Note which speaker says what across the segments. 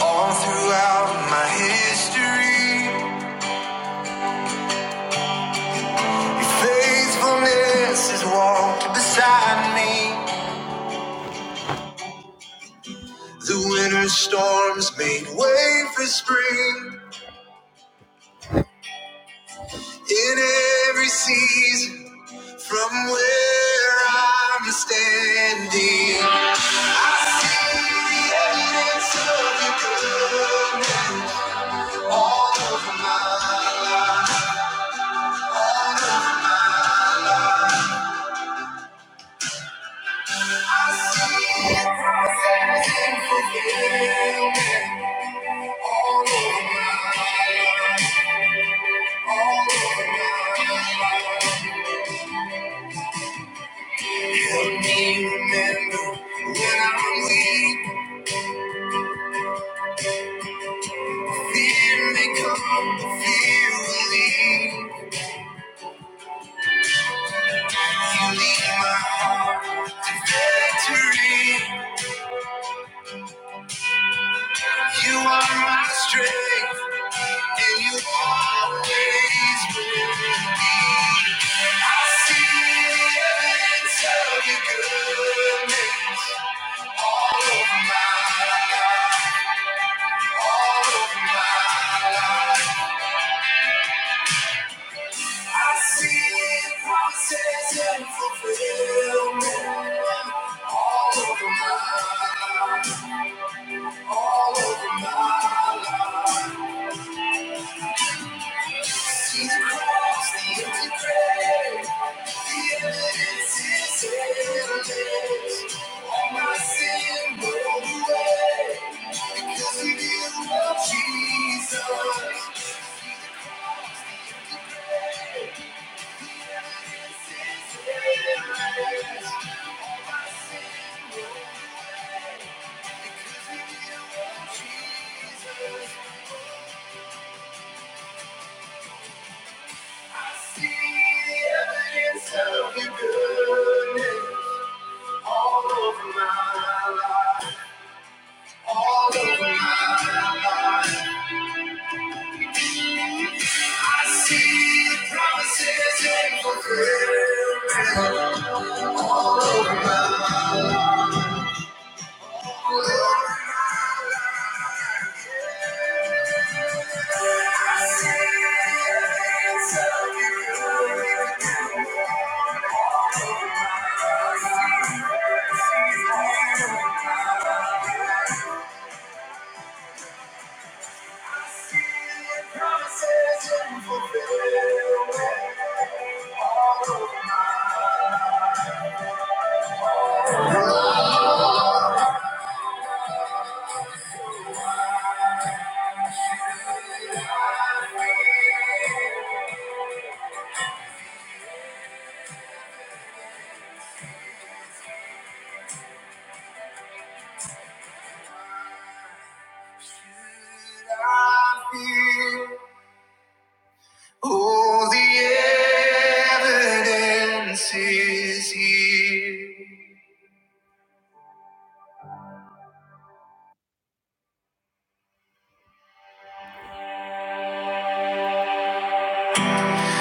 Speaker 1: All throughout my history, your faithfulness has walked beside me. The winter storms made way for spring in every season from where I'm standing. I see the evidence of your good all over my I see your process in fulfillment all over my life. Help me remember when I'm weak. Fear may come, but fear will leave. You lead my heart to victory. You are my strength, and you always will. I see the evidence of your goodness all over my, all over I see promises in fulfillment all over my, all over my life. The cross, the empty grave, is endless. My sin rolled away 'cause we knew of Jesus. Endless. My sin rolled away. Jesus. I see the evidence of your goodness. All over my life, I see promises in I see it's of you. Promises in fulfillment. I feel. Oh, the evidence is here.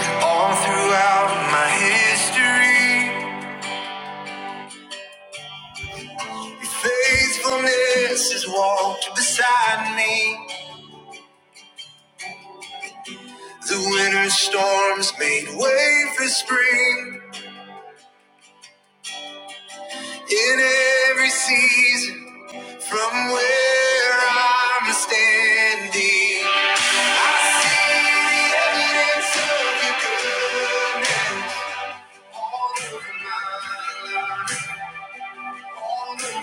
Speaker 1: All throughout my history, your faithfulness has walked beside me. The winter storms made way for spring in every season from where I'm standing. I see the evidence of your goodness.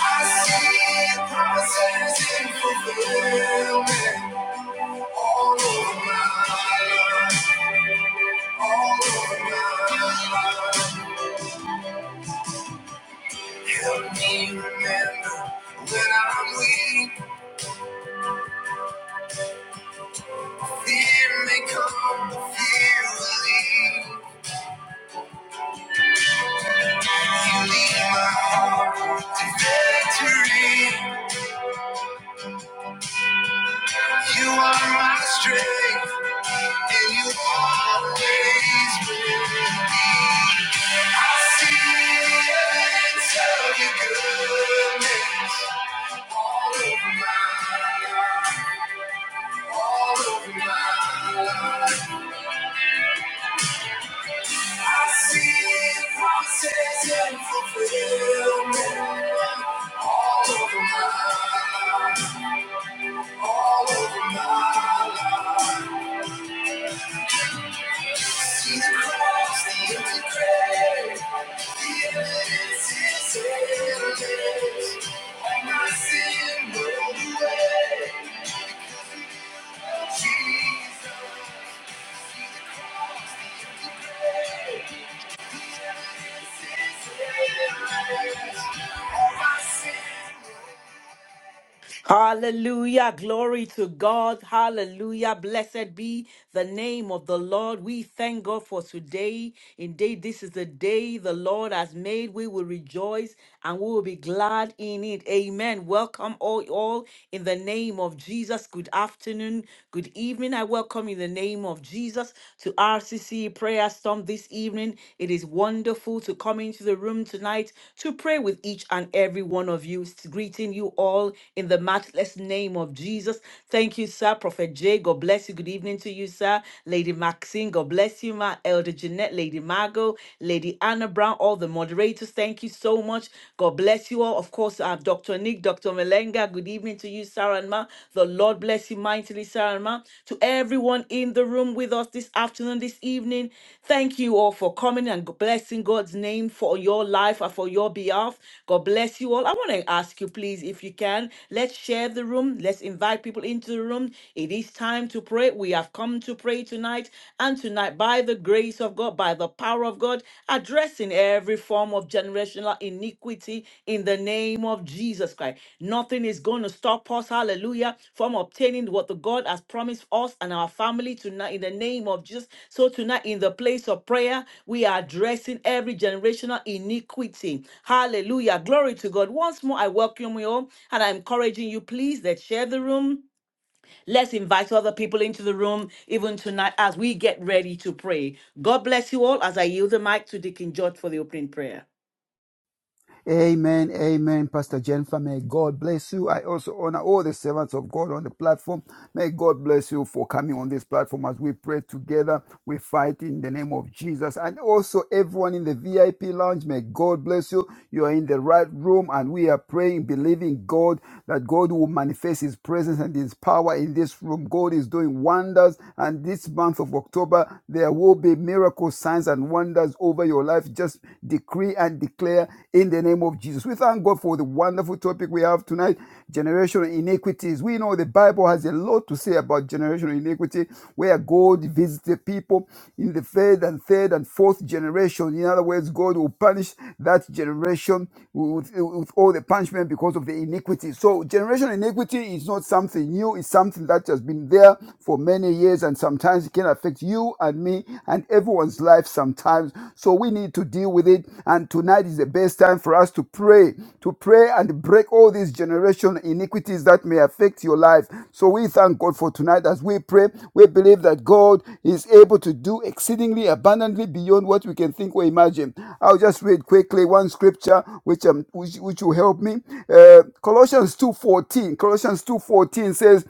Speaker 1: I see promises in fulfillment all over my life, all over my life. Help me remember when I'm weak, fear may come, but fear will leave. My victory, you are my strength, and you always win. I see the evidence of your goodness. I see promises and fulfillment all over my, all over my life. See the cross, the empty grave, the evidence is endless. All my sin rolled away. Jesus, the cross, the empty grave, this is endless. All my sin.
Speaker 2: Hallelujah. Glory to God. Hallelujah. Blessed be the name of the Lord. We thank God for today. Indeed, this is the day the Lord has made. We will rejoice and we will be glad in it. Amen. Welcome all, all in the name of Jesus. Good afternoon. Good evening. I welcome you in the name of Jesus to RCC Prayer Storm this evening morning. It is wonderful to come into the room tonight to pray with each and every one of you. Greeting you all in the matchless name of Jesus. Thank you, sir. Prophet Jay, God bless you. Good evening to you, sir. Lady Maxine, God bless you, ma. Elder Jeanette, Lady Margot, Lady Anna Brown, all the moderators. Thank you so much. God bless you all. Of course, uh, Dr. Nick, Dr. Melenga, good evening to you, Sarah. Saranma. The Lord bless you mightily, Saranma. To everyone in the room with us this afternoon, this evening, thank you all for coming and blessing God's name for your life and for your behalf. God bless you all. I want to ask you, please, if you can, let's share the room. Let's invite people into the room. It is time to pray. We have come to pray tonight. And tonight, by the grace of God, by the power of God, addressing every form of generational iniquity in the name of Jesus Christ. Nothing is going to stop us, hallelujah, from obtaining what the God has promised us and our family tonight in the name of Jesus. So tonight in the place of prayer, we are addressing every generational iniquity. Hallelujah. Glory to God. Once more, I welcome you all and I'm encouraging you, please, that share the room Let's invite other people into the room even tonight as we get ready to pray. God bless you all as I yield the mic to Deacon George for the opening prayer.
Speaker 3: Amen, amen, Pastor Jennifer. May God bless you. I also honor all the servants of God on the platform. May God bless you for coming on this platform as we pray together. We fight in the name of Jesus. And also, everyone in the VIP lounge, may God bless you. You are in the right room, and we are praying, believing God that God will manifest His presence and His power in this room. God is doing wonders, and this month of October, there will be miracles, signs, and wonders deliverance over your life. Just decree and declare in the name of Jesus. We thank God for the wonderful topic we have tonight generational iniquities. We know the Bible has a lot to say about generational iniquity, where God visits people in the third and third and fourth generation. In other words, God will punish that generation with, with all the punishment because of the iniquity. So, generational iniquity is not something new, it's something that has been there for many years and sometimes can affect you and me and everyone's life sometimes. So we need to deal with it. And tonight is the best time for us to pray, to pray and break all these generation iniquities that may affect your life. So we thank God for tonight as we pray. We believe that God is able to do exceedingly abundantly beyond what we can think or imagine. I'll just read quickly one scripture which um which, which will help me. Uh, Colossians 2:14. Colossians 2:14 says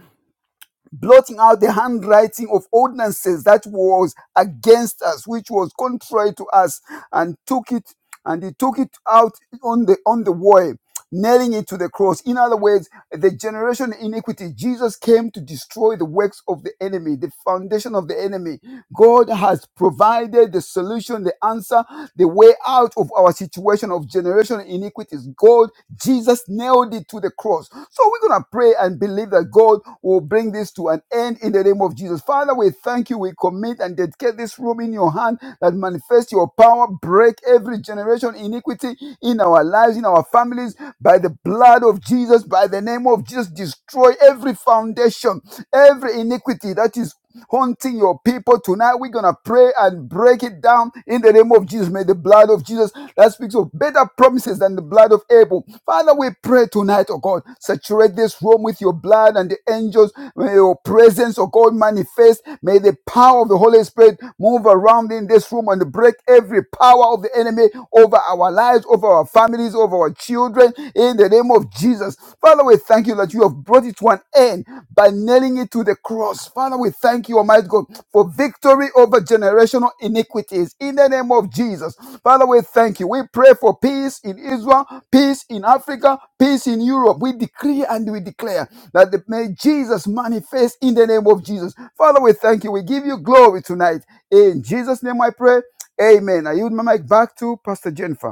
Speaker 3: blotting out the handwriting of ordinances that was against us, which was contrary to us, and took it and he took it out on the on the way, nailing it to the cross. In other words, the generation iniquity, Jesus came to destroy the works of the enemy, the foundation of the enemy. God has provided the solution, the answer, the way out of our situation of generation generation iniquities. God, Jesus nailed it to the cross. So we're going to pray and believe that God will bring this to an end in the name of Jesus. Father, we thank you. We commit and dedicate this room in your hand that manifest your power, break every generation iniquity in our lives, in our families, by the blood of Jesus, by the name of Jesus, destroy every foundation, every iniquity that is haunting your people tonight. We're going to pray and break it down in the name of Jesus. May the blood of Jesus that speaks of better promises than the blood of Abel. Father, we pray tonight, oh God, saturate this room with your blood and the angels. May your presence, oh God, manifest. May the power of the Holy Spirit move around in this room and break every power of the enemy over our lives, over our families, over our children children in the name of Jesus. Father, we thank you that you have brought it to an end by nailing it to the cross. Father, we thank you, Almighty God, for victory over generational iniquities in the name of Jesus. Father, we thank you. We pray for peace in Israel, peace in Africa, peace in Europe. We decree and we declare that the, may Jesus manifest in the name of Jesus. Father, we thank you. We give you glory tonight. In Jesus' name I pray. Amen. I yield my mic back to Pastor Jennifer.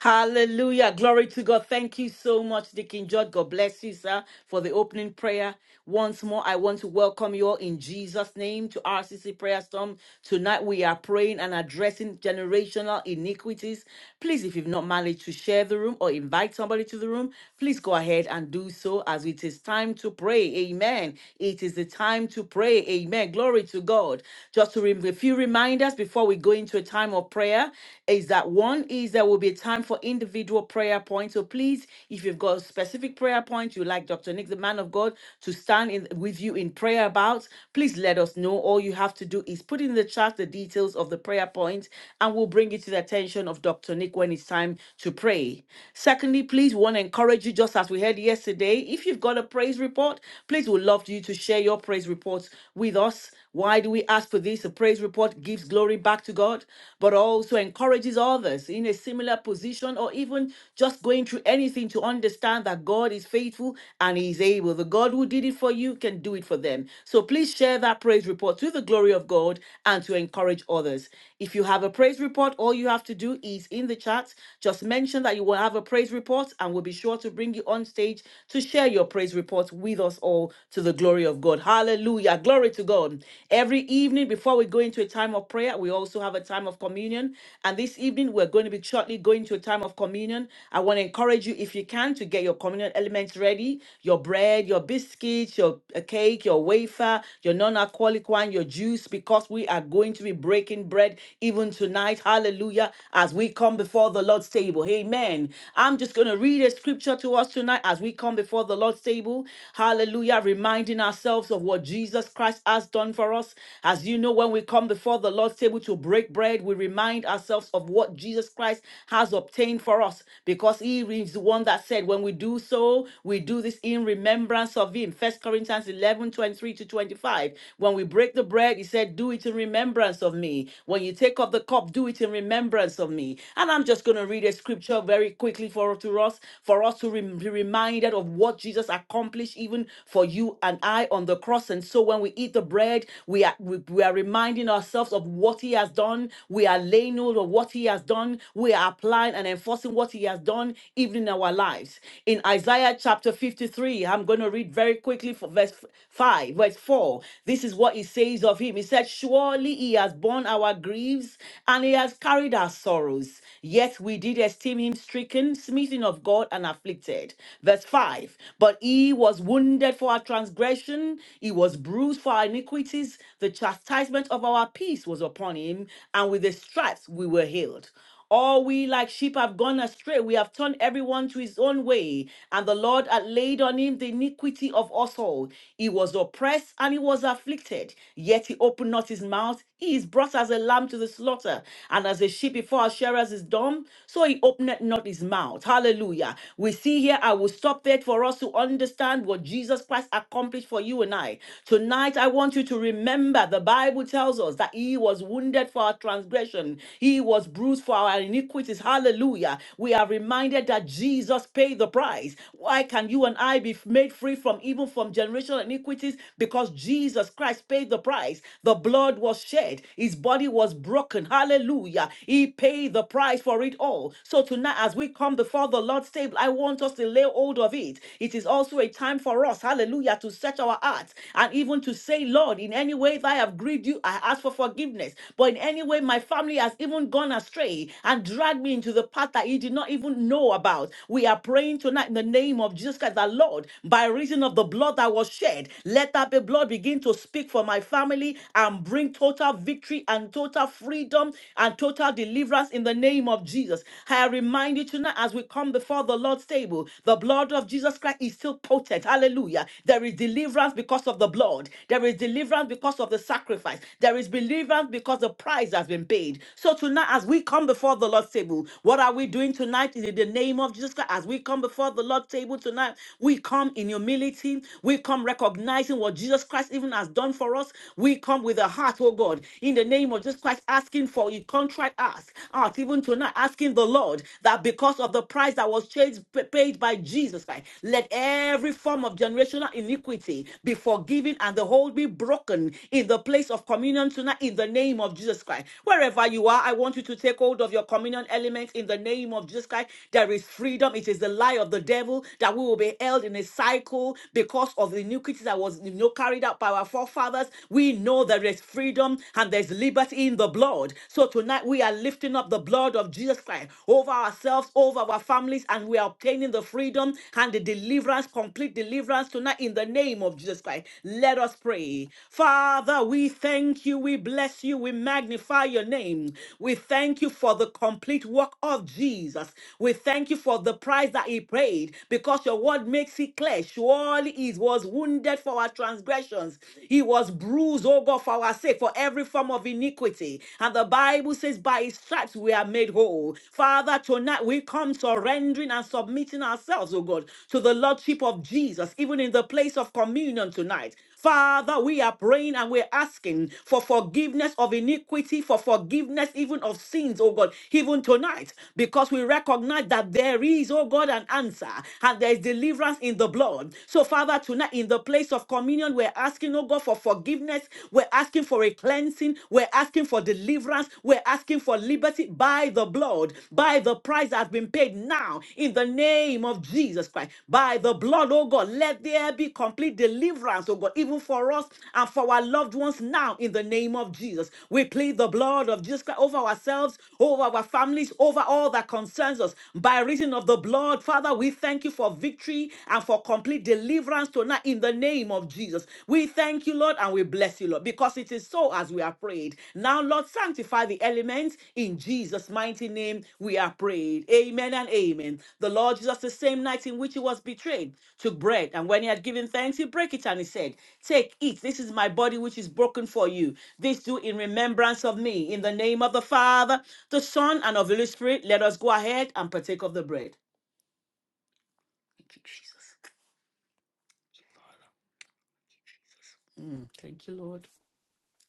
Speaker 2: Hallelujah. Glory to God. Thank you so much, Deacon George. God bless you, sir, for the opening prayer. Once more, I want to welcome you all in Jesus' name to RCC Prayer Storm. Tonight, we are praying and addressing generational iniquities. Please, if you've not managed to share the room or invite somebody to the room, please go ahead and do so as it is time to pray. Amen. It is the time to pray. Amen. Glory to God. Just to rem- a few reminders before we go into a time of prayer is that one is there will be a time for individual prayer points. So please, if you've got a specific prayer point you like Dr. Nick, the man of God, to stand in with you in prayer about, please let us know. All you have to do is put in the chat the details of the prayer point, and we'll bring it to the attention of Dr. Nick when it's time to pray. Secondly, please want to encourage you, just as we heard yesterday, if you've got a praise report, please would love you to share your praise reports with us. Why do we ask for this? A praise report gives glory glory back to God, but also encourages others in a similar position or even just going through anything to understand that God is faithful and He is able. The God who did it for you can do it for them. So please share that praise report to the glory of God and to encourage others. If you have a praise report, all you have to do is in the chat, just mention that you will have a praise report and we'll be sure to bring you on stage to share your praise report with us all to the glory of God. Hallelujah. Glory to God. Every evening, evening, before we go into a time of prayer, we also have a time of communion. And this evening, we're going to be shortly going to a time of communion. I want to encourage you, if you can, to get your communion elements ready your bread, your biscuits, your uh, cake, your wafer, your non alcoholic wine, your juice, because we are going to be breaking bread even tonight. Hallelujah. As we come before the Lord's table. Amen. I'm just going to read a scripture to us tonight as we come before the Lord's table. Hallelujah. Reminding ourselves of what Jesus. Jesus Christ has done for us. As you know, when we come before the Lord's table to break bread, we remind ourselves of what Jesus Christ has obtained for us because he is the one that said, when we do so, we do this in remembrance of him. First Corinthians 11 23 to 25. When we break the bread, he said, do it in remembrance of me. When you take up the cup, do it in remembrance of me. And I'm just going to read a scripture very quickly for to us, for us to rem- be reminded of what Jesus accomplished even for you and I on the cross. And so when we eat the bread, we are we, we are reminding ourselves of what he has done. We are laying hold of what he has done. We are applying and enforcing what he has done even in our lives. In Isaiah chapter 53, I'm going to read very quickly for verse 5, verse 4. This is what he says of him. He said, Surely he has borne our griefs and he has carried our sorrows. Yet we did esteem him stricken, smitten of God, and afflicted. Verse 5. 5 But he was wounded for our transgression, he was bruised for our iniquities. The chastisement of our peace was upon him, and with his stripes we were healed. All we like sheep have gone astray. We have turned everyone to his own way, and the Lord had laid on him the iniquity of us all. He was oppressed and he was afflicted, yet he opened not his mouth. He is brought as a lamb to the slaughter, and as a sheep before her shearers is dumb, so he opened not his mouth. Hallelujah. Hallelujah. We see here, I will stop there for us to understand what Jesus Christ accomplished for you and I. Tonight, I want you to remember the Bible tells us that He was wounded for our transgression, He was bruised for our iniquities. Hallelujah. We are reminded that Jesus paid the price. Why can you and I be made free from even from generational iniquities? Because Jesus Christ paid the price. The blood was shed, His body was broken. Hallelujah. He paid the price for it all. So tonight, as we come before the Lord's table, I want us to lay hold of it. It is also a time for us, hallelujah, to search our hearts and even to say, Lord, in any way that I have grieved you, I ask for forgiveness. But in any way, my family has even gone astray and dragged me into the path that you did not even know about. We are praying tonight in the name of Jesus Christ, the Lord, by reason of the blood that was shed, let that be blood begin to speak for my family and bring total victory and total freedom and total deliverance deliverance in the name of Jesus. I remind you tonight as we come before the Lord's table, the blood of Jesus Christ is still potent. Hallelujah. There is deliverance because of the blood. There is deliverance because of the sacrifice. There is deliverance because the price has been paid. So tonight as we come before the Lord's table, what are we doing tonight in the name of Jesus Christ? As we come before the Lord's table tonight, we come in humility. We come recognizing what Jesus Christ even has done for us. We come with a heart, oh God, in the name of Jesus Christ, asking for a contract ask, ask even tonight, asking the Lord that because of the price that was changed, paid by Jesus Christ, let every form of generational iniquity be forgiven and the whole be broken in the place of communion tonight in the name of Jesus Christ. Wherever you are, I want you to take hold of your communion element in the name of Jesus Christ. There is freedom. It is the lie of the devil that we will be held in a cycle because of the iniquity that was you know, carried out by our forefathers. We know know there is freedom and there's liberty in the blood. So tonight we are lifting up the blood of Jesus Christ over ourselves, over our families, and we are obtaining the freedom and the deliverance, complete deliverance tonight in the name of Jesus Christ. Let us pray. Father, we thank you, we bless you, we magnify your name. We thank you for the complete work of Jesus. We thank you for the price that he paid because your word makes it clear. Surely it was wounded for our transgression transgressions. He was bruised, oh God, for our sake, for every form of iniquity. And the Bible says, by his stripes we are made whole. Father, tonight we come surrendering and submitting ourselves, oh God, to the Lordship of Jesus, even in the place of communion tonight. Father, we are praying and we're asking for forgiveness of iniquity, for forgiveness even of sins, oh God, even tonight, because we recognize that there is, oh God, an answer and there is deliverance in the blood. So, Father, Father, tonight in the place of communion, we're asking, oh God, for forgiveness. We're asking for a cleansing. We're asking for deliverance. We're asking for liberty by the blood, by the price that has been paid now in the name of Jesus Christ. By the blood, oh God, let there be complete deliverance, oh God, even for us and for our loved ones now in the name of Jesus. We plead the blood of Jesus Christ over ourselves, over our families, over all that concerns us. By reason of the blood, Father, we thank you for victory victory and for complete deliverance tonight in the name of Jesus. We thank you, Lord, and we bless you, Lord, because it is so as we are prayed. Now, Lord, sanctify the elements in Jesus' mighty name. We are prayed. Amen and amen. The Lord Jesus, the same night in which he was betrayed, took bread, and when he had given thanks, he broke it and he said, Take, eat. This is my body which is broken for you. This do in remembrance of me. In the name of the Father, the Son, and of the Holy Spirit, let us go ahead and partake of the bread.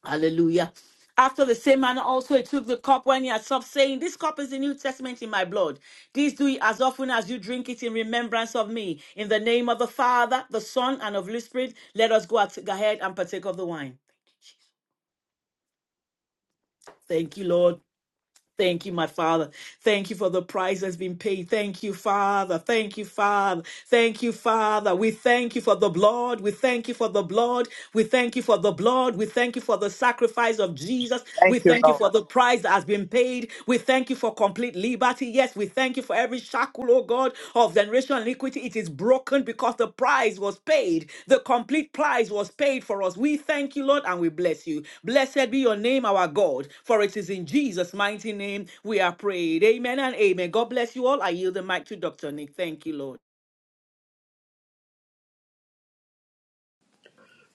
Speaker 2: Hallelujah. After the same manner also he took the cup when he had supped, saying, This cup is the New Testament in my blood. This do ye as often as you drink it in remembrance of me. In the name of the Father, the Son, and of the Holy Spirit, let us go at- ahead and partake of the wine. Thank you, Lord. Thank you, my Father. Thank you for the price that's been paid. Thank you, Father. Thank you, Father. Thank you, Father. We thank you for the blood. We thank you for the blood. We thank you for the blood. We thank you for the sacrifice of Jesus. We
Speaker 4: Thank you,
Speaker 2: thank you
Speaker 4: Lord.
Speaker 2: for the price that has been paid. We thank you for complete liberty. Yes, we thank thank you for every shackle, oh God, of generation iniquity. It is broken because the price was paid. The complete price was paid for us. We thank you, Lord, and we bless you. Blessed be your name, our God, for it is in Jesus' mighty name we are prayed. Amen and amen. God bless you all. I yield the mic to Dr. Nick. Thank you, Lord.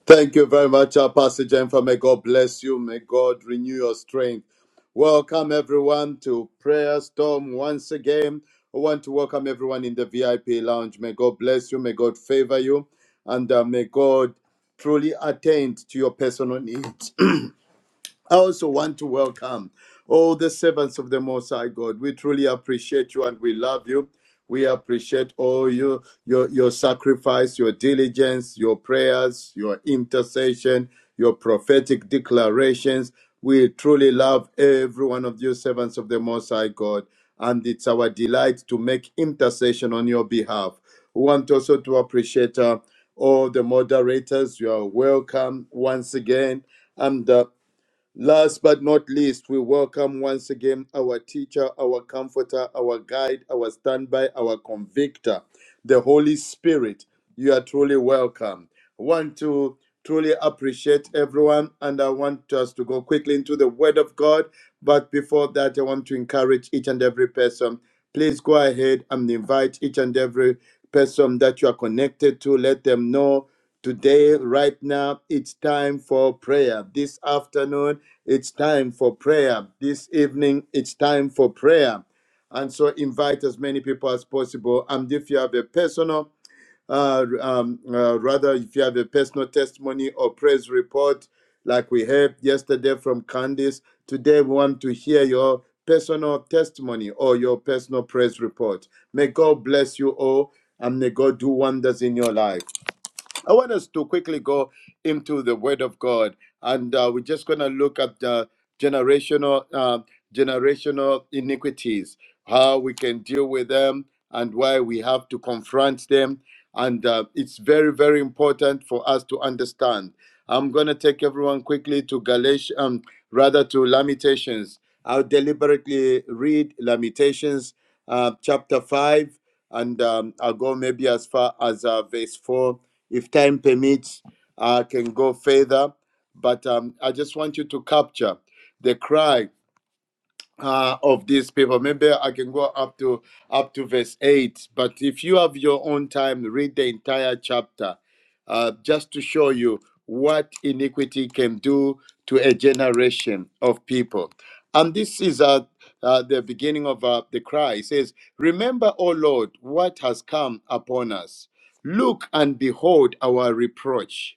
Speaker 5: Thank you very much, uh, Pastor Jennifer. May God bless you. May God renew your strength. Welcome, everyone, to Prayer Storm once again. I want to welcome everyone in the VIP lounge. May God bless you. May God favor you. And uh, may God truly attend to your personal needs. I also want to welcome all the servants of the Most High God. We truly appreciate you and we love you. We appreciate all you, your, your sacrifice, your diligence, your prayers, your intercession, your prophetic declarations. We truly love every one of you, servants of the Most High God. And it's our delight to make intercession on your behalf. We want also to appreciate uh, all the moderators. You are welcome once again. And uh, Last but not least, we welcome once again our teacher, our comforter, our guide, our standby, our convictor, the Holy Spirit. You are truly welcome. I Want to truly appreciate everyone, and I want us to go quickly into the Word of God. But before that, I want to encourage each and every person. Please go ahead and invite each and every person that you are connected to. Let them know Today, right now, it's time for prayer. This afternoon, it's time for prayer. This evening, it's time for prayer. And so, invite as many people as possible. And if you have a personal, uh, um, uh, rather, if you have a personal testimony or praise report, like we heard yesterday from Candice, today we want to hear your personal testimony or your personal praise report. May God bless you all and may God do wonders in your life. I want us to quickly go into the Word of God, and uh, we're just going to look at the generational uh, generational iniquities, how we can deal with them, and why we have to confront them. And uh, it's very, very important for us to understand. I'm going to take everyone quickly to Galatians, um, rather to Lamentations. I'll deliberately read Lamentations uh, chapter 5, and um, I'll go maybe as far as uh, verse 4 if time permits, I can go further, but um, I just want you to capture the cry uh, of these people. Maybe I can go up to up to verse eight. But if you have your own time, read the entire chapter, uh, just to show you what iniquity can do to a generation of people. And this is uh, uh, the beginning of uh, the cry. It says, "Remember, O Lord, what has come upon us. Look and behold our reproach."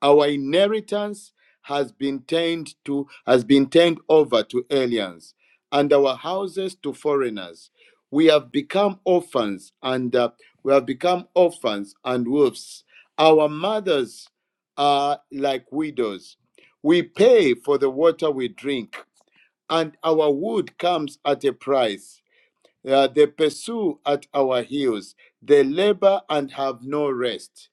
Speaker 5: Our inheritance has been turned to has been turned over to aliens and our houses to foreigners. We have become orphans and uh, we have become orphans and wolves. Our mothers are like widows. We pay for the water we drink, and our wood comes at a price. Uh, they pursue at our heels. They labor and have no rest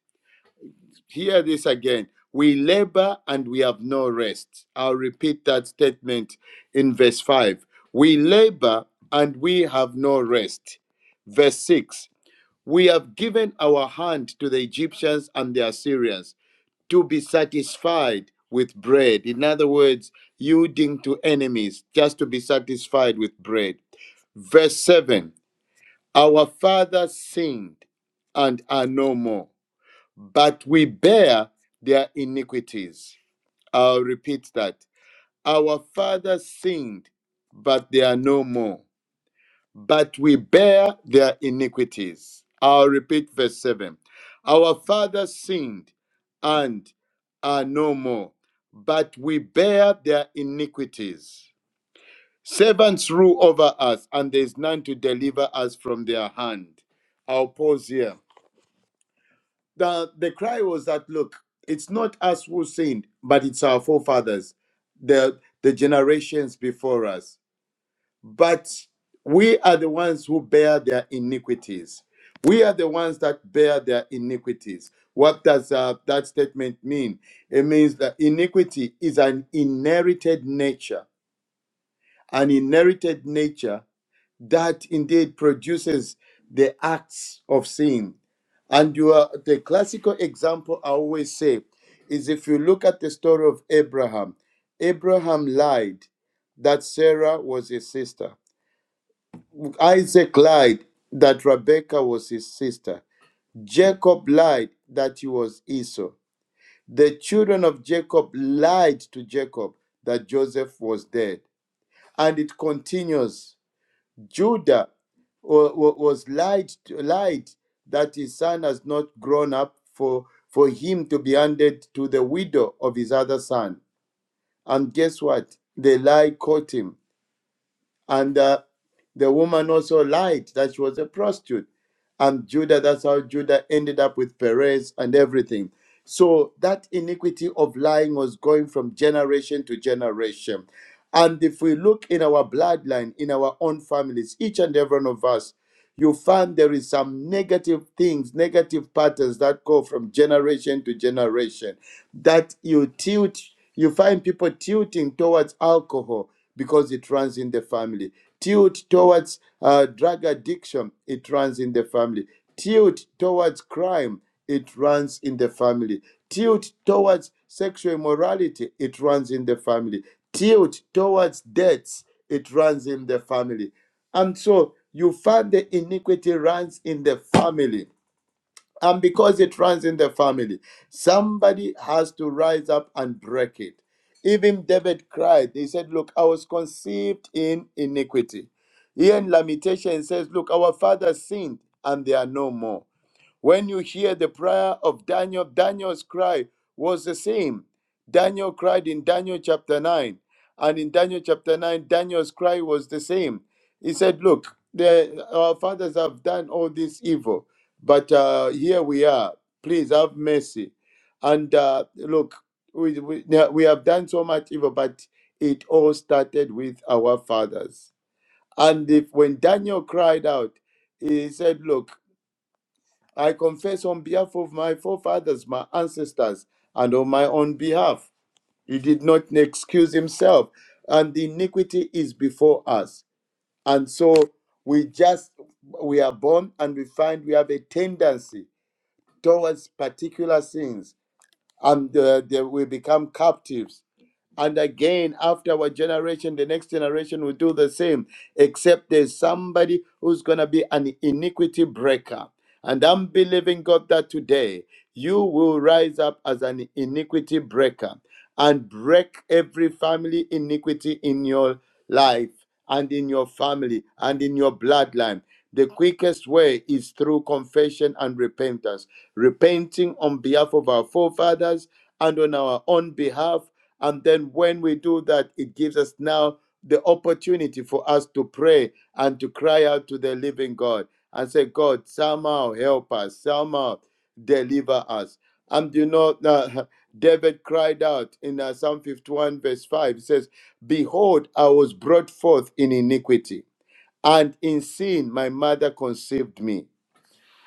Speaker 5: hear this again. We labor and we have no rest. I'll repeat that statement in verse 5. We labor and we have no rest. Verse 6. We have given our hand to the Egyptians and the Assyrians to be satisfied with bread. In other words, yielding to enemies just to be satisfied with bread. Verse 7. Our fathers sinned and are no more but we bear their iniquities. I'll repeat that. Our fathers sinned, but they are no more, but we bear their iniquities. I'll repeat verse 7. Our fathers sinned and are no more, but we bear their iniquities. Servants rule over us, and there is none to deliver us from their hand. I'll pause here. the the cry was that look it's not us who sinned but it's our forefathers the the generations before us but we are the ones who bear their iniquities we are the ones that bear their iniquities what does uh, that statement mean it means that iniquity is an inherited nature an inherited nature that indeed produces the acts of sin. And you are, the classical example I always say is if you look at the story of Abraham, Abraham lied that Sarah was his sister, Isaac lied that Rebekah was his sister, Jacob lied that he was Esau. The children of Jacob lied to Jacob that Joseph was dead. And it continues Judah was lied, lied that his son has not grown up for, for him to be handed to the widow of his other son. And guess what? The lie caught him. And uh, the woman also lied that she was a prostitute. And Judah, that's how Judah ended up with Perez and everything. So that iniquity of lying was going from generation to generation. And if we look in our bloodline, in our own families, each and every one of us, you find there is some negative things, negative patterns that go from generation to generation. That you tilt, you find people tilting towards alcohol, because it runs in the family. Tilt towards uh, drug addiction, it runs in the family. Tilt towards crime, it runs in the family. Tilt towards sexual immorality, it runs in the family. Tilt towards debts, it runs in the family. And so you find the iniquity runs in the family and because it runs in the family, somebody has to rise up and break it. Even David cried. He said, Look, I was conceived in iniquity. Here in Lamentation it says, Look, our fathers sinned and they are no more. When you hear the prayer of Daniel, Daniel's cry was the same. Daniel cried in Daniel chapter 9. And in Daniel chapter 9, Daniel's cry was the same. He said, Look, the, our fathers have done all this evil, but uh, here we are. Please have mercy. And uh, look, we, we, yeah, we have done so much evil, but it all started with our fathers. And if when Daniel cried out, he said, Look, I confess on behalf of my forefathers, my ancestors, and on my own behalf. He did not excuse himself, and the iniquity is before us. And so we just we are born and we find we have a tendency towards particular sins, and uh, they, we become captives and again, after our generation, the next generation will do the same, except there's somebody who's going to be an iniquity breaker. And I'm believing God that today you will rise up as an iniquity breaker and break every family iniquity in your life and in your family and in your bloodline. The quickest way is through confession and repentance, repenting on behalf of our forefathers and on our own behalf and then when we do that, it gives us now the opportunity for us to pray and to cry out to the living God and say, God, somehow help us, somehow deliver us. And you know, uh, David cried out in uh, Psalm 51, verse 5, it says, Behold, I was brought forth in iniquity, and in sin my mother conceived me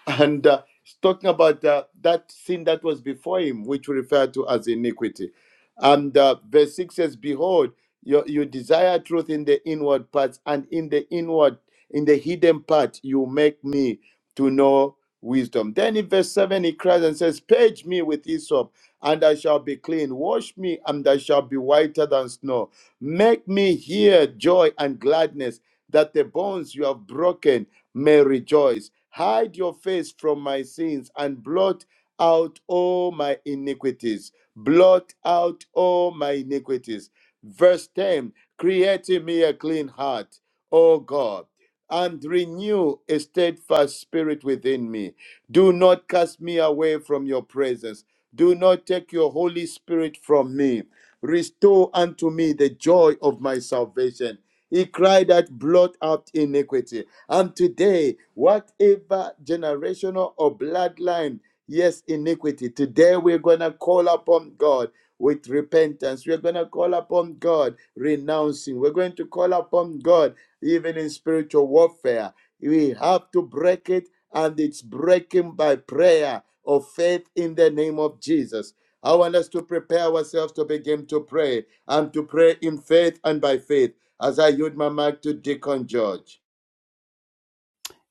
Speaker 5: and uh, it's talking about uh, that sin that was before him, which we refer to as iniquity. And uh, verse 6 says, Behold, you, you desire truth in the inward parts, and in the inward, in the hidden part, you make me to know wisdom. Then in verse 7, he cries and says, Page me with hyssop, and I shall be clean. Wash me, and I shall be whiter than snow. Make me hear joy and gladness, that the bones you have broken may rejoice. Hide your face from my sins and blot out all my iniquities. Blot out all my iniquities. Verse 10 Create in me a clean heart, O God, and renew a steadfast spirit within me. Do not cast me away from your presence. Do not take your Holy Spirit from me. Restore unto me the joy of my salvation he cried that blot out iniquity. And today, whatever generational or bloodline, yes, iniquity, today we're going to call upon God with repentance. We're going to call upon God renouncing. We're going to call upon God even in spiritual warfare. We have to break it, and it's breaking by prayer of faith in the name of Jesus. I want us to prepare ourselves to begin to pray and to pray in faith and by faith as I yield my mic to Deacon George.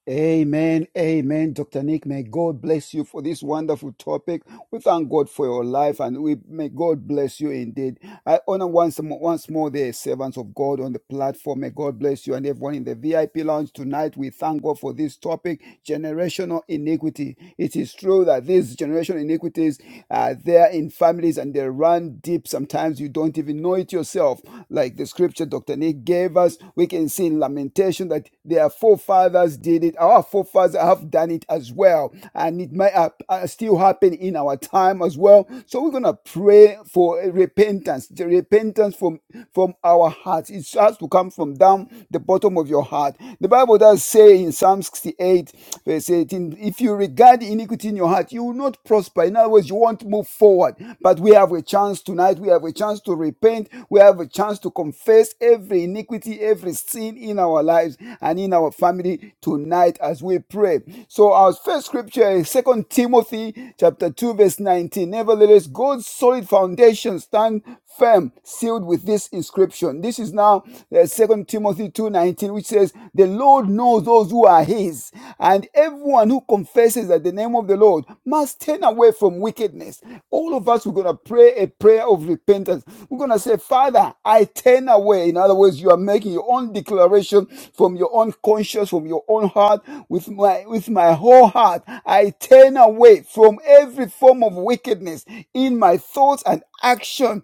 Speaker 3: Amen, amen, Dr. Nick. May God bless you for this wonderful topic. We thank God for your life and we may God bless you indeed. I honor once, mo- once more the servants of God on the platform. May God bless you and everyone in the VIP lounge tonight. We thank God for this topic generational iniquity. It is true that these generational iniquities are there in families and they run deep. Sometimes you don't even know it yourself. Like the scripture Dr. Nick gave us, we can see in Lamentation that their forefathers did it. Our forefathers have done it as well. And it might hap- uh, still happen in our time as well. So we're going to pray pray for repentance, the repentance from, from our hearts. It has to come from down the bottom of your heart. The Bible does say in Psalm 68, verse 18, if you regard iniquity in your heart, you will not prosper. In other words, you won't move forward. But we have a chance tonight. We have a chance to repent. We have a chance to confess every iniquity, every sin in our lives and in our family tonight as we pray. So our first scripture is Second Timothy chapter 2, verse 19 nevertheless, God's solid foundation stand firm, sealed with this inscription. This is now uh, 2 Timothy 2.19, which says, The Lord knows those who are his, and everyone who confesses that the name of the Lord must turn away from wickedness. All of us, we're going to pray a prayer of repentance. We're going to say, Father, I turn away. In other words, you are making your own declaration from your own conscience, from your own heart, with my, with my whole heart. I turn away from every form of wickedness in my thoughts and action,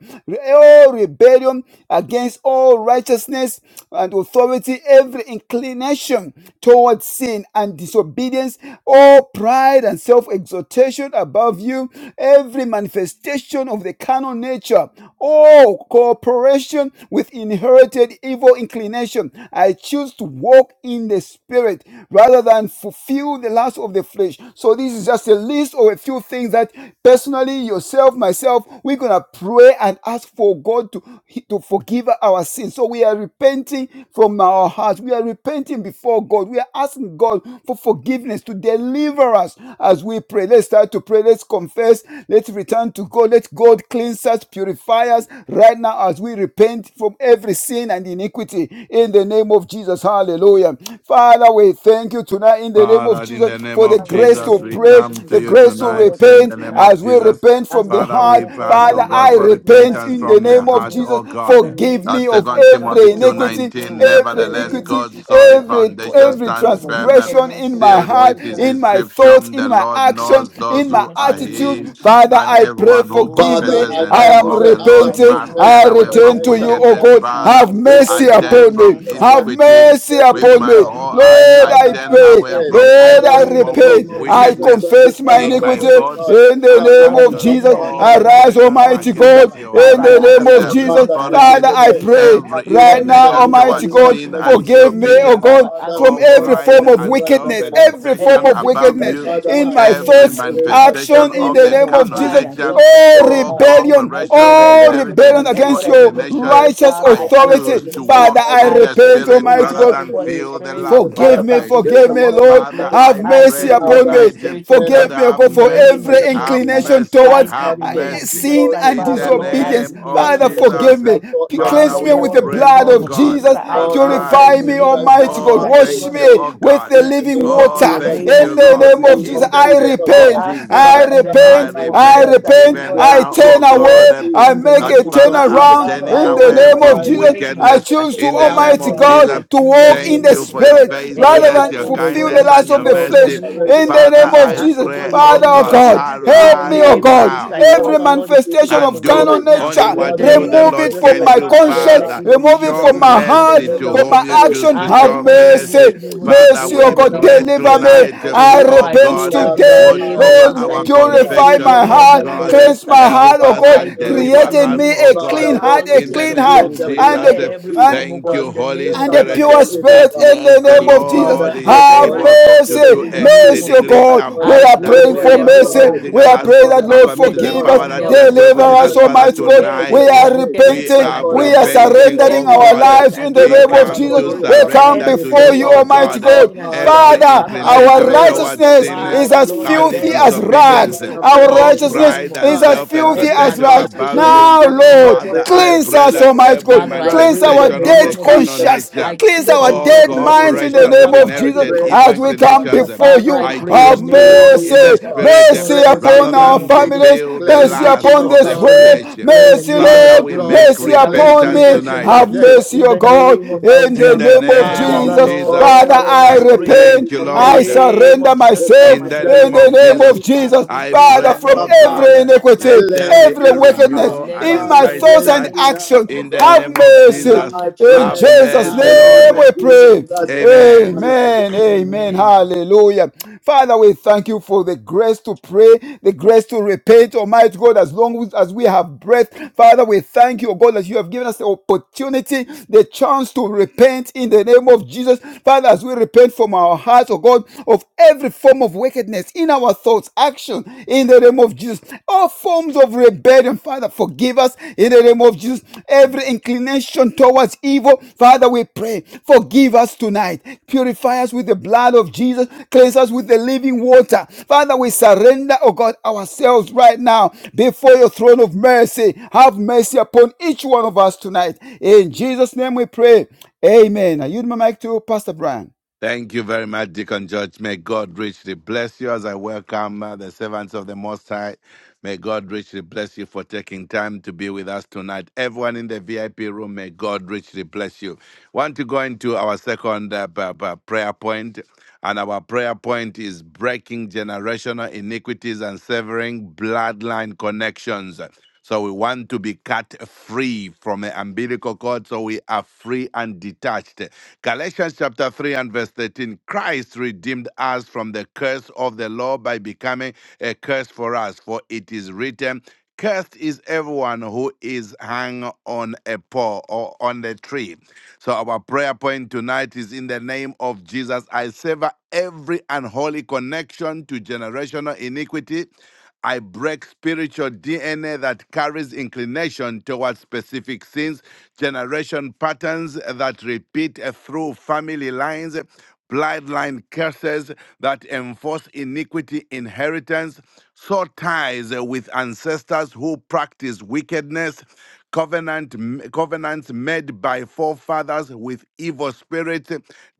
Speaker 3: all rebellion against all righteousness and authority, every inclination towards sin and disobedience, all pride and self exaltation above you, every manifestation of the carnal nature, all cooperation with inherited evil inclination. I choose to walk in the spirit rather than fulfill the lust of the flesh. So so this is just a list of a few things that personally, yourself, myself, we're gonna pray and ask for God to, to forgive our sins. So we are repenting from our hearts. We are repenting before God. We are asking God for forgiveness to deliver us as we pray. Let's start to pray. Let's confess. Let's return to God. Let God cleanse us, purify us right now as we repent from every sin and iniquity in the name of Jesus. Hallelujah. Father, we thank you tonight in the name of name of
Speaker 6: Father, in
Speaker 3: Jesus
Speaker 6: the name
Speaker 3: for the
Speaker 6: of
Speaker 2: Father, in
Speaker 3: grace
Speaker 2: the
Speaker 3: to
Speaker 6: Jesus, we
Speaker 2: name of
Speaker 3: pray,
Speaker 6: come to
Speaker 3: the
Speaker 2: Jesus,
Speaker 6: you
Speaker 2: we
Speaker 3: grace
Speaker 2: pray,
Speaker 3: to
Speaker 2: oh
Speaker 6: tonight.
Speaker 2: God,
Speaker 6: In
Speaker 2: even
Speaker 6: the
Speaker 3: repent
Speaker 6: name of
Speaker 2: tonight,
Speaker 3: as
Speaker 2: oh
Speaker 3: we
Speaker 2: God,
Speaker 6: Jesus,
Speaker 3: repent
Speaker 2: as
Speaker 3: from the
Speaker 2: we
Speaker 6: Father,
Speaker 2: come,
Speaker 3: heart.
Speaker 6: we
Speaker 2: oh God,
Speaker 6: ask,
Speaker 2: in the
Speaker 6: oh
Speaker 3: Father,
Speaker 2: name
Speaker 6: God,
Speaker 3: I
Speaker 6: for
Speaker 2: of Jesus
Speaker 3: repent
Speaker 2: Christ
Speaker 6: repentance
Speaker 2: to
Speaker 3: in the
Speaker 6: from the
Speaker 2: repent,
Speaker 3: name
Speaker 2: oh
Speaker 3: of
Speaker 6: heart,
Speaker 2: God,
Speaker 6: oh
Speaker 3: Jesus.
Speaker 2: in the
Speaker 6: God.
Speaker 3: Forgive
Speaker 2: name of
Speaker 3: me
Speaker 6: As
Speaker 3: of
Speaker 6: 2
Speaker 2: Jesus Christ,
Speaker 6: Timothy
Speaker 3: every
Speaker 2: oh God, we
Speaker 3: iniquity,
Speaker 2: pray,
Speaker 6: 2.19,
Speaker 2: oh God, in
Speaker 3: every
Speaker 2: the
Speaker 6: nevertheless,
Speaker 2: name of
Speaker 3: iniquity,
Speaker 6: God's
Speaker 2: Jesus
Speaker 6: solid
Speaker 2: Christ,
Speaker 3: every
Speaker 2: for
Speaker 6: foundation
Speaker 3: every
Speaker 2: every
Speaker 6: stands
Speaker 2: form of
Speaker 6: firm,
Speaker 3: transgression
Speaker 2: wickedness,
Speaker 3: in
Speaker 2: oh
Speaker 3: my
Speaker 2: God,
Speaker 6: sealed
Speaker 3: heart,
Speaker 2: every
Speaker 6: with his
Speaker 2: form of
Speaker 3: in my thoughts,
Speaker 6: inscription. The
Speaker 3: in my
Speaker 6: Lord
Speaker 2: we ask
Speaker 3: action,
Speaker 6: knows
Speaker 2: for
Speaker 6: those
Speaker 3: in my
Speaker 6: who
Speaker 2: forgiveness in
Speaker 6: are
Speaker 2: the name
Speaker 3: attitude.
Speaker 2: of
Speaker 6: his,
Speaker 3: Father,
Speaker 2: Jesus
Speaker 6: and
Speaker 3: I
Speaker 2: Christ. I
Speaker 3: pray,
Speaker 6: everyone
Speaker 2: pray,
Speaker 6: who
Speaker 2: oh
Speaker 3: forgive
Speaker 2: God,
Speaker 5: Father,
Speaker 2: in
Speaker 3: me.
Speaker 2: the
Speaker 6: confesses
Speaker 5: I
Speaker 6: the
Speaker 2: name
Speaker 3: I
Speaker 5: come
Speaker 6: name
Speaker 2: of
Speaker 3: am
Speaker 5: with
Speaker 6: of
Speaker 5: a
Speaker 6: the
Speaker 2: Jesus
Speaker 5: heart
Speaker 6: Lord
Speaker 2: Christ,
Speaker 5: of
Speaker 3: repenting.
Speaker 2: oh
Speaker 6: must
Speaker 2: God.
Speaker 6: turn
Speaker 3: I
Speaker 5: confession
Speaker 6: away
Speaker 5: and
Speaker 2: Every
Speaker 6: from
Speaker 3: return to
Speaker 2: form of
Speaker 3: you,
Speaker 5: repentance
Speaker 3: O
Speaker 6: wickedness.
Speaker 5: right
Speaker 3: God.
Speaker 2: wickedness in
Speaker 5: now
Speaker 2: my
Speaker 6: Father,
Speaker 3: Have
Speaker 2: thoughts and
Speaker 5: in the
Speaker 3: mercy
Speaker 6: I
Speaker 2: action,
Speaker 5: name
Speaker 2: I
Speaker 6: turn
Speaker 5: of
Speaker 3: upon me.
Speaker 6: from
Speaker 2: repent.
Speaker 5: Jesus
Speaker 2: I
Speaker 3: Have
Speaker 5: Christ,
Speaker 2: ask
Speaker 5: the
Speaker 2: you,
Speaker 5: Son
Speaker 6: iniquity
Speaker 2: God,
Speaker 5: of
Speaker 3: mercy
Speaker 5: the
Speaker 2: you
Speaker 6: with
Speaker 5: living
Speaker 3: upon
Speaker 2: will
Speaker 6: my
Speaker 3: me.
Speaker 5: God.
Speaker 2: forgive
Speaker 6: whole
Speaker 2: me in the
Speaker 5: Our
Speaker 6: heart,
Speaker 3: Lord, Lord,
Speaker 6: I
Speaker 2: name
Speaker 3: I
Speaker 5: Father,
Speaker 2: of
Speaker 6: turn
Speaker 5: I
Speaker 2: Jesus
Speaker 3: pray.
Speaker 6: away
Speaker 2: Christ.
Speaker 5: pray
Speaker 6: from
Speaker 2: I
Speaker 3: Lord,
Speaker 5: right
Speaker 3: I
Speaker 6: every
Speaker 5: in
Speaker 2: pray, oh
Speaker 5: the
Speaker 6: form
Speaker 2: God,
Speaker 3: repent.
Speaker 6: of
Speaker 5: name
Speaker 2: in the
Speaker 5: of
Speaker 3: I
Speaker 2: name of
Speaker 5: Jesus
Speaker 6: wickedness
Speaker 5: Christ, the
Speaker 3: confess
Speaker 2: Jesus
Speaker 3: my
Speaker 5: Son
Speaker 2: Christ,
Speaker 5: of
Speaker 6: in
Speaker 2: oh
Speaker 5: the
Speaker 6: my
Speaker 3: iniquity
Speaker 2: God
Speaker 5: living
Speaker 6: thoughts
Speaker 5: God,
Speaker 3: in the
Speaker 6: and
Speaker 5: knowing
Speaker 2: all
Speaker 5: that
Speaker 3: name of
Speaker 5: our
Speaker 6: actions,
Speaker 2: rebellion
Speaker 3: Jesus.
Speaker 5: God, you
Speaker 6: all
Speaker 2: against
Speaker 5: are
Speaker 2: your
Speaker 5: not a
Speaker 3: Arise,
Speaker 2: righteous
Speaker 5: man
Speaker 6: rebellion
Speaker 5: that you
Speaker 3: Almighty
Speaker 2: authority.
Speaker 5: should
Speaker 6: against
Speaker 3: God,
Speaker 5: lie,
Speaker 6: your
Speaker 3: in
Speaker 2: Father, I
Speaker 3: the
Speaker 5: nor
Speaker 2: ask
Speaker 5: the
Speaker 2: that
Speaker 3: name
Speaker 6: righteous
Speaker 2: you
Speaker 3: of
Speaker 5: Son
Speaker 6: uh,
Speaker 5: of
Speaker 2: forgive
Speaker 5: Man
Speaker 3: Jesus.
Speaker 2: me
Speaker 5: that
Speaker 2: as
Speaker 5: you
Speaker 2: I
Speaker 5: should
Speaker 6: authority,
Speaker 3: Father,
Speaker 2: turn
Speaker 3: I
Speaker 5: repent.
Speaker 2: away from
Speaker 3: pray
Speaker 2: it.
Speaker 6: every
Speaker 5: Have you
Speaker 3: right
Speaker 5: not
Speaker 2: Every
Speaker 5: said
Speaker 3: now,
Speaker 6: inclination
Speaker 5: it?
Speaker 2: inclination
Speaker 5: Shall
Speaker 3: Almighty
Speaker 6: towards
Speaker 5: you
Speaker 2: towards
Speaker 5: not
Speaker 3: God,
Speaker 6: sin
Speaker 2: sin
Speaker 5: make
Speaker 2: and
Speaker 6: and
Speaker 5: it
Speaker 3: forgive
Speaker 5: good?
Speaker 3: me,
Speaker 2: disobedience,
Speaker 3: oh
Speaker 5: My
Speaker 6: disobedience,
Speaker 2: Father,
Speaker 3: God,
Speaker 2: ask
Speaker 5: Father, we
Speaker 3: from
Speaker 6: all
Speaker 2: for
Speaker 5: call
Speaker 3: every
Speaker 2: forgiveness in the
Speaker 3: form
Speaker 6: pride
Speaker 5: upon
Speaker 3: of
Speaker 2: name
Speaker 5: you
Speaker 6: and
Speaker 2: of
Speaker 5: right now in
Speaker 6: self
Speaker 2: Jesus
Speaker 3: wickedness,
Speaker 5: the name of
Speaker 2: Christ.
Speaker 3: every form
Speaker 6: exaltation
Speaker 5: Jesus.
Speaker 3: of
Speaker 2: Every
Speaker 6: above
Speaker 5: Uh,
Speaker 3: wickedness
Speaker 6: you,
Speaker 2: inclination
Speaker 5: Father,
Speaker 3: in
Speaker 5: I
Speaker 2: towards
Speaker 3: my
Speaker 2: sin
Speaker 5: turn
Speaker 6: every
Speaker 2: and
Speaker 3: thoughts,
Speaker 5: away, I
Speaker 2: disobedience,
Speaker 6: manifestation
Speaker 5: turn
Speaker 3: action in
Speaker 5: from
Speaker 2: every
Speaker 6: of
Speaker 3: the
Speaker 6: the
Speaker 2: form
Speaker 3: name
Speaker 2: of
Speaker 3: of
Speaker 6: carnal
Speaker 5: iniquity
Speaker 2: pride
Speaker 3: Jesus.
Speaker 2: and
Speaker 6: nature,
Speaker 5: with my
Speaker 3: All
Speaker 5: whole
Speaker 6: all
Speaker 2: self-exaltation
Speaker 5: heart.
Speaker 2: above
Speaker 3: rebellion,
Speaker 2: you,
Speaker 5: I
Speaker 6: cooperation
Speaker 5: turn
Speaker 6: with
Speaker 2: all
Speaker 3: all
Speaker 5: away
Speaker 2: corporation
Speaker 6: inherited
Speaker 2: with
Speaker 3: rebellion
Speaker 6: evil
Speaker 3: against
Speaker 2: inherited
Speaker 5: of
Speaker 2: evil
Speaker 3: your
Speaker 5: from
Speaker 6: inclinations
Speaker 2: inclinations,
Speaker 5: every
Speaker 3: righteous
Speaker 2: Father,
Speaker 5: form
Speaker 6: I
Speaker 5: of
Speaker 2: I ask for
Speaker 3: authority.
Speaker 6: choose to
Speaker 5: wickedness in
Speaker 2: forgiveness.
Speaker 3: Father,
Speaker 6: walk
Speaker 5: my
Speaker 3: I
Speaker 6: in
Speaker 2: I
Speaker 6: the
Speaker 5: thoughts,
Speaker 3: repent,
Speaker 2: choose to
Speaker 6: spirit
Speaker 5: right
Speaker 3: Almighty
Speaker 6: rather
Speaker 2: walk,
Speaker 5: now
Speaker 3: God.
Speaker 2: oh
Speaker 6: than
Speaker 5: in the
Speaker 2: God, in the
Speaker 5: name
Speaker 6: feel
Speaker 5: of
Speaker 6: the
Speaker 2: spirit
Speaker 6: lust
Speaker 5: Jesus
Speaker 6: of
Speaker 3: Forgive
Speaker 6: the
Speaker 2: rather
Speaker 5: Christ,
Speaker 3: me,
Speaker 2: than
Speaker 6: flesh.
Speaker 5: the
Speaker 2: fulfill
Speaker 3: forgive
Speaker 2: the
Speaker 5: Son
Speaker 3: me,
Speaker 2: loss
Speaker 5: of
Speaker 2: of the
Speaker 5: the
Speaker 3: Lord.
Speaker 6: Father,
Speaker 2: flesh.
Speaker 5: Living
Speaker 3: Have
Speaker 6: I
Speaker 5: God.
Speaker 2: I
Speaker 3: mercy
Speaker 6: pray
Speaker 2: choose to walk
Speaker 3: upon
Speaker 5: Father,
Speaker 2: in the
Speaker 6: tonight
Speaker 5: I
Speaker 3: me.
Speaker 6: um,
Speaker 2: spirit, oh
Speaker 5: pray
Speaker 2: God.
Speaker 6: that
Speaker 3: Forgive me, O
Speaker 6: have
Speaker 3: God,
Speaker 2: In
Speaker 5: from
Speaker 2: the
Speaker 3: for
Speaker 5: every
Speaker 2: name
Speaker 3: every
Speaker 2: of
Speaker 6: mercy,
Speaker 5: wickedness
Speaker 2: Jesus
Speaker 6: have
Speaker 5: in
Speaker 2: Christ,
Speaker 5: my
Speaker 3: inclination
Speaker 5: thoughts
Speaker 6: mercy,
Speaker 2: I
Speaker 3: towards
Speaker 2: do
Speaker 5: and
Speaker 2: In
Speaker 6: have
Speaker 2: the
Speaker 3: uh,
Speaker 2: name
Speaker 5: actions,
Speaker 2: of
Speaker 6: mercy.
Speaker 2: Jesus
Speaker 3: sin
Speaker 5: all
Speaker 2: Christ,
Speaker 3: and
Speaker 6: In
Speaker 2: Father,
Speaker 6: the
Speaker 5: rebellion
Speaker 2: Lord, I do
Speaker 3: disobedience.
Speaker 6: name
Speaker 2: In
Speaker 5: and
Speaker 2: the
Speaker 5: uh,
Speaker 6: of
Speaker 2: name
Speaker 3: Father,
Speaker 2: of
Speaker 5: against
Speaker 3: forgive
Speaker 2: Jesus
Speaker 6: Jesus,
Speaker 3: me.
Speaker 5: your,
Speaker 2: Christ,
Speaker 5: thought,
Speaker 3: P-
Speaker 5: your,
Speaker 6: Father,
Speaker 2: Father,
Speaker 3: Cleanse
Speaker 5: your
Speaker 3: me
Speaker 6: we
Speaker 3: with the
Speaker 2: Lord,
Speaker 5: righteous
Speaker 2: in the
Speaker 6: pray,
Speaker 3: blood
Speaker 6: oh
Speaker 2: name
Speaker 3: of
Speaker 2: of
Speaker 5: authority.
Speaker 2: Jesus
Speaker 6: God,
Speaker 3: Jesus.
Speaker 2: Christ, I
Speaker 5: Oh
Speaker 2: pray,
Speaker 5: God,
Speaker 2: God, in
Speaker 3: Purify
Speaker 6: arise.
Speaker 2: the
Speaker 3: me,
Speaker 2: name
Speaker 5: right
Speaker 2: of
Speaker 3: Almighty
Speaker 5: now
Speaker 2: Jesus
Speaker 3: God.
Speaker 6: Oh,
Speaker 5: I
Speaker 2: Christ, oh
Speaker 3: Wash
Speaker 6: thank
Speaker 2: God
Speaker 6: you,
Speaker 5: repent
Speaker 6: oh
Speaker 3: me with
Speaker 6: God.
Speaker 3: the
Speaker 5: in the
Speaker 3: living
Speaker 5: name of
Speaker 2: me
Speaker 6: Oh,
Speaker 2: in the
Speaker 3: water.
Speaker 5: Jesus
Speaker 6: thank
Speaker 2: name
Speaker 6: you,
Speaker 3: In
Speaker 2: of
Speaker 5: in
Speaker 3: the
Speaker 5: the
Speaker 2: Jesus
Speaker 3: name
Speaker 6: Lord.
Speaker 3: of
Speaker 2: Christ,
Speaker 5: name
Speaker 2: oh
Speaker 3: Jesus,
Speaker 5: of
Speaker 6: In the
Speaker 3: I
Speaker 2: God.
Speaker 5: Jesus,
Speaker 6: name
Speaker 5: oh
Speaker 2: I
Speaker 6: of
Speaker 5: God.
Speaker 3: repent.
Speaker 2: ask, oh
Speaker 6: Jesus,
Speaker 3: I
Speaker 2: God, in the
Speaker 5: Father,
Speaker 6: I
Speaker 3: repent.
Speaker 2: name of
Speaker 5: Almighty
Speaker 3: I
Speaker 5: God,
Speaker 2: Jesus
Speaker 6: repent
Speaker 2: Christ, oh
Speaker 3: repent.
Speaker 6: even
Speaker 2: God,
Speaker 3: I
Speaker 2: like
Speaker 6: now,
Speaker 5: inclination
Speaker 2: forgive
Speaker 6: oh
Speaker 3: turn
Speaker 2: me,
Speaker 5: towards
Speaker 3: away.
Speaker 2: God,
Speaker 6: God.
Speaker 5: sin
Speaker 3: I
Speaker 2: in the
Speaker 3: make
Speaker 5: and
Speaker 6: That
Speaker 3: a
Speaker 2: name of
Speaker 3: turn
Speaker 6: Father,
Speaker 2: Jesus Christ,
Speaker 6: I'm
Speaker 5: disobedience,
Speaker 3: around.
Speaker 2: Father,
Speaker 6: turning
Speaker 3: In
Speaker 2: I
Speaker 3: the
Speaker 2: pray,
Speaker 5: all
Speaker 2: oh
Speaker 6: away
Speaker 3: name
Speaker 2: God, in
Speaker 3: of
Speaker 2: the
Speaker 6: from
Speaker 5: pride
Speaker 3: Jesus,
Speaker 5: and
Speaker 2: name of
Speaker 3: I
Speaker 6: wickedness
Speaker 5: self
Speaker 2: Jesus Christ.
Speaker 3: choose to,
Speaker 6: in the
Speaker 5: exaltation
Speaker 6: name
Speaker 3: Almighty
Speaker 2: Father,
Speaker 6: of
Speaker 5: above
Speaker 2: Lord,
Speaker 3: God,
Speaker 5: you,
Speaker 6: Jesus.
Speaker 2: I
Speaker 3: to
Speaker 2: choose in the
Speaker 3: walk
Speaker 5: every
Speaker 3: in
Speaker 6: Thank
Speaker 2: name
Speaker 3: the
Speaker 2: of
Speaker 6: you for
Speaker 2: Jesus
Speaker 6: your
Speaker 2: Christ.
Speaker 3: spirit
Speaker 5: manifestation of the
Speaker 3: rather
Speaker 2: Every
Speaker 6: faithfulness,
Speaker 3: than
Speaker 6: your
Speaker 5: carnal
Speaker 2: form of
Speaker 3: fulfill
Speaker 2: God,
Speaker 5: nature,
Speaker 3: the
Speaker 2: we
Speaker 6: kindness,
Speaker 3: lust
Speaker 2: put
Speaker 6: and
Speaker 3: of
Speaker 6: your
Speaker 2: your
Speaker 3: the
Speaker 2: God
Speaker 5: all
Speaker 2: in the
Speaker 3: flesh
Speaker 6: mercy.
Speaker 2: name of Jesus
Speaker 3: in
Speaker 5: cooperation
Speaker 3: the
Speaker 2: Christ,
Speaker 5: with
Speaker 6: Father,
Speaker 3: name
Speaker 2: Father. I
Speaker 3: of
Speaker 6: I
Speaker 2: ask, oh
Speaker 3: Jesus.
Speaker 5: inherited
Speaker 6: pray,
Speaker 2: God, in the
Speaker 5: evil
Speaker 6: oh
Speaker 3: Father,
Speaker 2: name
Speaker 3: oh
Speaker 2: of
Speaker 6: God,
Speaker 2: Jesus
Speaker 3: God,
Speaker 2: Christ,
Speaker 5: inclination.
Speaker 2: in
Speaker 3: help
Speaker 2: the
Speaker 3: me, oh
Speaker 6: arise
Speaker 5: I
Speaker 2: name of
Speaker 3: God.
Speaker 5: choose
Speaker 2: Jesus
Speaker 6: now
Speaker 5: to
Speaker 2: Christ,
Speaker 3: Every
Speaker 5: walk
Speaker 2: Father, Lord, if
Speaker 5: in the
Speaker 3: manifestation
Speaker 2: you for
Speaker 6: and
Speaker 3: of
Speaker 2: them
Speaker 6: do
Speaker 3: carnal
Speaker 2: right
Speaker 5: Spirit
Speaker 2: now
Speaker 6: only
Speaker 3: nature,
Speaker 2: in
Speaker 6: what
Speaker 2: the
Speaker 5: rather
Speaker 6: you,
Speaker 5: than
Speaker 6: the
Speaker 2: name of
Speaker 3: remove it
Speaker 6: Lord,
Speaker 2: Jesus
Speaker 3: from
Speaker 6: can
Speaker 2: Christ.
Speaker 3: my
Speaker 5: fulfill
Speaker 6: do,
Speaker 2: Father,
Speaker 5: the
Speaker 2: Lord, let
Speaker 5: lust
Speaker 3: conscience,
Speaker 6: Father.
Speaker 2: me be
Speaker 5: of the
Speaker 3: remove it
Speaker 2: removed,
Speaker 6: Show
Speaker 5: flesh,
Speaker 3: from
Speaker 2: oh
Speaker 3: my
Speaker 2: God, in the
Speaker 3: heart,
Speaker 6: mercy
Speaker 5: rather
Speaker 2: name
Speaker 6: to
Speaker 5: than
Speaker 2: of
Speaker 3: from
Speaker 6: whom
Speaker 3: my
Speaker 2: Jesus
Speaker 6: you
Speaker 2: Christ.
Speaker 5: fulfill
Speaker 6: choose
Speaker 3: action.
Speaker 6: to
Speaker 2: As
Speaker 5: the
Speaker 2: I
Speaker 3: Have
Speaker 6: show
Speaker 2: come,
Speaker 5: lust of
Speaker 2: even
Speaker 3: mercy,
Speaker 2: this
Speaker 5: the
Speaker 6: mercy.
Speaker 2: evening,
Speaker 5: flesh.
Speaker 2: even to
Speaker 6: Father,
Speaker 2: pray
Speaker 3: mercy, oh
Speaker 2: in
Speaker 6: we
Speaker 5: Right
Speaker 2: the
Speaker 3: God,
Speaker 5: now,
Speaker 2: name
Speaker 6: pray
Speaker 2: of
Speaker 5: in
Speaker 3: deliver
Speaker 2: Jesus
Speaker 5: the
Speaker 3: me.
Speaker 2: Christ.
Speaker 5: name
Speaker 6: tonight, eh,
Speaker 5: of
Speaker 3: I
Speaker 2: Jehovah,
Speaker 6: oh
Speaker 5: Jesus,
Speaker 2: I
Speaker 3: repent
Speaker 2: pray, oh
Speaker 6: God, eh,
Speaker 2: God, in the
Speaker 5: Father,
Speaker 6: watch
Speaker 3: today,
Speaker 5: I
Speaker 2: name of
Speaker 6: over
Speaker 2: Jesus
Speaker 6: our
Speaker 3: Lord.
Speaker 2: Christ.
Speaker 5: repent, O
Speaker 2: Let it,
Speaker 5: God.
Speaker 3: Purify
Speaker 2: oh
Speaker 6: confession,
Speaker 2: God,
Speaker 3: my
Speaker 2: in the
Speaker 6: oh
Speaker 3: heart,
Speaker 5: Father,
Speaker 2: name of
Speaker 6: God, eh,
Speaker 5: cleanse
Speaker 2: Jesus
Speaker 3: cleanse
Speaker 2: Christ,
Speaker 5: me.
Speaker 3: my
Speaker 2: oh God.
Speaker 3: heart,
Speaker 6: help
Speaker 3: oh
Speaker 6: us
Speaker 5: Father,
Speaker 2: I
Speaker 6: and
Speaker 3: God.
Speaker 2: pray, oh God,
Speaker 6: deliver
Speaker 3: Create
Speaker 5: purify
Speaker 2: in the
Speaker 3: in
Speaker 5: me.
Speaker 6: us,
Speaker 2: name
Speaker 3: me
Speaker 2: of
Speaker 6: oh
Speaker 3: a
Speaker 2: Jesus Christ.
Speaker 6: God,
Speaker 3: clean
Speaker 5: Father,
Speaker 6: eh,
Speaker 2: Father,
Speaker 5: wash
Speaker 3: heart, a
Speaker 2: Lord,
Speaker 6: in
Speaker 5: me
Speaker 6: the
Speaker 2: take
Speaker 3: clean
Speaker 6: name
Speaker 3: heart,
Speaker 2: away,
Speaker 5: with
Speaker 2: oh
Speaker 6: of
Speaker 5: the
Speaker 2: God,
Speaker 3: and
Speaker 5: blood
Speaker 6: Jesus.
Speaker 3: a
Speaker 6: Eh,
Speaker 5: of
Speaker 2: every
Speaker 3: and
Speaker 5: Jesus
Speaker 2: form, oh
Speaker 6: Thank
Speaker 2: God,
Speaker 6: you,
Speaker 5: Christ,
Speaker 2: in the
Speaker 6: Holy
Speaker 5: the
Speaker 2: name
Speaker 3: and
Speaker 2: of
Speaker 3: a
Speaker 5: Son
Speaker 2: Jesus
Speaker 5: of
Speaker 6: Spirit, eh,
Speaker 2: Christ.
Speaker 3: pure
Speaker 5: the
Speaker 2: Oh God,
Speaker 5: living
Speaker 3: spirit
Speaker 6: that
Speaker 2: oh
Speaker 5: God.
Speaker 3: in
Speaker 2: God.
Speaker 6: yes,
Speaker 3: the
Speaker 6: the
Speaker 3: name
Speaker 2: Let
Speaker 5: Abba,
Speaker 3: of
Speaker 2: it be
Speaker 3: Jesus.
Speaker 5: Father,
Speaker 6: Lord
Speaker 2: removed, oh
Speaker 5: I
Speaker 6: is
Speaker 2: God,
Speaker 3: Have
Speaker 5: call
Speaker 6: able
Speaker 2: right
Speaker 5: upon
Speaker 2: now,
Speaker 5: you,
Speaker 6: to
Speaker 5: the
Speaker 6: do
Speaker 2: in
Speaker 3: mercy,
Speaker 5: King
Speaker 2: the
Speaker 5: of
Speaker 2: name
Speaker 5: kings.
Speaker 3: mercy,
Speaker 2: of
Speaker 3: O
Speaker 2: Jesus
Speaker 6: exceedingly
Speaker 5: I
Speaker 2: Christ.
Speaker 3: God.
Speaker 5: call
Speaker 3: We
Speaker 2: I
Speaker 3: are
Speaker 5: upon
Speaker 2: pray,
Speaker 5: you,
Speaker 2: oh
Speaker 5: the
Speaker 3: praying
Speaker 6: abundantly
Speaker 2: God,
Speaker 3: for
Speaker 5: King of
Speaker 6: above
Speaker 2: every
Speaker 6: all
Speaker 3: mercy.
Speaker 6: we
Speaker 2: form of
Speaker 5: glory.
Speaker 6: can
Speaker 3: We are
Speaker 5: I
Speaker 6: think,
Speaker 2: wickedness, oh
Speaker 3: praying
Speaker 5: call
Speaker 3: that
Speaker 2: God.
Speaker 3: Lord
Speaker 5: upon you,
Speaker 6: according to
Speaker 2: Let
Speaker 5: the
Speaker 2: me,
Speaker 6: the
Speaker 2: oh
Speaker 3: forgive
Speaker 5: Lord
Speaker 3: us,
Speaker 2: God,
Speaker 6: power
Speaker 5: of
Speaker 6: that is
Speaker 5: lords.
Speaker 2: help me
Speaker 6: at
Speaker 2: to
Speaker 6: work
Speaker 3: deliver
Speaker 5: I
Speaker 2: turn
Speaker 6: within
Speaker 2: away
Speaker 5: call
Speaker 3: us,
Speaker 6: us,
Speaker 2: from
Speaker 5: call
Speaker 6: Father,
Speaker 2: it
Speaker 5: upon
Speaker 3: Almighty
Speaker 5: you,
Speaker 3: God.
Speaker 5: the
Speaker 2: every
Speaker 3: We
Speaker 6: tonight.
Speaker 5: ancient
Speaker 2: form
Speaker 6: eh,
Speaker 5: of
Speaker 2: of
Speaker 3: are
Speaker 5: days.
Speaker 6: We
Speaker 2: wickedness in
Speaker 5: I
Speaker 2: my
Speaker 6: are
Speaker 3: repenting.
Speaker 5: call
Speaker 2: thoughts
Speaker 3: We
Speaker 2: and
Speaker 3: are
Speaker 5: upon you, the
Speaker 2: actions,
Speaker 6: repenting,
Speaker 5: all
Speaker 3: surrendering
Speaker 6: oh
Speaker 2: every
Speaker 3: our
Speaker 5: powerful
Speaker 6: God. eh,
Speaker 5: God.
Speaker 2: rebellion
Speaker 3: lives in the
Speaker 2: against
Speaker 6: We
Speaker 5: I
Speaker 2: your
Speaker 3: name
Speaker 5: call
Speaker 3: of
Speaker 2: righteous
Speaker 6: come
Speaker 3: Jesus.
Speaker 5: upon
Speaker 6: to
Speaker 5: you, the
Speaker 3: We
Speaker 2: authority,
Speaker 3: come
Speaker 5: covenant
Speaker 6: surrender
Speaker 2: every
Speaker 6: to
Speaker 3: before
Speaker 5: keeping
Speaker 6: you,
Speaker 3: you,
Speaker 6: oh
Speaker 5: God.
Speaker 2: inclination
Speaker 3: Almighty
Speaker 6: God,
Speaker 2: towards
Speaker 6: eh,
Speaker 3: God.
Speaker 5: Our
Speaker 2: sin and
Speaker 5: Father,
Speaker 6: every
Speaker 2: disobedience. Father,
Speaker 3: Father,
Speaker 2: I
Speaker 5: I
Speaker 3: our
Speaker 2: ask
Speaker 6: inclination
Speaker 5: pray
Speaker 2: for God,
Speaker 5: right
Speaker 6: towards
Speaker 5: now in
Speaker 3: righteousness
Speaker 5: the
Speaker 6: sin eh,
Speaker 5: name
Speaker 3: is
Speaker 5: of
Speaker 2: Father,
Speaker 3: as
Speaker 2: Lord,
Speaker 5: Jesus
Speaker 6: and eh,
Speaker 3: filthy
Speaker 2: let
Speaker 5: Christ,
Speaker 3: as
Speaker 2: it be
Speaker 5: the
Speaker 6: disobedience,
Speaker 3: rags.
Speaker 2: removed,
Speaker 5: Son
Speaker 6: eh,
Speaker 5: of
Speaker 2: forgive
Speaker 5: the
Speaker 3: Our
Speaker 2: me,
Speaker 6: all
Speaker 2: God,
Speaker 5: living
Speaker 2: in the
Speaker 5: God.
Speaker 3: righteousness
Speaker 2: name
Speaker 6: pride
Speaker 2: of
Speaker 6: and
Speaker 3: is
Speaker 2: Jesus.
Speaker 3: as
Speaker 6: self
Speaker 5: Father,
Speaker 3: filthy
Speaker 2: Every
Speaker 3: as
Speaker 6: exaltation
Speaker 3: rags.
Speaker 5: Father,
Speaker 2: manifestation
Speaker 6: above
Speaker 2: of the
Speaker 5: cleanse
Speaker 6: you.
Speaker 3: Now,
Speaker 5: me
Speaker 2: carnal
Speaker 5: from
Speaker 3: Lord,
Speaker 2: nature
Speaker 5: every
Speaker 6: Father,
Speaker 3: clean
Speaker 6: I
Speaker 3: Cleanse
Speaker 6: pray
Speaker 5: iniquity,
Speaker 3: us,
Speaker 5: O
Speaker 6: that
Speaker 3: Almighty
Speaker 5: God
Speaker 6: every
Speaker 2: Father,
Speaker 3: God.
Speaker 2: I
Speaker 5: right
Speaker 3: Cleanse
Speaker 2: pray,
Speaker 5: now
Speaker 2: oh
Speaker 5: in
Speaker 3: our
Speaker 5: the
Speaker 2: God, in
Speaker 6: manifestation
Speaker 2: the
Speaker 6: of
Speaker 5: name
Speaker 6: the
Speaker 3: dead
Speaker 2: name
Speaker 5: of
Speaker 2: of Jesus,
Speaker 6: carnal
Speaker 5: Jesus
Speaker 2: that
Speaker 3: conscience.
Speaker 5: Christ,
Speaker 6: nature,
Speaker 2: I
Speaker 3: Cleanse
Speaker 5: the
Speaker 2: choose,
Speaker 3: our
Speaker 2: oh
Speaker 6: all
Speaker 5: Son of
Speaker 2: God,
Speaker 3: dead
Speaker 2: to
Speaker 5: the
Speaker 2: walk in
Speaker 3: minds
Speaker 5: living
Speaker 3: in the
Speaker 2: faith,
Speaker 6: cooperation
Speaker 5: God.
Speaker 6: with
Speaker 3: name
Speaker 2: Father, and
Speaker 3: of
Speaker 5: I
Speaker 2: fulfill
Speaker 3: Jesus
Speaker 2: the
Speaker 6: inherited
Speaker 5: pray,
Speaker 2: loss of
Speaker 6: evil
Speaker 2: the
Speaker 3: as
Speaker 5: Abba
Speaker 3: we
Speaker 2: flesh.
Speaker 3: come
Speaker 6: inclinations,
Speaker 5: Father,
Speaker 2: So,
Speaker 3: before
Speaker 2: Father,
Speaker 3: you.
Speaker 2: I
Speaker 6: I
Speaker 5: cleanse
Speaker 2: pray in
Speaker 5: me,
Speaker 2: the
Speaker 6: choose
Speaker 3: Have
Speaker 6: to
Speaker 5: cleanse
Speaker 2: name
Speaker 6: walk
Speaker 2: of
Speaker 5: me,
Speaker 6: in
Speaker 5: O
Speaker 6: the
Speaker 2: Jesus,
Speaker 3: mercy.
Speaker 2: that,
Speaker 5: God.
Speaker 6: spirit
Speaker 2: Lord
Speaker 3: Mercy
Speaker 2: God,
Speaker 5: Cleanse
Speaker 2: in the
Speaker 5: me,
Speaker 6: rather
Speaker 3: upon
Speaker 5: King
Speaker 3: our
Speaker 2: name
Speaker 5: of
Speaker 6: than
Speaker 2: of
Speaker 5: Kings.
Speaker 2: Jesus,
Speaker 3: families.
Speaker 6: fulfill the
Speaker 2: name
Speaker 5: Cleanse
Speaker 3: Mercy
Speaker 5: me,
Speaker 2: of
Speaker 6: lust
Speaker 5: King
Speaker 3: upon
Speaker 2: Jesus
Speaker 5: of
Speaker 6: of
Speaker 3: this
Speaker 6: the
Speaker 2: Christ, oh
Speaker 5: Glory.
Speaker 2: God,
Speaker 6: flesh.
Speaker 3: room.
Speaker 2: in the
Speaker 5: Cleanse
Speaker 3: Mercy,
Speaker 5: me,
Speaker 2: name
Speaker 5: Lord
Speaker 6: Father,
Speaker 2: of
Speaker 3: Lord.
Speaker 5: of
Speaker 6: we
Speaker 2: name of
Speaker 5: Lords.
Speaker 6: make
Speaker 2: Jesus
Speaker 3: Mercy
Speaker 2: Christ, we
Speaker 5: Cleanse
Speaker 2: pray,
Speaker 3: upon
Speaker 2: oh
Speaker 5: me,
Speaker 6: repentance
Speaker 3: me.
Speaker 2: God, even
Speaker 5: Ancient
Speaker 6: tonight
Speaker 2: for
Speaker 5: of
Speaker 3: Have
Speaker 2: this, oh God,
Speaker 5: Days.
Speaker 3: mercy,
Speaker 2: in
Speaker 3: O
Speaker 2: the
Speaker 5: Cleanse
Speaker 3: God,
Speaker 2: name
Speaker 5: me,
Speaker 2: of
Speaker 3: in
Speaker 5: Alpha
Speaker 2: Jesus
Speaker 3: the
Speaker 6: in
Speaker 2: Christ.
Speaker 5: and
Speaker 6: the
Speaker 5: the
Speaker 3: name of
Speaker 6: name
Speaker 5: Omega.
Speaker 6: of
Speaker 2: Father,
Speaker 3: Jesus.
Speaker 5: Oh,
Speaker 6: Jesus.
Speaker 3: Father,
Speaker 5: Father,
Speaker 2: Lord,
Speaker 3: I
Speaker 2: I
Speaker 5: thank you in the
Speaker 2: pray
Speaker 6: Thank
Speaker 5: name
Speaker 6: you,
Speaker 3: repent.
Speaker 5: of
Speaker 2: in the
Speaker 3: I
Speaker 5: Jesus
Speaker 6: Lord.
Speaker 5: Christ,
Speaker 2: name
Speaker 3: surrender
Speaker 2: of
Speaker 5: the
Speaker 2: Jesus Christ,
Speaker 5: Son
Speaker 3: myself
Speaker 6: In
Speaker 2: my
Speaker 5: of
Speaker 6: the
Speaker 5: the
Speaker 2: Lord
Speaker 3: in
Speaker 6: name
Speaker 2: and
Speaker 3: the
Speaker 2: my
Speaker 6: of
Speaker 5: living
Speaker 2: God.
Speaker 3: name
Speaker 5: God.
Speaker 3: of
Speaker 6: Jesus,
Speaker 5: Mm.
Speaker 2: Father,
Speaker 3: Jesus.
Speaker 2: we
Speaker 6: I
Speaker 2: pray, oh God,
Speaker 3: Father,
Speaker 6: pray,
Speaker 3: from
Speaker 2: let
Speaker 5: Abba,
Speaker 6: oh
Speaker 2: it be, oh
Speaker 5: Father,
Speaker 3: every
Speaker 2: God,
Speaker 6: God,
Speaker 2: right now
Speaker 3: iniquity,
Speaker 2: in
Speaker 6: let
Speaker 2: the
Speaker 6: there
Speaker 2: name
Speaker 5: cleanse
Speaker 6: be
Speaker 2: of
Speaker 3: every
Speaker 6: a
Speaker 5: me
Speaker 2: Jesus Christ.
Speaker 5: now.
Speaker 3: wickedness
Speaker 6: renewal
Speaker 2: Let
Speaker 6: and
Speaker 2: it
Speaker 3: in
Speaker 6: a
Speaker 2: be, oh
Speaker 3: my
Speaker 5: Father,
Speaker 6: fresh
Speaker 2: God, in
Speaker 3: thoughts
Speaker 2: the
Speaker 5: cleanse
Speaker 3: and
Speaker 6: start
Speaker 5: me
Speaker 2: name of
Speaker 5: now,
Speaker 3: action.
Speaker 5: oh
Speaker 2: Jesus.
Speaker 6: in the
Speaker 3: Have
Speaker 5: God.
Speaker 6: name of
Speaker 2: In the
Speaker 5: Father,
Speaker 3: mercy.
Speaker 2: name
Speaker 6: Jesus.
Speaker 5: I
Speaker 2: of Jesus
Speaker 3: In
Speaker 6: Have
Speaker 2: Christ.
Speaker 5: pray
Speaker 3: Jesus'
Speaker 5: in
Speaker 6: mercy,
Speaker 5: the
Speaker 2: Father,
Speaker 5: name
Speaker 2: Lord,
Speaker 3: name
Speaker 5: of
Speaker 6: Lord.
Speaker 2: I
Speaker 3: we
Speaker 2: pray for
Speaker 5: Jesus
Speaker 3: pray.
Speaker 2: you to
Speaker 5: Christ,
Speaker 2: God in
Speaker 5: the
Speaker 6: Amen.
Speaker 5: Son of
Speaker 2: Jesus'
Speaker 5: the
Speaker 2: name.
Speaker 5: Living.
Speaker 3: Amen.
Speaker 5: Amen.
Speaker 3: Amen.
Speaker 2: Amen.
Speaker 3: Hallelujah. Father, we thank you for the grace to pray, the grace to repent, Almighty God, as long as we have breath. Father, we thank you, God, that you have given us the opportunity, the chance to repent in the name of Jesus. Father, as we repent from our hearts, oh God, of every form of wickedness wickedness in our thoughts, action, in the name of Jesus. All forms of rebellion, Father, forgive us in the name of Jesus. Every inclination towards evil, Father, we pray, forgive us tonight. Purify us with the blood of Jesus. Cleanse us with the living water. Father, we surrender, oh God, ourselves right now before your throne of mercy. Have mercy upon each one of us tonight. In Jesus' name we pray. Amen. I yield my mic to Pastor Brian.
Speaker 6: Thank you very much, Deacon George. May God richly bless you as I welcome uh, the servants of the Most High. May God richly bless you for taking time to be with us tonight. Everyone in the VIP room, may God richly bless you. Want to go into our second uh, p- p- prayer point. And our prayer point is breaking generational iniquities and severing bloodline connections. So we want to be cut free from the umbilical cord, so we are free and detached. Galatians chapter 3 and verse 13 Christ redeemed us from the curse of the law by becoming a curse for us, for it is written. Cursed is everyone who is hung on a pole or on a tree. So our prayer point tonight is in the name of Jesus. I sever every unholy connection to generational iniquity. I break spiritual DNA that carries inclination towards specific sins, generation patterns that repeat uh, through family lines bloodline curses that enforce iniquity, inheritance, sore ties with ancestors who practice wickedness, covenant covenants made by forefathers with evil spirits,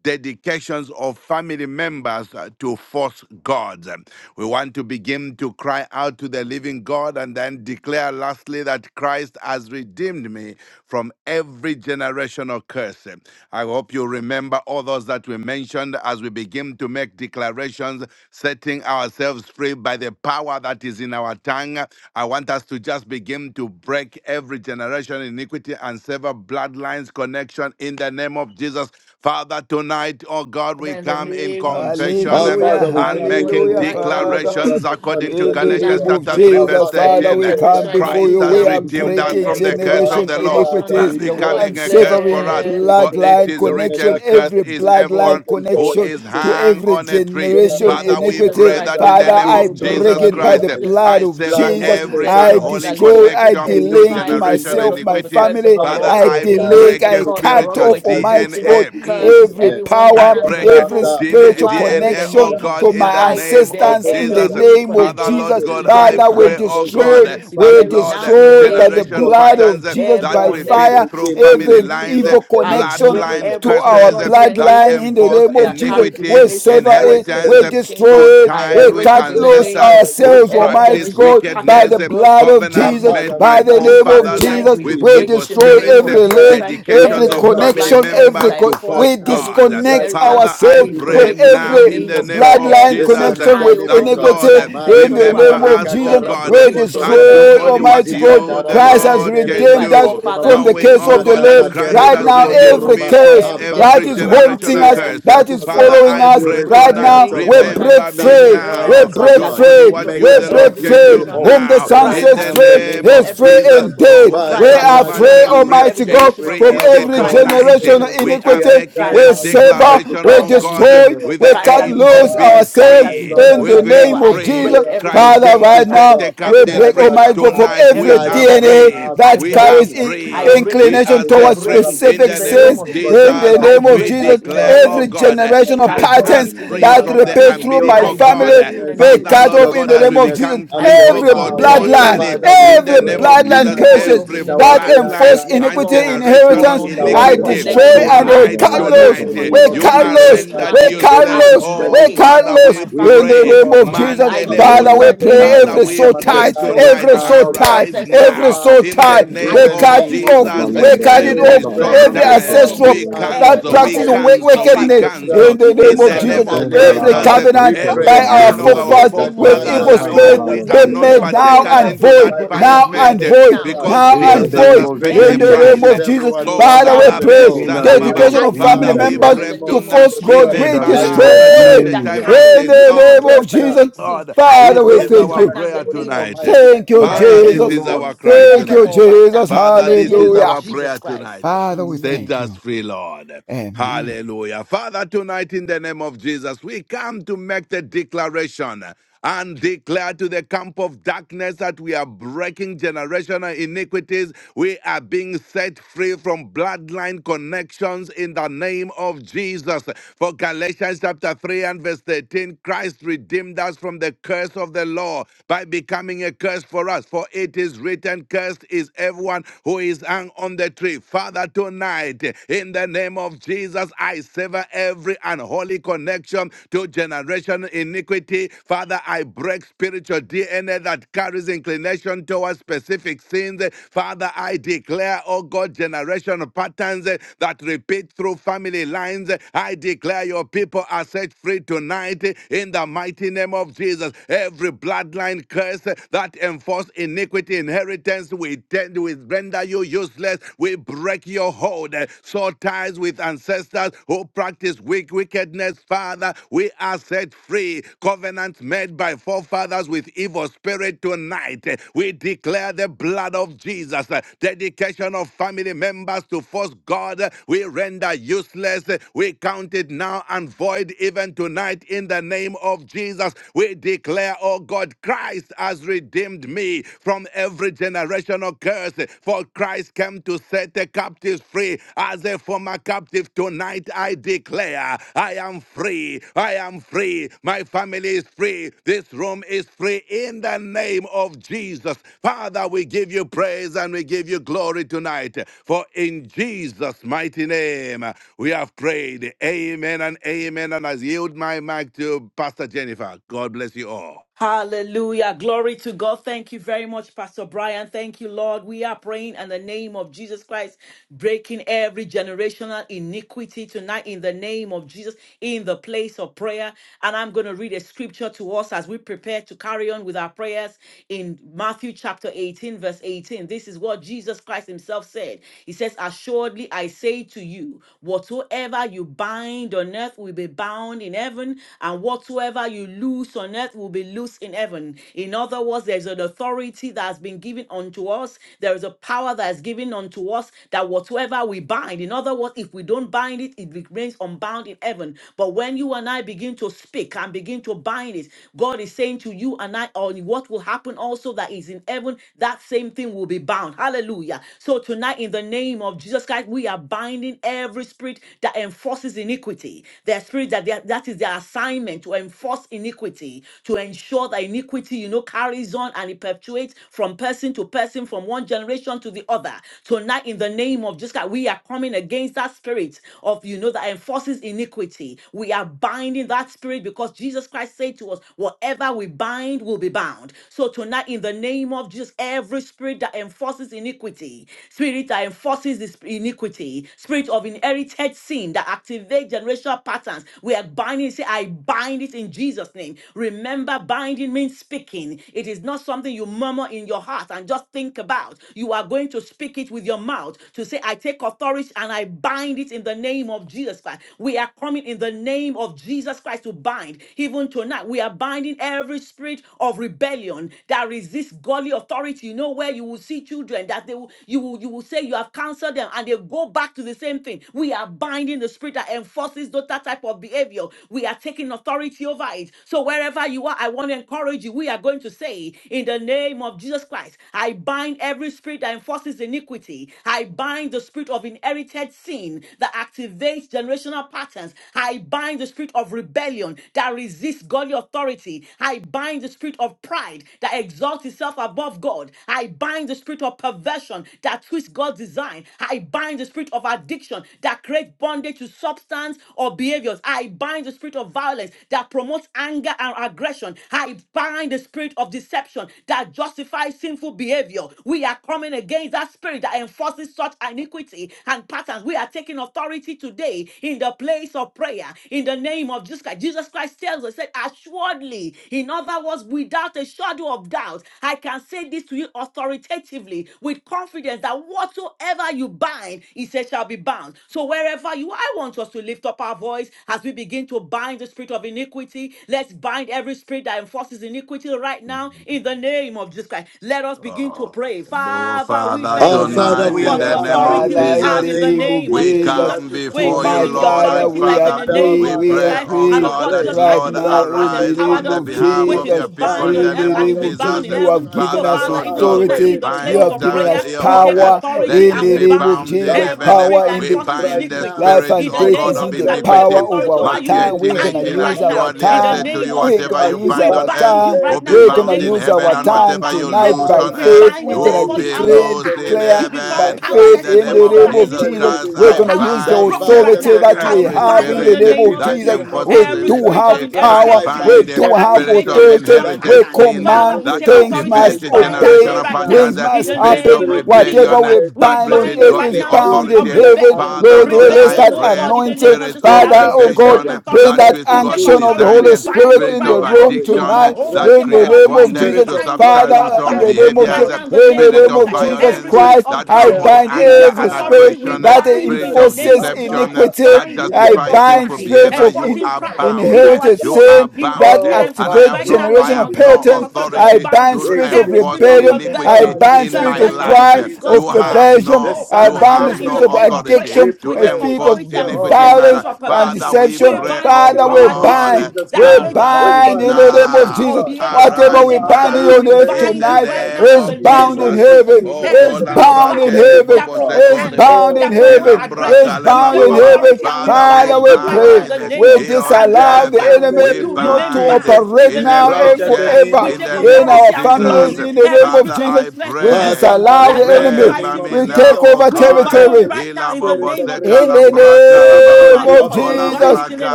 Speaker 6: dedications of family members uh, to false gods. We want to begin to cry out to the living God and then declare lastly that Christ Christ has redeemed me from every generational curse. I hope you remember all those that we mentioned as we begin to make declarations, setting ourselves free by the power that is in our tongue. I want us to just begin to break every generation iniquity and sever bloodlines connection in the name of Jesus. Father, tonight, oh God,
Speaker 2: Father,
Speaker 6: we
Speaker 2: in the
Speaker 6: come in
Speaker 2: name of
Speaker 6: confession
Speaker 5: Our
Speaker 2: Jesus
Speaker 6: um,
Speaker 2: Christ,
Speaker 3: Hallelujah,
Speaker 5: Father,
Speaker 2: we
Speaker 5: we
Speaker 6: and
Speaker 2: pray,
Speaker 5: come in
Speaker 2: God,
Speaker 5: the
Speaker 6: making
Speaker 2: even
Speaker 3: hallelujah,
Speaker 5: name
Speaker 2: right
Speaker 5: of
Speaker 2: now, oh
Speaker 5: Jesus
Speaker 3: Father.
Speaker 2: God,
Speaker 5: Christ,
Speaker 6: declarations
Speaker 5: the Son of
Speaker 6: according to
Speaker 5: the
Speaker 3: In the
Speaker 2: even
Speaker 5: living
Speaker 2: as
Speaker 6: Galatians
Speaker 3: name
Speaker 5: God.
Speaker 2: we
Speaker 3: of
Speaker 6: chapter 3,
Speaker 2: pray,
Speaker 5: Our
Speaker 6: verse
Speaker 3: Jesus,
Speaker 5: Father, we
Speaker 3: Father,
Speaker 2: every
Speaker 6: 13.
Speaker 3: we
Speaker 5: pray right
Speaker 3: come
Speaker 2: generation
Speaker 5: now
Speaker 3: before
Speaker 6: Christ
Speaker 3: you.
Speaker 5: in
Speaker 2: iniquity
Speaker 3: We
Speaker 6: has
Speaker 5: the
Speaker 2: and
Speaker 3: are
Speaker 2: we
Speaker 5: name
Speaker 2: see
Speaker 5: of
Speaker 6: redeemed
Speaker 2: there
Speaker 6: us
Speaker 3: breaking
Speaker 6: from
Speaker 5: Jesus,
Speaker 2: every
Speaker 6: the
Speaker 5: oh
Speaker 6: curse
Speaker 5: God.
Speaker 6: of
Speaker 2: bloodline
Speaker 3: generation
Speaker 6: the law,
Speaker 2: connection.
Speaker 5: Father,
Speaker 3: iniquities
Speaker 5: we
Speaker 2: Your
Speaker 5: break,
Speaker 2: word
Speaker 3: and
Speaker 6: becoming
Speaker 5: oh
Speaker 6: a
Speaker 5: God,
Speaker 6: curse for
Speaker 3: severing
Speaker 6: us.
Speaker 2: declare.
Speaker 5: every
Speaker 6: For it
Speaker 5: spiritual
Speaker 3: bloodline
Speaker 6: is
Speaker 5: DNA
Speaker 3: connection,
Speaker 6: written,
Speaker 5: that
Speaker 3: every
Speaker 6: Cursed
Speaker 5: carries
Speaker 6: is
Speaker 3: bloodline
Speaker 6: everyone
Speaker 5: inclination
Speaker 6: who
Speaker 5: towards
Speaker 3: connection
Speaker 6: is
Speaker 3: to
Speaker 5: specific
Speaker 6: hung
Speaker 3: every
Speaker 6: on
Speaker 5: things,
Speaker 6: a tree.
Speaker 2: In the
Speaker 3: generation
Speaker 2: name
Speaker 6: Father,
Speaker 2: of
Speaker 5: generational
Speaker 6: we
Speaker 2: Jesus
Speaker 3: iniquity.
Speaker 6: pray
Speaker 5: patterns
Speaker 2: Christ,
Speaker 6: that
Speaker 5: that
Speaker 6: in
Speaker 2: Father,
Speaker 6: the
Speaker 3: Father,
Speaker 2: I
Speaker 6: name
Speaker 2: pray,
Speaker 3: I
Speaker 5: repeats
Speaker 6: of
Speaker 2: oh God, in
Speaker 5: through
Speaker 2: the
Speaker 3: break
Speaker 6: Jesus
Speaker 3: it
Speaker 5: family
Speaker 2: name
Speaker 3: by
Speaker 6: Christ,
Speaker 2: of
Speaker 3: the
Speaker 6: eh,
Speaker 5: lines,
Speaker 2: Jesus
Speaker 3: blood
Speaker 6: I
Speaker 2: Christ,
Speaker 3: of
Speaker 6: sever
Speaker 2: your
Speaker 5: bloodline
Speaker 3: Jesus.
Speaker 2: word
Speaker 6: every
Speaker 5: cases
Speaker 2: declared
Speaker 3: I
Speaker 2: that
Speaker 5: that
Speaker 2: in
Speaker 6: unholy
Speaker 3: destroy,
Speaker 5: impose
Speaker 2: Galatians
Speaker 3: I
Speaker 2: 3:13,
Speaker 6: connection to
Speaker 3: delink
Speaker 5: iniquity
Speaker 2: Christ
Speaker 6: generational
Speaker 2: redeemed
Speaker 3: myself,
Speaker 2: us from
Speaker 3: my
Speaker 2: the
Speaker 5: inheritance.
Speaker 6: iniquity.
Speaker 2: curse of
Speaker 3: family.
Speaker 2: the
Speaker 5: Father,
Speaker 6: Father,
Speaker 2: law,
Speaker 3: I
Speaker 5: so
Speaker 6: I
Speaker 2: being
Speaker 5: ties
Speaker 2: made
Speaker 3: delink,
Speaker 2: a
Speaker 6: break a
Speaker 3: I
Speaker 5: with
Speaker 3: I
Speaker 2: curse for
Speaker 3: cut
Speaker 2: us,
Speaker 6: spiritual
Speaker 2: for
Speaker 3: off,
Speaker 2: it is
Speaker 5: ancestors who
Speaker 3: Almighty
Speaker 2: written,
Speaker 3: God,
Speaker 6: DNA.
Speaker 5: practice
Speaker 6: mm,
Speaker 2: Curse is
Speaker 3: every
Speaker 5: wickedness.
Speaker 2: everyone that
Speaker 6: I
Speaker 3: power,
Speaker 2: hangs
Speaker 5: Our
Speaker 2: on
Speaker 6: break
Speaker 2: a
Speaker 6: uh,
Speaker 3: every
Speaker 2: pole.
Speaker 5: Father,
Speaker 2: So,
Speaker 6: DNA,
Speaker 5: we
Speaker 3: spiritual
Speaker 2: Father,
Speaker 5: pray
Speaker 2: in the
Speaker 6: DNA, oh
Speaker 3: connection
Speaker 2: name
Speaker 5: that
Speaker 2: of
Speaker 6: God,
Speaker 3: from
Speaker 2: Jesus,
Speaker 6: in the
Speaker 3: my
Speaker 5: covenants
Speaker 2: I
Speaker 5: made
Speaker 6: name
Speaker 5: by
Speaker 2: sever
Speaker 6: of
Speaker 3: ancestors in
Speaker 2: every
Speaker 3: the
Speaker 6: Jesus.
Speaker 5: forefathers
Speaker 2: unholy
Speaker 5: with
Speaker 3: name of
Speaker 5: evil
Speaker 6: Father,
Speaker 2: connection
Speaker 6: Lord
Speaker 3: Jesus.
Speaker 2: to
Speaker 6: God,
Speaker 5: spirits,
Speaker 6: I
Speaker 3: Father,
Speaker 2: generation
Speaker 3: we
Speaker 2: I
Speaker 6: pray, oh
Speaker 2: conclude to
Speaker 5: dedications
Speaker 6: God,
Speaker 3: destroy,
Speaker 6: uh,
Speaker 5: of
Speaker 2: will
Speaker 6: that
Speaker 3: we
Speaker 2: sever
Speaker 5: family
Speaker 2: it
Speaker 6: Lord,
Speaker 2: now
Speaker 6: uh,
Speaker 2: in the
Speaker 3: destroy by
Speaker 5: members to
Speaker 3: the
Speaker 2: name of
Speaker 6: generation
Speaker 5: false
Speaker 2: Jesus.
Speaker 3: blood
Speaker 5: gods,
Speaker 3: of
Speaker 6: patterns uh,
Speaker 3: Jesus,
Speaker 2: Every
Speaker 6: that
Speaker 3: by
Speaker 5: Christ has
Speaker 6: repeat
Speaker 3: fire,
Speaker 2: connection,
Speaker 6: through
Speaker 5: redeemed me
Speaker 6: family
Speaker 3: every
Speaker 6: lines, uh,
Speaker 5: from
Speaker 3: evil
Speaker 2: iniquity, I
Speaker 5: every
Speaker 3: connection
Speaker 2: break
Speaker 6: bloodline
Speaker 3: to
Speaker 2: every
Speaker 5: generational case,
Speaker 3: our
Speaker 6: curses
Speaker 2: spiritual
Speaker 6: uh,
Speaker 5: from
Speaker 2: DNA
Speaker 6: that
Speaker 3: bloodline in
Speaker 5: every
Speaker 3: the
Speaker 6: enforce
Speaker 3: name of
Speaker 2: that
Speaker 5: generational
Speaker 3: Jesus.
Speaker 2: carries
Speaker 5: case.
Speaker 6: iniquity,
Speaker 3: We
Speaker 2: inclination
Speaker 3: sever
Speaker 5: Right
Speaker 2: towards
Speaker 3: it,
Speaker 5: now, in the
Speaker 6: inheritance,
Speaker 3: we
Speaker 6: uh,
Speaker 2: specific
Speaker 5: name of
Speaker 2: things.
Speaker 6: soul
Speaker 3: destroy it,
Speaker 5: Jesus
Speaker 2: I
Speaker 6: ties
Speaker 3: we
Speaker 5: Christ,
Speaker 6: with
Speaker 2: break
Speaker 3: cut
Speaker 2: it in
Speaker 5: the
Speaker 2: the
Speaker 3: loose
Speaker 5: Son
Speaker 2: name
Speaker 5: of
Speaker 6: ancestors
Speaker 2: of
Speaker 5: the
Speaker 6: who
Speaker 2: Jesus.
Speaker 5: living
Speaker 3: ourselves,
Speaker 2: Every
Speaker 5: God.
Speaker 3: Almighty
Speaker 6: practice
Speaker 5: Mm.
Speaker 2: generational
Speaker 3: God, by
Speaker 2: pattern,
Speaker 6: wickedness,
Speaker 3: the
Speaker 2: oh
Speaker 6: uh,
Speaker 2: God,
Speaker 3: blood of Jesus.
Speaker 2: that
Speaker 5: Our
Speaker 6: covenants
Speaker 2: we
Speaker 3: Jesus.
Speaker 2: pre-
Speaker 6: made
Speaker 5: Father, we
Speaker 3: By
Speaker 6: by
Speaker 2: preach
Speaker 3: the
Speaker 7: Oh,
Speaker 5: thank
Speaker 2: through
Speaker 5: you in
Speaker 3: name of
Speaker 2: family
Speaker 5: the
Speaker 6: forefathers
Speaker 5: name
Speaker 6: uh,
Speaker 2: line,
Speaker 5: of
Speaker 3: Jesus,
Speaker 2: we
Speaker 6: with
Speaker 3: we
Speaker 5: Jesus.
Speaker 2: break
Speaker 6: evil
Speaker 2: it in the
Speaker 6: your
Speaker 3: destroy
Speaker 2: name
Speaker 6: spirit, eh,
Speaker 2: of
Speaker 5: My
Speaker 3: every
Speaker 2: Jesus
Speaker 5: God,
Speaker 3: link,
Speaker 2: Christ.
Speaker 5: we
Speaker 3: every
Speaker 6: dedications
Speaker 2: Every
Speaker 6: of
Speaker 5: sever
Speaker 6: family
Speaker 2: bloodline
Speaker 3: connection,
Speaker 5: every
Speaker 2: curses
Speaker 3: every
Speaker 6: members
Speaker 2: that
Speaker 3: co-
Speaker 6: to
Speaker 5: every
Speaker 6: force
Speaker 3: we
Speaker 2: enforces
Speaker 5: bloodline
Speaker 6: God.
Speaker 2: iniquity,
Speaker 5: right
Speaker 3: disconnect
Speaker 5: now
Speaker 2: inheritance,
Speaker 6: Father, I
Speaker 2: we
Speaker 3: ourselves
Speaker 5: in
Speaker 6: pray
Speaker 3: from
Speaker 5: the
Speaker 2: break it
Speaker 5: name
Speaker 2: in
Speaker 5: of
Speaker 6: now
Speaker 2: the
Speaker 3: every
Speaker 6: in
Speaker 2: name
Speaker 6: the
Speaker 2: of
Speaker 5: Jesus
Speaker 6: name
Speaker 2: Jesus
Speaker 5: Christ,
Speaker 2: Christ.
Speaker 6: of
Speaker 3: bloodline
Speaker 2: Every
Speaker 5: the
Speaker 2: soul
Speaker 6: Jesus
Speaker 5: Son
Speaker 6: eh,
Speaker 5: of
Speaker 3: connection
Speaker 5: the
Speaker 2: tie,
Speaker 3: with
Speaker 2: oh
Speaker 6: that,
Speaker 5: Living
Speaker 2: God,
Speaker 5: God.
Speaker 3: iniquity.
Speaker 2: with
Speaker 6: Lord, eh,
Speaker 3: In
Speaker 2: ancestors
Speaker 3: the
Speaker 2: who are
Speaker 5: Marikata
Speaker 6: remember
Speaker 3: name of
Speaker 2: practicing
Speaker 6: us, oh
Speaker 5: rikata
Speaker 3: Jesus,
Speaker 2: wickedness,
Speaker 6: God, eh,
Speaker 3: we
Speaker 2: we
Speaker 5: rabrokoto
Speaker 6: and
Speaker 2: break in
Speaker 5: rababa.
Speaker 2: the
Speaker 6: do
Speaker 3: destroy
Speaker 2: name
Speaker 6: only
Speaker 2: of
Speaker 6: what
Speaker 2: Jesus
Speaker 3: Almighty
Speaker 2: Christ.
Speaker 3: God.
Speaker 2: Every
Speaker 6: you,
Speaker 5: Izikata
Speaker 6: the
Speaker 3: Christ
Speaker 2: covenant
Speaker 3: has
Speaker 6: Lord,
Speaker 5: rambrekete
Speaker 2: made
Speaker 6: can
Speaker 2: by
Speaker 3: redeemed us
Speaker 5: rebrokoto
Speaker 6: do.
Speaker 2: forefathers
Speaker 3: from
Speaker 5: rababa.
Speaker 2: with
Speaker 3: the
Speaker 6: Knowing,
Speaker 2: evil
Speaker 3: curse
Speaker 6: oh
Speaker 3: of
Speaker 2: spirits,
Speaker 3: the
Speaker 6: God,
Speaker 3: law.
Speaker 6: that
Speaker 2: we
Speaker 5: Makakate
Speaker 6: Christ
Speaker 3: Right
Speaker 2: break it
Speaker 6: has
Speaker 2: in
Speaker 3: now,
Speaker 2: the
Speaker 5: rebrokoto
Speaker 2: name
Speaker 6: redeemed
Speaker 2: of
Speaker 3: every
Speaker 6: me
Speaker 2: Jesus
Speaker 5: roba.
Speaker 2: Christ.
Speaker 6: from
Speaker 3: curse
Speaker 2: Every
Speaker 5: Abba
Speaker 3: that
Speaker 6: every
Speaker 3: is
Speaker 2: dedication of
Speaker 5: Father,
Speaker 2: family
Speaker 3: haunting
Speaker 6: generational
Speaker 3: us,
Speaker 2: members,
Speaker 6: curse.
Speaker 5: cleanse us,
Speaker 3: that
Speaker 2: to
Speaker 3: is
Speaker 5: O
Speaker 2: false
Speaker 5: God.
Speaker 6: Father,
Speaker 3: following
Speaker 2: God.
Speaker 6: I
Speaker 2: We
Speaker 3: us
Speaker 6: pray
Speaker 2: break
Speaker 3: right
Speaker 2: it
Speaker 5: Purify
Speaker 2: in the
Speaker 6: tonight,
Speaker 5: us,
Speaker 3: now.
Speaker 2: name
Speaker 5: O
Speaker 2: of
Speaker 3: We
Speaker 2: Jesus
Speaker 5: God.
Speaker 2: Christ.
Speaker 3: break
Speaker 6: remember
Speaker 2: We
Speaker 6: me
Speaker 3: free,
Speaker 2: declare
Speaker 5: Sanctify
Speaker 3: we
Speaker 2: that
Speaker 6: now.
Speaker 5: us, O
Speaker 2: Christ
Speaker 3: break
Speaker 6: Do
Speaker 2: has
Speaker 5: God.
Speaker 6: only
Speaker 3: free,
Speaker 2: redeemed
Speaker 6: what
Speaker 2: us
Speaker 5: Make
Speaker 6: you,
Speaker 3: we
Speaker 2: from
Speaker 6: the
Speaker 5: us
Speaker 6: Lord,
Speaker 3: break
Speaker 2: every
Speaker 6: can
Speaker 3: free.
Speaker 6: do
Speaker 5: completely
Speaker 2: generational
Speaker 5: whole.
Speaker 3: Whom
Speaker 2: curse.
Speaker 3: the
Speaker 6: now.
Speaker 3: Son
Speaker 5: Right
Speaker 6: In
Speaker 2: Christ
Speaker 3: sets
Speaker 2: has
Speaker 6: the
Speaker 5: now, in
Speaker 3: free
Speaker 5: the
Speaker 2: redeemed me
Speaker 6: name
Speaker 5: name
Speaker 2: from
Speaker 5: of
Speaker 3: is
Speaker 6: of
Speaker 2: every
Speaker 3: free
Speaker 6: Jesus,
Speaker 5: Jesus,
Speaker 2: generational curse.
Speaker 6: for whom
Speaker 3: indeed.
Speaker 5: by
Speaker 6: the
Speaker 3: We
Speaker 2: Christ
Speaker 5: the
Speaker 6: Son
Speaker 2: has
Speaker 6: of
Speaker 3: are
Speaker 5: blood
Speaker 2: redeemed
Speaker 6: Man
Speaker 5: of
Speaker 2: my
Speaker 3: free,
Speaker 6: sets
Speaker 2: family from
Speaker 6: free
Speaker 5: Jesus,
Speaker 2: every
Speaker 3: Almighty
Speaker 6: is
Speaker 3: God,
Speaker 5: with
Speaker 2: generational
Speaker 6: free
Speaker 5: the
Speaker 3: from
Speaker 2: curse.
Speaker 5: help
Speaker 6: indeed
Speaker 5: of
Speaker 3: every
Speaker 5: the
Speaker 2: Christ has
Speaker 5: Holy
Speaker 6: tonight.
Speaker 3: generation
Speaker 2: redeemed
Speaker 5: Spirit,
Speaker 3: of
Speaker 2: us
Speaker 6: We are
Speaker 5: we
Speaker 3: iniquity.
Speaker 2: totally.
Speaker 5: are
Speaker 6: making
Speaker 2: Christ
Speaker 5: crying
Speaker 6: this
Speaker 3: We
Speaker 2: has
Speaker 5: out,
Speaker 2: redeemed
Speaker 3: sever,
Speaker 2: us.
Speaker 5: Almighty
Speaker 6: declaration
Speaker 3: we
Speaker 5: God,
Speaker 2: Christ
Speaker 6: on
Speaker 2: has
Speaker 6: God
Speaker 2: redeemed
Speaker 3: destroy,
Speaker 2: us.
Speaker 6: with
Speaker 3: we
Speaker 6: the
Speaker 5: Jehovah
Speaker 2: Christ
Speaker 3: cut
Speaker 5: our
Speaker 2: has
Speaker 6: aim of
Speaker 2: redeemed
Speaker 3: loose
Speaker 2: us.
Speaker 5: God,
Speaker 6: being
Speaker 2: Christ has
Speaker 5: my
Speaker 3: ourselves
Speaker 6: free.
Speaker 5: Lord
Speaker 2: redeemed
Speaker 5: and
Speaker 3: in
Speaker 2: us.
Speaker 6: We're
Speaker 3: the
Speaker 5: my
Speaker 6: being
Speaker 2: Therefore,
Speaker 3: name
Speaker 5: God.
Speaker 2: I
Speaker 3: of
Speaker 6: free.
Speaker 3: Jesus.
Speaker 2: break
Speaker 5: Here
Speaker 2: every
Speaker 5: we
Speaker 6: Christ
Speaker 3: Father,
Speaker 6: came
Speaker 5: hear,
Speaker 6: to
Speaker 2: generational
Speaker 3: right
Speaker 5: my
Speaker 6: set
Speaker 2: tie,
Speaker 3: now,
Speaker 6: the
Speaker 5: God.
Speaker 3: we
Speaker 2: every
Speaker 6: captives
Speaker 3: break,
Speaker 5: Touch
Speaker 6: free.
Speaker 5: us
Speaker 3: Almighty
Speaker 2: generational
Speaker 3: God,
Speaker 2: thing,
Speaker 3: from
Speaker 5: now,
Speaker 6: Tonight
Speaker 2: every
Speaker 6: we
Speaker 3: every
Speaker 5: touch
Speaker 6: are
Speaker 5: us
Speaker 2: bloodline covenant.
Speaker 6: free.
Speaker 3: DNA
Speaker 5: now,
Speaker 2: I
Speaker 3: that
Speaker 6: We
Speaker 5: touch
Speaker 2: break
Speaker 6: are
Speaker 3: carries
Speaker 2: it.
Speaker 5: us
Speaker 2: I
Speaker 6: free.
Speaker 5: now.
Speaker 2: break
Speaker 6: We
Speaker 2: it.
Speaker 3: inclination
Speaker 6: are
Speaker 2: I
Speaker 6: set
Speaker 3: towards
Speaker 6: free.
Speaker 2: break it
Speaker 6: In
Speaker 2: in
Speaker 3: specific
Speaker 6: the
Speaker 2: the
Speaker 6: name
Speaker 2: name
Speaker 6: of
Speaker 3: sins
Speaker 2: of Jesus Christ.
Speaker 3: in the
Speaker 6: Jesus,
Speaker 2: I
Speaker 3: name of
Speaker 6: we
Speaker 2: break
Speaker 5: My
Speaker 3: Jesus.
Speaker 2: it in the
Speaker 5: God,
Speaker 6: declare,
Speaker 2: name
Speaker 5: I
Speaker 6: oh
Speaker 3: Every
Speaker 2: of
Speaker 5: am
Speaker 2: Jesus
Speaker 6: God.
Speaker 2: Christ.
Speaker 5: asking of
Speaker 3: generational
Speaker 2: I
Speaker 5: you, O
Speaker 6: Cut
Speaker 5: God.
Speaker 2: break
Speaker 6: us
Speaker 3: patterns
Speaker 2: it in the
Speaker 6: free
Speaker 3: that
Speaker 2: name
Speaker 6: from
Speaker 2: of
Speaker 6: the
Speaker 5: Father,
Speaker 2: Jesus
Speaker 3: repeats
Speaker 2: Christ.
Speaker 3: through my
Speaker 5: Show
Speaker 2: I
Speaker 6: umbilical
Speaker 5: us
Speaker 6: cord.
Speaker 2: break
Speaker 3: family
Speaker 5: your
Speaker 2: it in the
Speaker 3: be
Speaker 5: mercy,
Speaker 2: name
Speaker 6: Father,
Speaker 2: of
Speaker 3: cut
Speaker 2: Jesus
Speaker 6: Lord
Speaker 3: off
Speaker 5: your
Speaker 2: Christ.
Speaker 3: in
Speaker 6: God,
Speaker 3: the
Speaker 6: that
Speaker 3: name
Speaker 6: we
Speaker 3: of
Speaker 5: kindness,
Speaker 3: Jesus.
Speaker 6: become
Speaker 2: I
Speaker 5: and
Speaker 6: free,
Speaker 5: your
Speaker 6: oh
Speaker 2: break
Speaker 3: Every
Speaker 2: it in
Speaker 6: God,
Speaker 2: the
Speaker 5: power.
Speaker 3: bloodline,
Speaker 2: name
Speaker 6: totally.
Speaker 2: of
Speaker 5: Father,
Speaker 2: this guy.
Speaker 5: we
Speaker 6: In the
Speaker 3: every
Speaker 6: name
Speaker 5: pray
Speaker 6: of
Speaker 2: Every
Speaker 3: bloodline
Speaker 6: Jesus,
Speaker 5: that
Speaker 2: fraud
Speaker 3: curses
Speaker 2: of
Speaker 6: every
Speaker 2: in
Speaker 5: visit
Speaker 2: the
Speaker 5: our
Speaker 2: name
Speaker 3: that
Speaker 2: of this guy.
Speaker 6: bloodline
Speaker 3: enforce
Speaker 5: bloodline
Speaker 2: Yes,
Speaker 6: and
Speaker 3: iniquity
Speaker 5: now.
Speaker 2: Lord. On
Speaker 6: generational
Speaker 3: inheritance,
Speaker 5: Visit our
Speaker 2: unholy
Speaker 3: I
Speaker 6: iniquity,
Speaker 3: destroy
Speaker 5: bloodline
Speaker 2: connection.
Speaker 3: and
Speaker 7: Rabaroto
Speaker 5: now.
Speaker 3: they
Speaker 2: Ah,
Speaker 6: tonight,
Speaker 3: cut
Speaker 5: Father,
Speaker 7: Tarabazo
Speaker 5: in
Speaker 3: loose.
Speaker 2: unholy
Speaker 6: tonight,
Speaker 5: the
Speaker 6: eh,
Speaker 3: We
Speaker 5: name of
Speaker 2: connection
Speaker 6: you
Speaker 2: to
Speaker 3: cut
Speaker 6: are
Speaker 7: Tarabarabar.
Speaker 5: Jesus
Speaker 3: loose.
Speaker 5: Christ,
Speaker 6: rendered
Speaker 3: We
Speaker 2: generational iniquity.
Speaker 5: the
Speaker 3: cut
Speaker 2: I
Speaker 6: useless.
Speaker 5: Son of
Speaker 3: loose.
Speaker 5: the
Speaker 6: Oh,
Speaker 2: break
Speaker 3: We
Speaker 2: it
Speaker 5: living
Speaker 3: cut
Speaker 5: God,
Speaker 6: Father,
Speaker 2: for
Speaker 3: loose
Speaker 6: we
Speaker 2: my
Speaker 5: we
Speaker 3: in
Speaker 2: family,
Speaker 3: the
Speaker 2: for
Speaker 5: pray,
Speaker 6: pray.
Speaker 2: my
Speaker 3: name
Speaker 2: children,
Speaker 3: of
Speaker 2: for my
Speaker 5: Almighty
Speaker 2: husband.
Speaker 3: Jesus.
Speaker 2: I
Speaker 7: In
Speaker 5: God,
Speaker 7: the
Speaker 2: break
Speaker 3: Father,
Speaker 2: it
Speaker 7: name
Speaker 2: in
Speaker 3: we
Speaker 2: the
Speaker 6: Mandelebosa.
Speaker 7: of
Speaker 5: that the
Speaker 2: name
Speaker 3: pray
Speaker 2: of
Speaker 5: time
Speaker 2: this
Speaker 6: Father,
Speaker 7: Jesus,
Speaker 5: has
Speaker 3: every
Speaker 2: guy.
Speaker 6: we
Speaker 3: soul
Speaker 5: come and the
Speaker 6: pray
Speaker 2: Any
Speaker 3: tie,
Speaker 2: soul
Speaker 5: time is
Speaker 6: tonight.
Speaker 3: every
Speaker 5: now,
Speaker 3: soul
Speaker 2: ties
Speaker 5: O
Speaker 2: with
Speaker 5: God.
Speaker 3: tie,
Speaker 6: Arise
Speaker 2: ancestors
Speaker 5: The
Speaker 2: who
Speaker 3: every
Speaker 2: are
Speaker 6: now.
Speaker 3: soul
Speaker 2: practicing
Speaker 6: In the
Speaker 5: Father,
Speaker 3: tie,
Speaker 2: wickedness,
Speaker 6: name
Speaker 5: in
Speaker 2: I
Speaker 6: name
Speaker 3: we
Speaker 5: the
Speaker 6: of
Speaker 3: cut
Speaker 2: break
Speaker 5: name
Speaker 3: it
Speaker 2: it
Speaker 5: of
Speaker 3: off,
Speaker 6: Jesus, eh,
Speaker 2: let
Speaker 3: we
Speaker 5: Jesus.
Speaker 2: it be
Speaker 3: cut
Speaker 7: Rabalebrado
Speaker 3: it
Speaker 5: We
Speaker 6: every
Speaker 3: off,
Speaker 2: severed
Speaker 5: break
Speaker 6: short
Speaker 2: now
Speaker 5: it,
Speaker 3: every
Speaker 2: in
Speaker 5: oh
Speaker 2: the
Speaker 7: Zatarabazo
Speaker 6: time
Speaker 2: name
Speaker 5: God,
Speaker 2: of
Speaker 3: ancestral
Speaker 6: we
Speaker 2: Jesus Christ. Every
Speaker 5: Father,
Speaker 3: that
Speaker 6: cancel,
Speaker 5: in
Speaker 6: we
Speaker 7: Tarabarabar.
Speaker 3: practice
Speaker 5: the
Speaker 3: of
Speaker 2: covenant
Speaker 5: name
Speaker 2: with
Speaker 5: of
Speaker 6: cancel, we
Speaker 3: wickedness
Speaker 2: forefathers,
Speaker 5: Jesus Christ,
Speaker 2: with
Speaker 6: cancel.
Speaker 3: in the
Speaker 2: evil
Speaker 5: the
Speaker 3: name
Speaker 6: In
Speaker 3: of
Speaker 6: the
Speaker 5: Son
Speaker 3: Jesus.
Speaker 2: wickedness
Speaker 6: name
Speaker 5: of the
Speaker 2: and
Speaker 6: of
Speaker 7: Azonda
Speaker 5: living
Speaker 3: Every
Speaker 2: practices,
Speaker 5: God.
Speaker 6: Jesus,
Speaker 2: let
Speaker 6: eh,
Speaker 2: it be
Speaker 7: Rabazo
Speaker 5: We
Speaker 3: covenant by
Speaker 5: pray,
Speaker 6: every
Speaker 2: broken
Speaker 3: our
Speaker 6: sin
Speaker 2: now
Speaker 6: of
Speaker 5: Father,
Speaker 2: in
Speaker 6: our
Speaker 7: Tarabarabar.
Speaker 2: the
Speaker 3: forefathers
Speaker 2: name
Speaker 5: that
Speaker 2: of
Speaker 3: with
Speaker 7: Zutore
Speaker 5: Christ
Speaker 2: Jesus
Speaker 6: forefathers,
Speaker 3: evil
Speaker 5: has
Speaker 6: eh,
Speaker 2: Christ.
Speaker 7: Malanda
Speaker 6: oh,
Speaker 5: redeemed
Speaker 3: spirit
Speaker 2: Every
Speaker 6: we
Speaker 5: us
Speaker 6: are
Speaker 3: be
Speaker 5: from the
Speaker 6: not
Speaker 7: Rabazo.
Speaker 2: dedication
Speaker 5: curse
Speaker 3: made
Speaker 2: of
Speaker 5: of
Speaker 2: family
Speaker 5: the
Speaker 3: now
Speaker 6: partakers
Speaker 3: and
Speaker 2: members
Speaker 5: law
Speaker 2: to
Speaker 6: into that
Speaker 2: false
Speaker 5: by
Speaker 3: void,
Speaker 2: God, I
Speaker 3: now
Speaker 5: becoming a
Speaker 3: and
Speaker 6: punishment
Speaker 2: break
Speaker 6: eh,
Speaker 5: curse
Speaker 2: it
Speaker 5: for
Speaker 2: now
Speaker 3: void,
Speaker 2: in
Speaker 5: us.
Speaker 2: the
Speaker 6: because
Speaker 3: now
Speaker 2: name
Speaker 7: In
Speaker 2: of
Speaker 5: For
Speaker 7: the
Speaker 3: and
Speaker 5: it
Speaker 2: Jesus
Speaker 6: Jesus
Speaker 7: name
Speaker 5: is
Speaker 3: void
Speaker 2: Christ.
Speaker 6: has
Speaker 7: of
Speaker 6: paid
Speaker 3: in
Speaker 6: the
Speaker 2: Any
Speaker 5: written,
Speaker 3: the
Speaker 5: "Cursed
Speaker 3: name
Speaker 7: Jesus,
Speaker 6: price.
Speaker 5: is
Speaker 6: eh.
Speaker 3: of
Speaker 2: generational
Speaker 3: Jesus.
Speaker 5: everyone
Speaker 2: pattern
Speaker 5: who
Speaker 6: Oh,
Speaker 3: Father,
Speaker 5: hangs
Speaker 2: that
Speaker 3: we
Speaker 5: on
Speaker 6: Laba
Speaker 5: the
Speaker 3: pray
Speaker 2: repeats
Speaker 7: in
Speaker 5: pole.
Speaker 6: Besa,
Speaker 2: through
Speaker 7: the
Speaker 2: family
Speaker 7: name
Speaker 2: life,
Speaker 5: And
Speaker 6: Lebaba.
Speaker 3: dedication
Speaker 7: of
Speaker 2: I
Speaker 5: so,
Speaker 3: of family
Speaker 6: Father,
Speaker 5: Father,
Speaker 6: we
Speaker 2: break
Speaker 5: in
Speaker 7: Jesus,
Speaker 5: the
Speaker 2: now
Speaker 3: members
Speaker 2: in
Speaker 6: pray
Speaker 2: the
Speaker 5: name of
Speaker 3: to
Speaker 2: name
Speaker 6: tonight.
Speaker 2: of
Speaker 3: false
Speaker 5: Jesus
Speaker 2: Jesus Christ
Speaker 3: gods.
Speaker 5: Christ,
Speaker 7: in
Speaker 3: We
Speaker 7: the
Speaker 6: Remember
Speaker 5: I
Speaker 7: name
Speaker 6: us
Speaker 2: spiritual
Speaker 7: of
Speaker 6: at
Speaker 5: sever
Speaker 3: destroy
Speaker 6: such
Speaker 2: DNA
Speaker 6: a
Speaker 2: that
Speaker 5: every
Speaker 3: in
Speaker 7: Jesus.
Speaker 6: time as
Speaker 2: carries
Speaker 6: this.
Speaker 5: unholy
Speaker 3: the
Speaker 6: Oh,
Speaker 2: information
Speaker 3: name
Speaker 2: towards
Speaker 5: right
Speaker 3: of
Speaker 5: now,
Speaker 3: Jesus.
Speaker 2: specific sins.
Speaker 6: God,
Speaker 2: I
Speaker 3: Father,
Speaker 6: this
Speaker 3: we
Speaker 6: is
Speaker 2: break it
Speaker 5: every
Speaker 3: thank
Speaker 6: our
Speaker 2: right
Speaker 3: you.
Speaker 2: now in the
Speaker 6: prayer
Speaker 5: unholy,
Speaker 2: name of
Speaker 6: tonight.
Speaker 2: Jesus
Speaker 5: Almighty
Speaker 2: Christ.
Speaker 3: Thank
Speaker 5: God,
Speaker 2: In
Speaker 3: you,
Speaker 2: the
Speaker 6: Father,
Speaker 7: Thank
Speaker 2: name
Speaker 5: in
Speaker 7: you,
Speaker 6: this
Speaker 2: of
Speaker 3: Jesus.
Speaker 6: is
Speaker 2: Jesus,
Speaker 5: the
Speaker 2: I
Speaker 5: name
Speaker 7: Lord.
Speaker 2: will
Speaker 6: our
Speaker 5: of Jesus.
Speaker 2: sin
Speaker 6: cry
Speaker 2: bear
Speaker 3: Thank
Speaker 2: them
Speaker 3: you,
Speaker 6: tonight.
Speaker 2: all right
Speaker 3: Jesus.
Speaker 2: now in
Speaker 6: Father,
Speaker 2: the
Speaker 6: this
Speaker 2: name
Speaker 6: is
Speaker 2: of
Speaker 3: Hallelujah.
Speaker 6: our
Speaker 2: Jesus
Speaker 6: prayer
Speaker 2: Christ.
Speaker 6: tonight.
Speaker 3: Father, we
Speaker 6: Set
Speaker 2: Amen.
Speaker 3: thank
Speaker 6: us
Speaker 3: you.
Speaker 6: free, Lord.
Speaker 3: Amen.
Speaker 6: Hallelujah. Father, tonight in the name of Jesus, we come to make the declaration and declare to the camp of darkness that we are breaking generational iniquities. We are being set free from bloodline connections in the name of Jesus. For Galatians chapter 3 and verse 13, Christ redeemed us from the curse of the law by becoming a curse for us. For it is written, and cursed is everyone who is hung on the tree. Father, tonight, in the name of Jesus, I sever every unholy connection to generation iniquity. Father, I break spiritual DNA that carries inclination towards specific sins. Father, I declare, oh God, generational patterns eh, that repeat through family lines. I declare your people are set free tonight eh, in the mighty name of Jesus. Every bloodline curse eh, that enforces cause iniquity inheritance. We tend we render you useless. We break your hold. so ties with ancestors who practice wick- wickedness. Father, we are set free. Covenants made by forefathers with evil spirit tonight. eh, We declare the blood of Jesus. eh, Dedication of family members to false God. eh, We render useless. eh, We count it now and void even tonight in the name of Jesus. We declare, oh God, Christ has redeemed me from every generational curse. For Christ came to set the captives free. As a former captive, tonight I declare I am free. I am free. My family is free. This room is free in the name of Jesus. Father, we give you praise and we give you glory tonight. For in Jesus' mighty name we have prayed. Amen and amen. And I yield my mic to Pastor Jennifer. God bless you all.
Speaker 2: Hallelujah. Glory to God. Thank you very much, Pastor Brian. Thank you, Lord. We are praying in the name of Jesus Christ, breaking every generational iniquity tonight in the name of Jesus in the place of prayer. And I'm going to read a scripture to us as we prepare to carry on with our prayers in Matthew chapter 18, verse 18. This is what Jesus Christ himself said. He says, Assuredly, I say to you, whatsoever you bind on earth will be bound in heaven, and whatsoever you loose on on earth will be loose in heaven. In other words, there's an authority that has been given unto us. There is a power that is given unto us that whatsoever we bind, in other words, if we don't bind it, it remains unbound in heaven. But when you and I begin to speak and begin to bind it, God is saying to you and I, on what will happen also that is in heaven, that same thing will be bound. Hallelujah. So tonight, in the name of Jesus Christ, we are binding every spirit that enforces iniquity, their spirit that they that is their assignment to enforce cause iniquity, to ensure that iniquity, you know, carries on and it perpetuates from person to person, from one generation to the other. Tonight, in the name of Jesus Christ, we are coming against that spirit of, you know, that enforces iniquity. We are binding that spirit because Jesus Christ said to us, whatever we bind will be bound. So tonight, in the name of Jesus, every spirit that enforces iniquity, spirit that enforces this iniquity, spirit of inherited sin that activates generational patterns, we are binding. Say, I bind bind it in Jesus' name. Remember, binding means speaking. It is not something you murmur in your heart and just think about. You are going to speak it with your mouth to say, I take authority and I bind it in the name of Jesus Christ. We are coming in the name of Jesus Christ to bind. Even tonight, we are binding every spirit of rebellion that resists godly authority. You know where you will see children that they will, you will you will say you have counseled them and they go back to the same thing. We are binding the spirit that enforces that type of behavior. We are taking authority over it. So wherever you are, I want to encourage you. We are going to say, in the name of Jesus Christ, I bind every spirit that enforces iniquity. I bind the spirit of inherited sin that activates generational patterns. I bind the spirit of rebellion that resists godly authority. I bind the spirit of pride that exalts itself above God. I bind the spirit of perversion that twists God's design. I bind the spirit of addiction that creates bondage to substance or behaviors. I I bind the spirit of violence that promotes anger and aggression. I bind the spirit of deception that justifies sinful behavior. We are coming against that spirit that enforces such iniquity and patterns. We are taking authority today in the place of prayer in the name of Jesus Christ. Jesus Christ tells us, said, assuredly, in other words, without a shadow of doubt, I can say this to you authoritatively with confidence that whatsoever you bind, he said, shall be bound. So wherever you, I want us to lift up our voice voice as we begin to bind the spirit of iniquity. Let's bind every spirit that enforces iniquity right now in the name of Jesus Christ. Let us begin to
Speaker 6: Oh,
Speaker 2: pray.
Speaker 6: oh,
Speaker 2: Father, we
Speaker 6: Father,
Speaker 5: Our
Speaker 2: thank you
Speaker 5: Father,
Speaker 6: tonight
Speaker 5: we
Speaker 6: in
Speaker 2: for
Speaker 5: have
Speaker 2: the
Speaker 6: the
Speaker 3: Hallelujah,
Speaker 5: come
Speaker 6: name
Speaker 5: to
Speaker 6: of
Speaker 2: authority
Speaker 5: you
Speaker 2: we
Speaker 3: Father,
Speaker 5: in
Speaker 3: in
Speaker 5: the
Speaker 2: have
Speaker 6: Jesus,
Speaker 3: the
Speaker 2: in the
Speaker 5: name
Speaker 3: name
Speaker 5: of
Speaker 3: of
Speaker 2: name of
Speaker 6: we
Speaker 5: Jesus
Speaker 3: Jesus.
Speaker 2: Jesus.
Speaker 6: come
Speaker 5: Christ, the Son
Speaker 2: We
Speaker 6: before
Speaker 5: of the
Speaker 2: come
Speaker 6: you,
Speaker 3: Tonight,
Speaker 2: in the
Speaker 6: Lord
Speaker 5: living
Speaker 3: Father,
Speaker 6: and
Speaker 5: God.
Speaker 2: authority
Speaker 3: we
Speaker 2: that is
Speaker 3: are
Speaker 2: in
Speaker 6: Father.
Speaker 2: the
Speaker 5: And our
Speaker 2: name
Speaker 3: praying,
Speaker 6: We
Speaker 2: of
Speaker 5: Father,
Speaker 3: we
Speaker 2: Jesus
Speaker 3: are
Speaker 5: we
Speaker 6: pray,
Speaker 2: Christ
Speaker 5: come
Speaker 6: oh
Speaker 2: and
Speaker 3: praying
Speaker 5: to
Speaker 2: of
Speaker 6: God,
Speaker 2: what
Speaker 6: that
Speaker 5: pray
Speaker 2: Jesus Christ
Speaker 3: right
Speaker 6: Lord
Speaker 3: now
Speaker 5: right
Speaker 2: Himself
Speaker 5: in
Speaker 2: has
Speaker 3: in
Speaker 5: the
Speaker 3: the
Speaker 6: arise
Speaker 5: name
Speaker 2: empowered
Speaker 6: on
Speaker 3: name
Speaker 6: the
Speaker 2: us
Speaker 3: of
Speaker 5: of
Speaker 2: with,
Speaker 6: behalf
Speaker 2: which
Speaker 5: Jesus,
Speaker 6: of
Speaker 2: is
Speaker 6: your
Speaker 3: Jesus.
Speaker 2: to
Speaker 6: people
Speaker 5: by
Speaker 2: bind
Speaker 6: in
Speaker 5: the
Speaker 2: on
Speaker 3: In
Speaker 6: the
Speaker 2: earth
Speaker 3: the
Speaker 6: name
Speaker 5: blood
Speaker 2: and it will
Speaker 6: of
Speaker 3: name
Speaker 2: be
Speaker 3: of
Speaker 5: of
Speaker 3: Jesus,
Speaker 2: bound
Speaker 6: Jesus.
Speaker 2: in
Speaker 3: you
Speaker 5: Jesus
Speaker 3: have
Speaker 2: heaven.
Speaker 5: Christ,
Speaker 3: given
Speaker 2: So,
Speaker 6: Father,
Speaker 3: us
Speaker 5: the
Speaker 2: Father,
Speaker 6: Lord
Speaker 5: Son
Speaker 2: even
Speaker 5: of
Speaker 6: God,
Speaker 2: tonight
Speaker 6: we
Speaker 5: the
Speaker 2: in the
Speaker 3: authority,
Speaker 5: living
Speaker 3: you
Speaker 2: place
Speaker 6: bind
Speaker 3: have
Speaker 5: God.
Speaker 2: of
Speaker 3: given
Speaker 6: down
Speaker 3: us
Speaker 2: prayer,
Speaker 5: Our
Speaker 6: here
Speaker 2: we
Speaker 5: Father,
Speaker 6: on
Speaker 2: take
Speaker 5: we
Speaker 6: earth.
Speaker 3: power
Speaker 5: are calling
Speaker 2: authority
Speaker 6: Let
Speaker 3: in
Speaker 2: and
Speaker 6: it
Speaker 3: the
Speaker 2: we
Speaker 5: upon
Speaker 6: be
Speaker 3: name
Speaker 5: you.
Speaker 3: of
Speaker 2: bind
Speaker 6: bound in
Speaker 5: The
Speaker 3: Jesus.
Speaker 2: every
Speaker 6: heaven.
Speaker 2: spirit
Speaker 3: Power
Speaker 2: that
Speaker 5: Father,
Speaker 3: in
Speaker 6: We
Speaker 3: the
Speaker 2: enforces
Speaker 5: right
Speaker 6: bind the
Speaker 2: iniquity
Speaker 5: now,
Speaker 3: life
Speaker 6: spirits,
Speaker 2: in
Speaker 3: and
Speaker 2: the
Speaker 6: oh
Speaker 5: my
Speaker 2: name
Speaker 3: death
Speaker 6: God,
Speaker 2: name
Speaker 3: is
Speaker 2: of
Speaker 5: God,
Speaker 6: of
Speaker 3: in
Speaker 2: Jesus,
Speaker 3: the
Speaker 5: let
Speaker 2: we
Speaker 5: there
Speaker 2: take
Speaker 6: iniquity.
Speaker 3: power
Speaker 5: be
Speaker 3: of
Speaker 5: a
Speaker 2: authority
Speaker 3: our
Speaker 2: over
Speaker 5: holy
Speaker 2: you.
Speaker 6: Matthew
Speaker 2: We
Speaker 3: tongue.
Speaker 6: eighteen
Speaker 3: We're gonna
Speaker 2: bind
Speaker 5: visitation
Speaker 2: you
Speaker 6: eighteen. 18,
Speaker 5: of
Speaker 3: use
Speaker 2: right
Speaker 5: God.
Speaker 3: our
Speaker 2: now
Speaker 6: assuredly I
Speaker 2: in the
Speaker 6: said to
Speaker 3: tongue,
Speaker 2: name
Speaker 6: you,
Speaker 5: Father,
Speaker 2: of
Speaker 3: we're
Speaker 2: Jesus.
Speaker 6: whatever
Speaker 3: gonna
Speaker 5: as
Speaker 6: you
Speaker 5: we
Speaker 3: use
Speaker 2: We
Speaker 6: bind
Speaker 3: our
Speaker 6: on
Speaker 5: bind
Speaker 6: earth
Speaker 2: bind you
Speaker 3: tongue,
Speaker 6: will
Speaker 2: right
Speaker 6: be
Speaker 2: now
Speaker 5: every
Speaker 2: in
Speaker 3: we're
Speaker 2: the
Speaker 3: gonna
Speaker 6: bound
Speaker 2: name
Speaker 6: in
Speaker 5: spirit,
Speaker 2: of
Speaker 3: use
Speaker 2: Jesus.
Speaker 6: heaven,
Speaker 3: our our
Speaker 6: and
Speaker 2: You
Speaker 5: Almighty
Speaker 2: are
Speaker 3: tongue
Speaker 5: God.
Speaker 6: whatever you
Speaker 2: bound in
Speaker 3: tonight
Speaker 2: heaven.
Speaker 6: loose
Speaker 3: by
Speaker 6: on
Speaker 5: Father,
Speaker 2: We
Speaker 6: earth
Speaker 5: my
Speaker 3: faith.
Speaker 2: bind
Speaker 3: We're
Speaker 2: you,
Speaker 5: God,
Speaker 3: going
Speaker 6: will
Speaker 3: to
Speaker 5: we
Speaker 2: therefore, you
Speaker 6: be
Speaker 2: have no
Speaker 5: declare
Speaker 3: decree,
Speaker 5: in
Speaker 6: loosed
Speaker 5: the
Speaker 2: power.
Speaker 6: in
Speaker 5: name of
Speaker 3: declare
Speaker 2: You become
Speaker 5: Jesus
Speaker 3: by
Speaker 6: heaven.
Speaker 5: Christ,
Speaker 6: In
Speaker 3: faith
Speaker 2: powerless
Speaker 6: the
Speaker 2: to
Speaker 3: in
Speaker 6: name
Speaker 5: the
Speaker 3: the
Speaker 6: of
Speaker 2: confront
Speaker 3: name
Speaker 5: Son
Speaker 2: that
Speaker 5: of
Speaker 3: of
Speaker 6: Jesus
Speaker 5: the
Speaker 3: Jesus.
Speaker 2: iniquity.
Speaker 6: Christ,
Speaker 5: living
Speaker 3: We're
Speaker 2: Your
Speaker 6: I
Speaker 3: going
Speaker 5: God.
Speaker 3: to
Speaker 2: power
Speaker 3: use
Speaker 2: is
Speaker 3: the
Speaker 5: The
Speaker 6: bind
Speaker 2: broken right
Speaker 5: Father, in
Speaker 3: authority
Speaker 2: now
Speaker 5: the
Speaker 3: that
Speaker 5: name
Speaker 3: we
Speaker 2: as we
Speaker 5: of
Speaker 6: every
Speaker 3: have
Speaker 2: bind
Speaker 3: in
Speaker 2: you
Speaker 5: Jesus,
Speaker 2: in
Speaker 3: the
Speaker 2: the
Speaker 6: spirit
Speaker 3: name
Speaker 2: name
Speaker 3: of
Speaker 5: in
Speaker 2: of
Speaker 5: the
Speaker 6: that
Speaker 3: Jesus.
Speaker 2: Jesus.
Speaker 5: name of
Speaker 3: We
Speaker 6: enforces
Speaker 2: Every
Speaker 3: do
Speaker 5: Jesus
Speaker 2: spirit of
Speaker 3: have
Speaker 6: iniquity.
Speaker 5: Christ,
Speaker 6: I
Speaker 2: inherited
Speaker 3: power.
Speaker 5: I
Speaker 2: sin
Speaker 3: We
Speaker 6: bind
Speaker 5: bind
Speaker 3: do
Speaker 2: that
Speaker 5: every
Speaker 3: have
Speaker 6: spirits
Speaker 2: activate
Speaker 6: of
Speaker 5: spirit
Speaker 2: generational
Speaker 3: authority.
Speaker 5: that
Speaker 6: inherited
Speaker 3: We
Speaker 2: pattern,
Speaker 6: sin
Speaker 5: enforces
Speaker 6: eh,
Speaker 2: Father,
Speaker 3: command
Speaker 2: we
Speaker 6: that
Speaker 2: take
Speaker 5: iniquity.
Speaker 3: things
Speaker 2: authority. We
Speaker 6: activate
Speaker 5: I
Speaker 3: must
Speaker 2: bind
Speaker 5: bind
Speaker 2: that
Speaker 3: obey.
Speaker 2: spirit
Speaker 5: right
Speaker 6: generational
Speaker 2: right
Speaker 5: now
Speaker 2: now
Speaker 6: patterns,
Speaker 3: Things
Speaker 6: eh,
Speaker 2: in
Speaker 3: must
Speaker 2: the
Speaker 5: every
Speaker 6: spirit
Speaker 3: happen.
Speaker 6: of
Speaker 2: name
Speaker 5: spirit
Speaker 2: of Jesus
Speaker 3: Whatever
Speaker 6: rebellion eh,
Speaker 3: we
Speaker 2: Christ.
Speaker 5: inherited,
Speaker 2: We
Speaker 6: that
Speaker 3: bind
Speaker 5: the
Speaker 3: on
Speaker 2: bind
Speaker 6: resist
Speaker 2: it
Speaker 3: earth
Speaker 2: right
Speaker 3: is
Speaker 6: godly
Speaker 5: inherited
Speaker 2: now, the
Speaker 3: bound
Speaker 5: sin
Speaker 2: spirit
Speaker 3: in
Speaker 2: of
Speaker 6: authority.
Speaker 5: that
Speaker 3: heaven.
Speaker 2: rebellion,
Speaker 6: Father,
Speaker 5: activates
Speaker 3: Lord,
Speaker 6: Lord,
Speaker 3: release
Speaker 2: rebellion
Speaker 6: I
Speaker 3: that
Speaker 2: rebellion, oh
Speaker 5: generational
Speaker 6: pray
Speaker 2: God, in the
Speaker 5: pattern,
Speaker 3: anointing.
Speaker 2: name of
Speaker 6: spirit
Speaker 2: Jesus,
Speaker 6: of
Speaker 2: I
Speaker 5: spirit
Speaker 3: Father,
Speaker 5: of
Speaker 3: oh
Speaker 2: resist
Speaker 3: God,
Speaker 2: God's
Speaker 6: perversion,
Speaker 5: rebellion
Speaker 6: eh,
Speaker 3: bring
Speaker 6: that
Speaker 2: authority.
Speaker 3: that
Speaker 5: that
Speaker 6: which
Speaker 2: We take
Speaker 6: God's
Speaker 3: action
Speaker 5: indeed
Speaker 3: of the
Speaker 2: authority,
Speaker 6: design.
Speaker 2: we
Speaker 3: Holy
Speaker 6: eh,
Speaker 5: resist
Speaker 3: Spirit
Speaker 2: bind it
Speaker 3: work
Speaker 6: spirit
Speaker 3: in
Speaker 5: godly
Speaker 2: right
Speaker 6: of
Speaker 3: the
Speaker 2: now.
Speaker 3: room
Speaker 2: No
Speaker 5: authority.
Speaker 6: addiction,
Speaker 2: more
Speaker 6: eh,
Speaker 3: tonight
Speaker 2: hold. We
Speaker 5: Right
Speaker 6: that
Speaker 3: in
Speaker 2: take
Speaker 3: the
Speaker 5: now,
Speaker 6: create
Speaker 2: authority
Speaker 3: name
Speaker 2: by
Speaker 3: of
Speaker 2: you, we
Speaker 6: bondage
Speaker 3: Jesus.
Speaker 5: spirits
Speaker 6: to
Speaker 5: of
Speaker 2: bind you, and you
Speaker 5: pride
Speaker 2: are
Speaker 6: substance
Speaker 3: Father,
Speaker 6: or
Speaker 3: in the
Speaker 5: that
Speaker 2: bound
Speaker 3: name of
Speaker 6: behaviors,
Speaker 2: right
Speaker 3: Je-
Speaker 5: exalt,
Speaker 6: eh,
Speaker 2: now in the
Speaker 3: in
Speaker 5: that
Speaker 3: the
Speaker 2: name
Speaker 6: spirit
Speaker 2: of
Speaker 3: name
Speaker 2: Jesus
Speaker 6: of
Speaker 3: of
Speaker 2: Christ.
Speaker 5: exalt
Speaker 3: Jesus
Speaker 2: Every
Speaker 6: violence eh,
Speaker 5: indeed
Speaker 2: spirit
Speaker 3: Christ,
Speaker 2: of
Speaker 6: that
Speaker 3: I
Speaker 6: promote
Speaker 2: pride,
Speaker 5: self
Speaker 3: bind
Speaker 2: we
Speaker 5: right
Speaker 6: anger
Speaker 2: take
Speaker 3: every
Speaker 6: and
Speaker 5: now in
Speaker 2: authority,
Speaker 5: the
Speaker 3: spirit
Speaker 2: we
Speaker 5: name
Speaker 6: aggression, eh,
Speaker 5: of
Speaker 3: that
Speaker 2: bind you
Speaker 6: spirit
Speaker 2: in
Speaker 5: Jesus.
Speaker 2: the
Speaker 6: of
Speaker 2: name
Speaker 3: enforces
Speaker 5: Uh,
Speaker 2: of Jesus
Speaker 6: deception
Speaker 2: Christ.
Speaker 6: eh,
Speaker 5: Father,
Speaker 6: that
Speaker 2: Bind
Speaker 3: iniquity.
Speaker 2: you
Speaker 5: in
Speaker 2: the
Speaker 3: I
Speaker 5: the
Speaker 2: spirit
Speaker 5: name
Speaker 6: justifies
Speaker 2: of
Speaker 5: of
Speaker 3: bind
Speaker 6: sinful
Speaker 2: pride,
Speaker 5: Jesus
Speaker 3: spirits
Speaker 6: behavior,
Speaker 3: of
Speaker 6: believer,
Speaker 5: Christ,
Speaker 6: you
Speaker 5: the
Speaker 2: enforcing
Speaker 3: in,
Speaker 6: are
Speaker 5: Son
Speaker 2: pride
Speaker 5: of the
Speaker 2: in
Speaker 6: bound.
Speaker 2: our
Speaker 5: living
Speaker 3: inherited
Speaker 6: You
Speaker 5: God.
Speaker 2: children,
Speaker 6: are
Speaker 3: sin
Speaker 2: in us.
Speaker 3: that
Speaker 6: bound.
Speaker 2: We
Speaker 5: Oh,
Speaker 6: And
Speaker 2: enforce
Speaker 6: I
Speaker 2: it
Speaker 5: Father,
Speaker 3: activate
Speaker 6: have
Speaker 2: right
Speaker 5: we
Speaker 2: now
Speaker 6: no,
Speaker 2: in the
Speaker 5: thank
Speaker 6: I
Speaker 2: name
Speaker 3: generational
Speaker 2: of
Speaker 6: have
Speaker 5: you,
Speaker 2: Jesus. Christ.
Speaker 6: no
Speaker 2: We take
Speaker 3: patterns.
Speaker 5: Almighty
Speaker 2: authority and we
Speaker 5: God.
Speaker 3: I
Speaker 6: authority
Speaker 2: bind
Speaker 3: bind
Speaker 2: you.
Speaker 6: to
Speaker 5: We
Speaker 3: spirits
Speaker 5: give
Speaker 3: of
Speaker 2: Every
Speaker 5: you
Speaker 2: spirit
Speaker 6: enforce
Speaker 2: of
Speaker 5: praise,
Speaker 3: rebellion.
Speaker 5: oh
Speaker 3: I
Speaker 6: iniquity
Speaker 5: God,
Speaker 2: perversion,
Speaker 5: in
Speaker 3: bind
Speaker 6: in
Speaker 5: the
Speaker 3: spirit
Speaker 6: my
Speaker 3: of
Speaker 5: name
Speaker 2: perversion to
Speaker 5: of
Speaker 6: life.
Speaker 3: pride,
Speaker 2: twist
Speaker 5: Jesus
Speaker 2: God's
Speaker 6: You
Speaker 3: of
Speaker 5: Christ,
Speaker 6: have
Speaker 2: design.
Speaker 3: perversion.
Speaker 5: the
Speaker 6: no,
Speaker 2: Oh,
Speaker 3: I
Speaker 5: Son
Speaker 6: you
Speaker 2: Father,
Speaker 5: of
Speaker 3: bind
Speaker 5: the
Speaker 6: have
Speaker 3: the
Speaker 2: tonight in
Speaker 6: no
Speaker 3: spirit
Speaker 2: the
Speaker 3: of
Speaker 5: living
Speaker 2: place
Speaker 5: God.
Speaker 2: of
Speaker 6: authority
Speaker 2: prayer,
Speaker 5: We
Speaker 3: addiction,
Speaker 6: to
Speaker 2: we
Speaker 3: a
Speaker 2: take
Speaker 5: pray,
Speaker 3: spirit
Speaker 6: enforce
Speaker 2: authority
Speaker 3: of
Speaker 2: and we
Speaker 6: iniquity in
Speaker 2: bind
Speaker 5: Jehovah
Speaker 2: the
Speaker 6: my life.
Speaker 2: spirit
Speaker 3: violence
Speaker 5: our
Speaker 2: of
Speaker 3: and
Speaker 5: God
Speaker 6: Father,
Speaker 2: perversion.
Speaker 6: we
Speaker 3: deception.
Speaker 2: We
Speaker 5: right
Speaker 6: pray,
Speaker 2: bind
Speaker 5: now
Speaker 2: the
Speaker 5: in
Speaker 6: oh
Speaker 2: spirit
Speaker 3: Father,
Speaker 5: the
Speaker 2: of
Speaker 3: we
Speaker 5: name of
Speaker 6: God,
Speaker 3: bind,
Speaker 2: addiction
Speaker 5: Jesus
Speaker 2: that
Speaker 3: we
Speaker 5: Christ,
Speaker 2: creates
Speaker 5: the
Speaker 6: arise
Speaker 3: bind
Speaker 2: bondage
Speaker 5: Son
Speaker 2: to
Speaker 3: in
Speaker 5: of
Speaker 3: the
Speaker 5: the
Speaker 3: name of
Speaker 2: substance
Speaker 5: living
Speaker 6: now,
Speaker 2: or
Speaker 3: Jesus.
Speaker 5: God.
Speaker 2: behaviors.
Speaker 5: Our
Speaker 2: We
Speaker 3: Whatever
Speaker 6: arise
Speaker 3: we
Speaker 2: take
Speaker 5: Father,
Speaker 3: bind
Speaker 2: authority.
Speaker 5: we
Speaker 3: here
Speaker 6: now
Speaker 3: on
Speaker 2: We
Speaker 3: earth
Speaker 5: pray
Speaker 6: in
Speaker 2: bind
Speaker 6: the
Speaker 2: you
Speaker 3: tonight
Speaker 2: right
Speaker 5: right
Speaker 2: now
Speaker 6: name
Speaker 2: in
Speaker 5: now
Speaker 3: is
Speaker 2: the
Speaker 6: of
Speaker 5: in the
Speaker 2: name
Speaker 3: bound in
Speaker 2: of
Speaker 5: name
Speaker 6: Jesus.
Speaker 5: of
Speaker 2: Jesus.
Speaker 3: heaven,
Speaker 6: Oh,
Speaker 5: Jesus
Speaker 2: Every
Speaker 3: is
Speaker 5: Christ,
Speaker 2: spirit
Speaker 5: the
Speaker 2: of
Speaker 5: Son
Speaker 6: kolambra
Speaker 3: bound
Speaker 5: of
Speaker 3: in
Speaker 6: ke
Speaker 5: the
Speaker 2: violence
Speaker 6: lebo
Speaker 3: heaven,
Speaker 5: living
Speaker 2: that
Speaker 6: bo se
Speaker 5: God.
Speaker 2: promotes
Speaker 3: is
Speaker 6: kore
Speaker 2: anger,
Speaker 3: bound
Speaker 6: baba.
Speaker 5: Oh,
Speaker 3: in
Speaker 2: that promotes
Speaker 3: heaven,
Speaker 6: Elambra
Speaker 5: Father,
Speaker 3: is
Speaker 2: aggression,
Speaker 6: kale
Speaker 2: we
Speaker 3: bound
Speaker 2: take
Speaker 3: in
Speaker 5: show
Speaker 6: baba
Speaker 5: up,
Speaker 3: heaven.
Speaker 2: authority
Speaker 5: oh
Speaker 2: and we
Speaker 6: Father,
Speaker 5: God.
Speaker 6: we
Speaker 3: Father,
Speaker 2: bind
Speaker 3: we
Speaker 2: you right
Speaker 5: Show
Speaker 2: now in
Speaker 3: pray,
Speaker 5: up,
Speaker 6: bind
Speaker 2: the
Speaker 5: oh
Speaker 6: it
Speaker 2: name
Speaker 3: we
Speaker 5: God.
Speaker 2: of
Speaker 6: here
Speaker 2: Jesus.
Speaker 6: on
Speaker 2: And you are
Speaker 5: Right
Speaker 3: disallow
Speaker 6: earth.
Speaker 3: the
Speaker 5: now in
Speaker 2: bound.
Speaker 3: enemy
Speaker 5: the
Speaker 6: We
Speaker 2: You
Speaker 5: name of
Speaker 3: not to
Speaker 2: remain
Speaker 6: bind it
Speaker 2: bound
Speaker 5: Jesus.
Speaker 2: in
Speaker 3: operate
Speaker 2: the
Speaker 6: in the name
Speaker 3: now
Speaker 2: name of
Speaker 5: Right
Speaker 3: and
Speaker 6: of
Speaker 5: now in
Speaker 2: Jesus
Speaker 5: the
Speaker 6: death,
Speaker 2: Christ.
Speaker 5: name
Speaker 3: forever
Speaker 2: We
Speaker 6: in
Speaker 5: of
Speaker 2: take
Speaker 6: the name
Speaker 3: in
Speaker 6: of
Speaker 2: authority
Speaker 5: Jesus.
Speaker 3: our
Speaker 2: and we
Speaker 6: Jesus.
Speaker 3: families
Speaker 5: Mm.
Speaker 2: bind
Speaker 3: in the
Speaker 2: every
Speaker 3: name of
Speaker 2: spirit
Speaker 6: Father,
Speaker 2: of the
Speaker 3: Jesus.
Speaker 6: I
Speaker 2: flesh
Speaker 3: We
Speaker 5: Father,
Speaker 6: pray,
Speaker 2: deception
Speaker 5: I
Speaker 3: disallow the
Speaker 2: that
Speaker 5: pray in the
Speaker 3: enemy.
Speaker 2: justifies
Speaker 6: remember
Speaker 5: name of
Speaker 2: sinful
Speaker 6: me
Speaker 3: We
Speaker 5: Jesus.
Speaker 6: now,
Speaker 2: behavior.
Speaker 3: take
Speaker 6: O
Speaker 3: over
Speaker 2: We
Speaker 5: I
Speaker 6: God.
Speaker 2: bind it
Speaker 3: territory.
Speaker 5: bind
Speaker 2: right now in the
Speaker 6: Ilabobo bobo
Speaker 5: spirits
Speaker 2: name
Speaker 5: of
Speaker 6: se
Speaker 2: of
Speaker 3: In
Speaker 2: Jesus
Speaker 5: rebellion
Speaker 6: kalambra
Speaker 5: that
Speaker 2: Christ. Oh
Speaker 5: resist
Speaker 2: Lord,
Speaker 3: the name
Speaker 2: my
Speaker 6: kalababa.
Speaker 5: godly
Speaker 3: of
Speaker 2: God, we bind
Speaker 5: authority,
Speaker 3: Jesus,
Speaker 6: Olambra
Speaker 2: it in the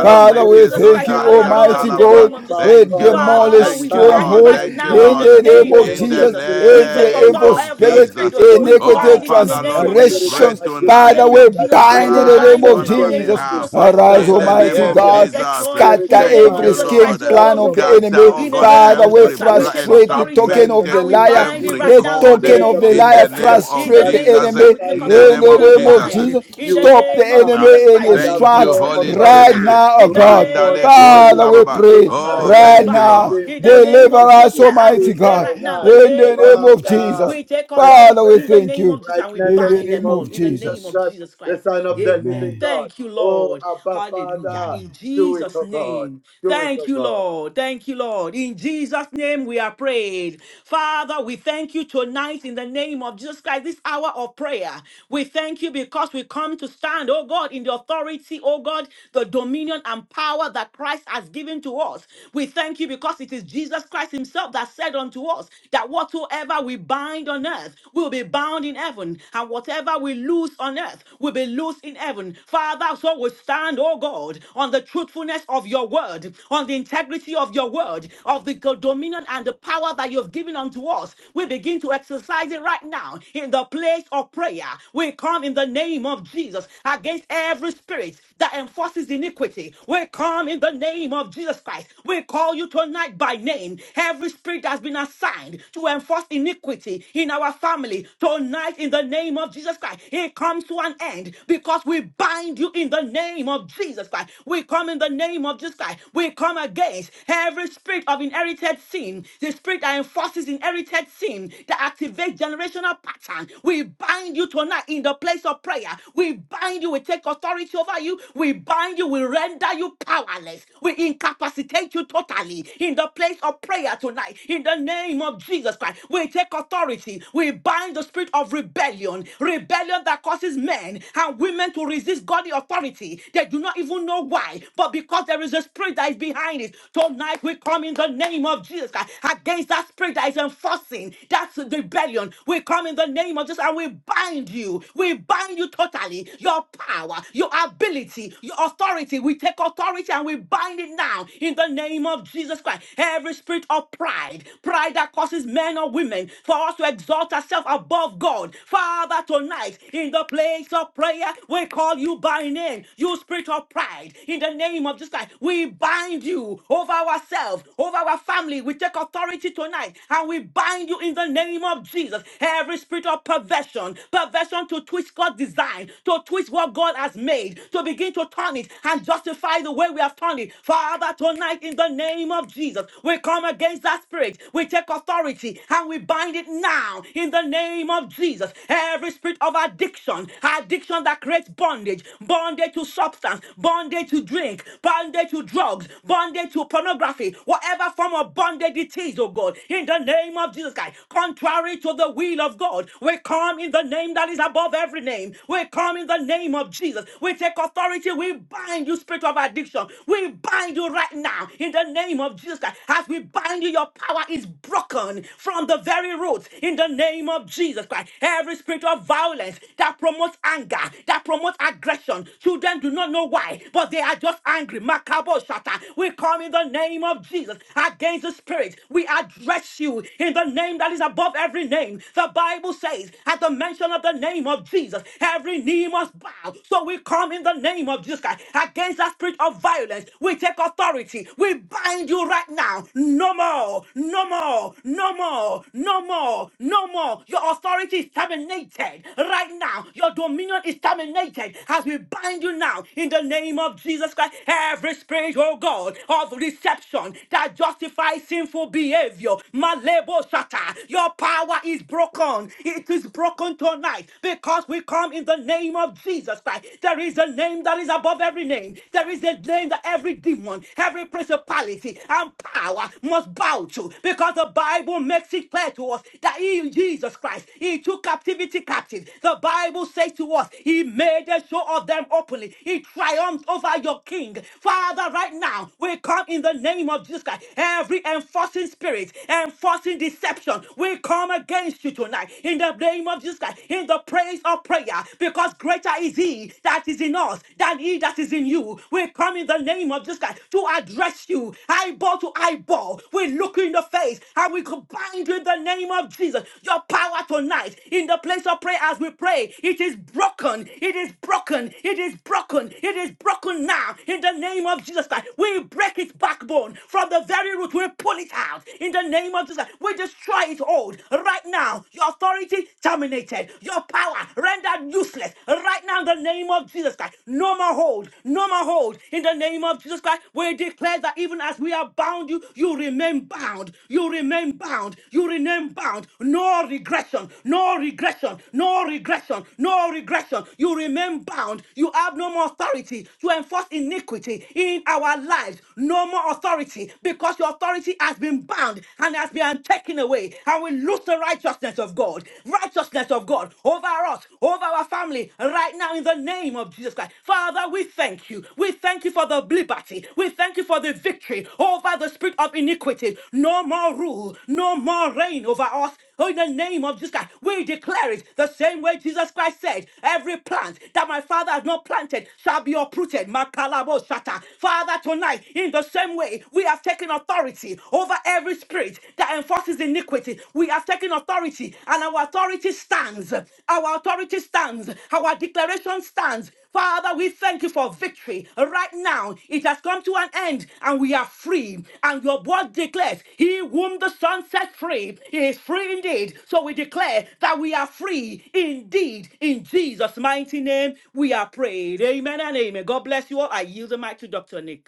Speaker 5: uh,
Speaker 3: Father,
Speaker 2: of
Speaker 3: we
Speaker 5: spirits of
Speaker 2: Jesus
Speaker 3: thank
Speaker 2: Christ.
Speaker 5: pride
Speaker 3: you,
Speaker 5: that
Speaker 6: sotari
Speaker 2: Father, Lord,
Speaker 5: exalt
Speaker 3: Almighty
Speaker 2: in the
Speaker 5: itself
Speaker 6: andarababa.
Speaker 3: God.
Speaker 2: name of Jesus
Speaker 5: above
Speaker 3: We
Speaker 2: Christ.
Speaker 6: Thank you,
Speaker 5: God.
Speaker 6: Lord.
Speaker 2: Father,
Speaker 3: demolish
Speaker 5: I
Speaker 2: Lord,
Speaker 6: Thank
Speaker 2: we
Speaker 6: you,
Speaker 5: bind
Speaker 2: bind it
Speaker 6: Lord.
Speaker 3: strongholds
Speaker 2: right
Speaker 5: right
Speaker 6: Thank you,
Speaker 2: now in
Speaker 3: in
Speaker 5: now
Speaker 2: the
Speaker 6: Lord.
Speaker 3: the
Speaker 5: in
Speaker 3: name
Speaker 2: name
Speaker 5: the
Speaker 3: of
Speaker 5: name
Speaker 2: of
Speaker 6: In
Speaker 5: of the
Speaker 6: the
Speaker 3: Jesus.
Speaker 2: Jesus.
Speaker 5: spirits
Speaker 2: We
Speaker 5: of
Speaker 2: take
Speaker 3: Every
Speaker 6: name
Speaker 2: authority
Speaker 3: evil
Speaker 5: perversion
Speaker 6: of
Speaker 2: every
Speaker 5: that
Speaker 3: spirit,
Speaker 2: spirit
Speaker 6: Jesus.
Speaker 5: twist
Speaker 2: of God.
Speaker 5: God's
Speaker 2: We
Speaker 6: Oh,
Speaker 3: iniquity,
Speaker 2: bind it
Speaker 5: design,
Speaker 2: in the
Speaker 6: Father,
Speaker 2: name
Speaker 5: uh,
Speaker 6: Lord,
Speaker 2: of
Speaker 6: we
Speaker 2: Jesus
Speaker 5: spirits
Speaker 6: pray
Speaker 2: Christ.
Speaker 5: of
Speaker 3: transgressions,
Speaker 2: In
Speaker 5: addiction
Speaker 2: the
Speaker 3: Father,
Speaker 2: name
Speaker 6: tonight.
Speaker 3: we
Speaker 2: of
Speaker 5: that
Speaker 2: Jesus Christ,
Speaker 3: bind
Speaker 2: we
Speaker 3: in
Speaker 5: create
Speaker 3: the
Speaker 6: Arise
Speaker 3: name
Speaker 2: bind it
Speaker 3: of
Speaker 6: on
Speaker 2: in the
Speaker 6: our
Speaker 5: bondage
Speaker 2: name
Speaker 3: Jesus.
Speaker 2: of
Speaker 5: to
Speaker 6: behalf
Speaker 2: Jesus
Speaker 6: uh,
Speaker 2: Christ.
Speaker 3: Arise,
Speaker 5: substance
Speaker 2: Father,
Speaker 6: in
Speaker 2: in
Speaker 6: the
Speaker 5: and
Speaker 2: the name
Speaker 6: name
Speaker 3: Almighty
Speaker 6: of
Speaker 2: of
Speaker 3: God,
Speaker 5: behaviors,
Speaker 2: Yes,
Speaker 6: Jesus.
Speaker 2: God,
Speaker 5: spirits
Speaker 2: in
Speaker 3: scatter
Speaker 2: the
Speaker 5: of
Speaker 2: name
Speaker 6: Thank
Speaker 2: of
Speaker 3: every
Speaker 6: you,
Speaker 2: Jesus
Speaker 5: violence
Speaker 3: scheme
Speaker 6: Lord.
Speaker 2: Christ, oh
Speaker 5: that
Speaker 3: plan
Speaker 2: God, we
Speaker 3: of the
Speaker 5: promote
Speaker 2: both,
Speaker 3: enemy
Speaker 6: Scatter,
Speaker 3: me.
Speaker 6: oh
Speaker 2: in the
Speaker 6: God,
Speaker 5: anger
Speaker 2: name of
Speaker 3: Father,
Speaker 5: and
Speaker 3: we
Speaker 2: Jesus
Speaker 6: every
Speaker 2: Christ, we
Speaker 6: pla-
Speaker 2: take
Speaker 5: aggression
Speaker 3: frustrate the
Speaker 5: right
Speaker 2: authority
Speaker 3: token
Speaker 6: entrapment,
Speaker 5: in
Speaker 3: of the
Speaker 2: and
Speaker 5: the
Speaker 2: we
Speaker 5: name
Speaker 3: liar,
Speaker 5: of
Speaker 2: bind it
Speaker 6: every
Speaker 5: Jesus,
Speaker 2: right
Speaker 3: the
Speaker 2: now in the
Speaker 6: cord
Speaker 3: token
Speaker 5: spirit
Speaker 3: of
Speaker 2: name
Speaker 5: of
Speaker 3: the
Speaker 2: of
Speaker 6: in
Speaker 2: Jesus
Speaker 3: liar,
Speaker 6: the
Speaker 2: Christ.
Speaker 6: name
Speaker 5: deception
Speaker 2: In
Speaker 6: of
Speaker 2: the
Speaker 3: frustrate
Speaker 5: that
Speaker 3: the
Speaker 2: name of
Speaker 6: Jesus.
Speaker 2: Jesus
Speaker 3: enemy
Speaker 2: Christ, we take
Speaker 6: In
Speaker 5: justifies
Speaker 6: the
Speaker 3: in
Speaker 6: name
Speaker 5: sinful
Speaker 2: authority
Speaker 3: the
Speaker 6: of
Speaker 2: and
Speaker 3: name of
Speaker 6: Jesus.
Speaker 5: behavior.
Speaker 2: bind.
Speaker 3: Jesus.
Speaker 2: In the
Speaker 5: You
Speaker 3: Stop
Speaker 5: are
Speaker 3: the
Speaker 2: name of
Speaker 5: bound
Speaker 2: Jesus
Speaker 3: enemy in
Speaker 2: Christ,
Speaker 5: and
Speaker 3: his
Speaker 2: we
Speaker 5: have
Speaker 2: take
Speaker 6: Thank you,
Speaker 3: tracks
Speaker 5: no
Speaker 2: authority
Speaker 6: Holy
Speaker 2: right
Speaker 3: right
Speaker 6: Spirit.
Speaker 5: authority
Speaker 2: now.
Speaker 3: now, oh
Speaker 2: In
Speaker 5: to
Speaker 2: the
Speaker 3: God.
Speaker 5: enforce
Speaker 6: Mandale
Speaker 2: name of
Speaker 6: Kori
Speaker 3: Father,
Speaker 2: Jesus,
Speaker 5: iniquity
Speaker 3: we
Speaker 6: Baba.
Speaker 2: we take
Speaker 5: in
Speaker 3: pray
Speaker 6: Oh,
Speaker 5: my
Speaker 2: authority and we
Speaker 3: right
Speaker 5: life,
Speaker 6: thank you,
Speaker 2: bind.
Speaker 3: now.
Speaker 6: Lord.
Speaker 5: to
Speaker 2: In the
Speaker 5: enforce
Speaker 2: name
Speaker 3: Deliver
Speaker 2: of Jesus
Speaker 3: us,
Speaker 5: iniquity
Speaker 2: Christ, as we
Speaker 3: Almighty
Speaker 5: in
Speaker 2: pray
Speaker 3: God,
Speaker 5: my
Speaker 2: right now,
Speaker 3: in
Speaker 2: in the
Speaker 5: life.
Speaker 3: the
Speaker 2: name of
Speaker 3: name
Speaker 2: Jesus
Speaker 3: of
Speaker 2: Christ,
Speaker 3: Jesus.
Speaker 5: Father,
Speaker 2: we take
Speaker 5: I
Speaker 3: Father, we
Speaker 2: authority in
Speaker 5: pray
Speaker 2: the
Speaker 3: thank
Speaker 2: name of
Speaker 3: you
Speaker 2: Jesus
Speaker 5: right
Speaker 2: and we
Speaker 5: now in
Speaker 3: in
Speaker 5: the
Speaker 3: the
Speaker 2: bind
Speaker 5: name
Speaker 2: them
Speaker 3: name
Speaker 5: of
Speaker 2: all
Speaker 3: of
Speaker 2: in the
Speaker 5: Jesus
Speaker 2: name of
Speaker 3: Jesus.
Speaker 5: Christ,
Speaker 2: Jesus
Speaker 5: the
Speaker 2: Christ.
Speaker 5: Son of the
Speaker 2: Amen.
Speaker 5: living
Speaker 3: Amen.
Speaker 5: God.
Speaker 2: Thank you you,
Speaker 5: Oh,
Speaker 2: Lord.
Speaker 5: Abba,
Speaker 2: Hallelujah.
Speaker 3: Amen.
Speaker 5: Father,
Speaker 2: In
Speaker 5: do it,
Speaker 2: Jesus'
Speaker 5: oh God.
Speaker 2: name.
Speaker 5: Do it,
Speaker 2: Thank
Speaker 5: oh
Speaker 2: you,
Speaker 5: God.
Speaker 2: Lord. Thank you, Lord. In Jesus' name, we are prayed. Father, we thank you tonight in the name of Jesus Christ, this hour of prayer. We thank you because we come to stand, oh God, in the authority, oh God, the dominion and power that Christ has given to us. We thank you because it is Jesus Christ Himself that said unto us that whatsoever we bind on earth will be bound in heaven, and whatever we loose on earth, earth will be loose in heaven. Father, so we stand, oh God, on the truthfulness of your word, on the integrity of your word, of the dominion and the power that you've given unto us. We begin to exercise it right now in the place of prayer. We come in the name of Jesus against every spirit that enforces iniquity. We come in the name of Jesus Christ. We call you tonight by name. Every spirit has been assigned to enforce iniquity in our family, tonight tonight in the name of Jesus Christ. It comes to an end because we bind you in the name of Jesus Christ. We come in the name of Jesus Christ. We come against every spirit of inherited sin, the spirit that enforces inherited sin that activates generational pattern. We bind you tonight in the place of prayer. We bind you. We take authority over you. We bind you. We render you powerless. We incapacitate you totally in the place of prayer tonight in the name of Jesus Christ. We take authority. We bind the spirit of rebellion, rebellion that causes men and women to resist godly authority. They do not even know why, but because there is a spirit that is behind it. Tonight we come in the name of Jesus Christ against that spirit that is enforcing that's rebellion. We come in the name of Jesus and we bind you. We bind you totally. Your power, your ability, your authority. We take authority and we bind it now in the name of Jesus Christ. Every spirit of pride, pride, pride that causes men or women for us to exalt ourselves above God. Father, tonight, in the place of prayer, we call you by name, you spirit of pride. In the name of Jesus Christ, we bind you over ourselves, over our family. We take authority tonight and we bind you in the name of Jesus. Every spirit of perversion, perversion to twist God's design, to twist what God has made, to begin to turn it and justify the way we have turned it. Father, tonight, in the name name of Jesus. We come against that spirit. We take authority and we bind it now in the name of Jesus. Every spirit of addiction, addiction that creates bondage, bondage to substance, bondage to drink, bondage to drugs, bondage to pornography, whatever form of bondage it is, oh God, in the name of Jesus Christ, contrary to the will of God, we come in the name that is above every name. We come in the name of Jesus. We take authority. We bind you, spirit of addiction. We bind you right now in the name of Jesus Christ. As we bind you, your power is broken from the very roots in the name of Jesus Christ. Every spirit of violence that promotes anger, that promotes aggression, children do not know why, but they are just angry. Makabo shata. We come in the name of Jesus against the spirit. We address you in the name that is above every name. The Bible says, at the mention of the name of Jesus, every knee must bow. So we come in the name of name of Jesus Christ, against that spirit of violence, we take authority. We bind you right now. No more, no more, no more, no more, no more. Your authority is terminated right now. Your dominion is terminated as we bind you now in the name of Jesus Christ. Every spirit, oh God, of reception that justifies sinful behavior, malebo shata, your power is broken. It is broken tonight because we come in the name name of Jesus Christ. There is a name that is above every name. There is a name that every demon, every principality, and power must bow to because the Bible makes it clear to us that he, Jesus Christ, he took captivity captive. The Bible says to us, he made a show of them openly. He triumphed over your king. Father, right now, we come in the name of Jesus Christ. Every enforcing spirit, enforcing deception, we come against you tonight in the name of Jesus Christ in the praise of prayer because greater is he that is in us than he that is in you. We come in the name of Jesus Christ to address you eyeball to eyeball. We look you in the face and we combine you in the name of Jesus. Your power tonight in the place of prayer as we pray, it is broken. It is broken. It is broken. It is broken now in the name of Jesus Christ. We break its backbone from the very root. We pull it out in the name of Jesus. Christ. We destroy its hold right right now, your authority terminated, your power rendered useless. Right now, in the name of Jesus Christ, no more hold, no more hold. In the name of Jesus Christ, we declare that even as we are bound, you you remain bound, you remain bound, you remain bound. No regression, no regression, no regression, no regression. You remain bound. You have no more authority to enforce iniquity in our lives. No more authority because your authority has been bound and and has been taken away. And we lose the righteousness of God, righteousness of God over us, over our family, right now in the name of Jesus Christ. Father, we thank you. We thank you for the liberty. We thank you for the victory over the spirit of iniquity. No more rule, no more reign over us. Oh, in the name of Jesus Christ, we declare it the same way Jesus Christ said, Every plant that my Father has not planted shall be uprooted. Makalabo shata. Father, tonight, in the same way, we have taken authority over every spirit that enforces iniquity. We have taken authority, and our authority stands. Our authority stands. Our declaration stands. Father, we thank you for victory. Right now, it has come to an end and we are free. And your word declares, He whom the Son set free is free indeed. So we declare that we are free indeed. In Jesus' mighty name, we are prayed. Amen and amen. God bless you all. I yield the mic to Dr. Nick.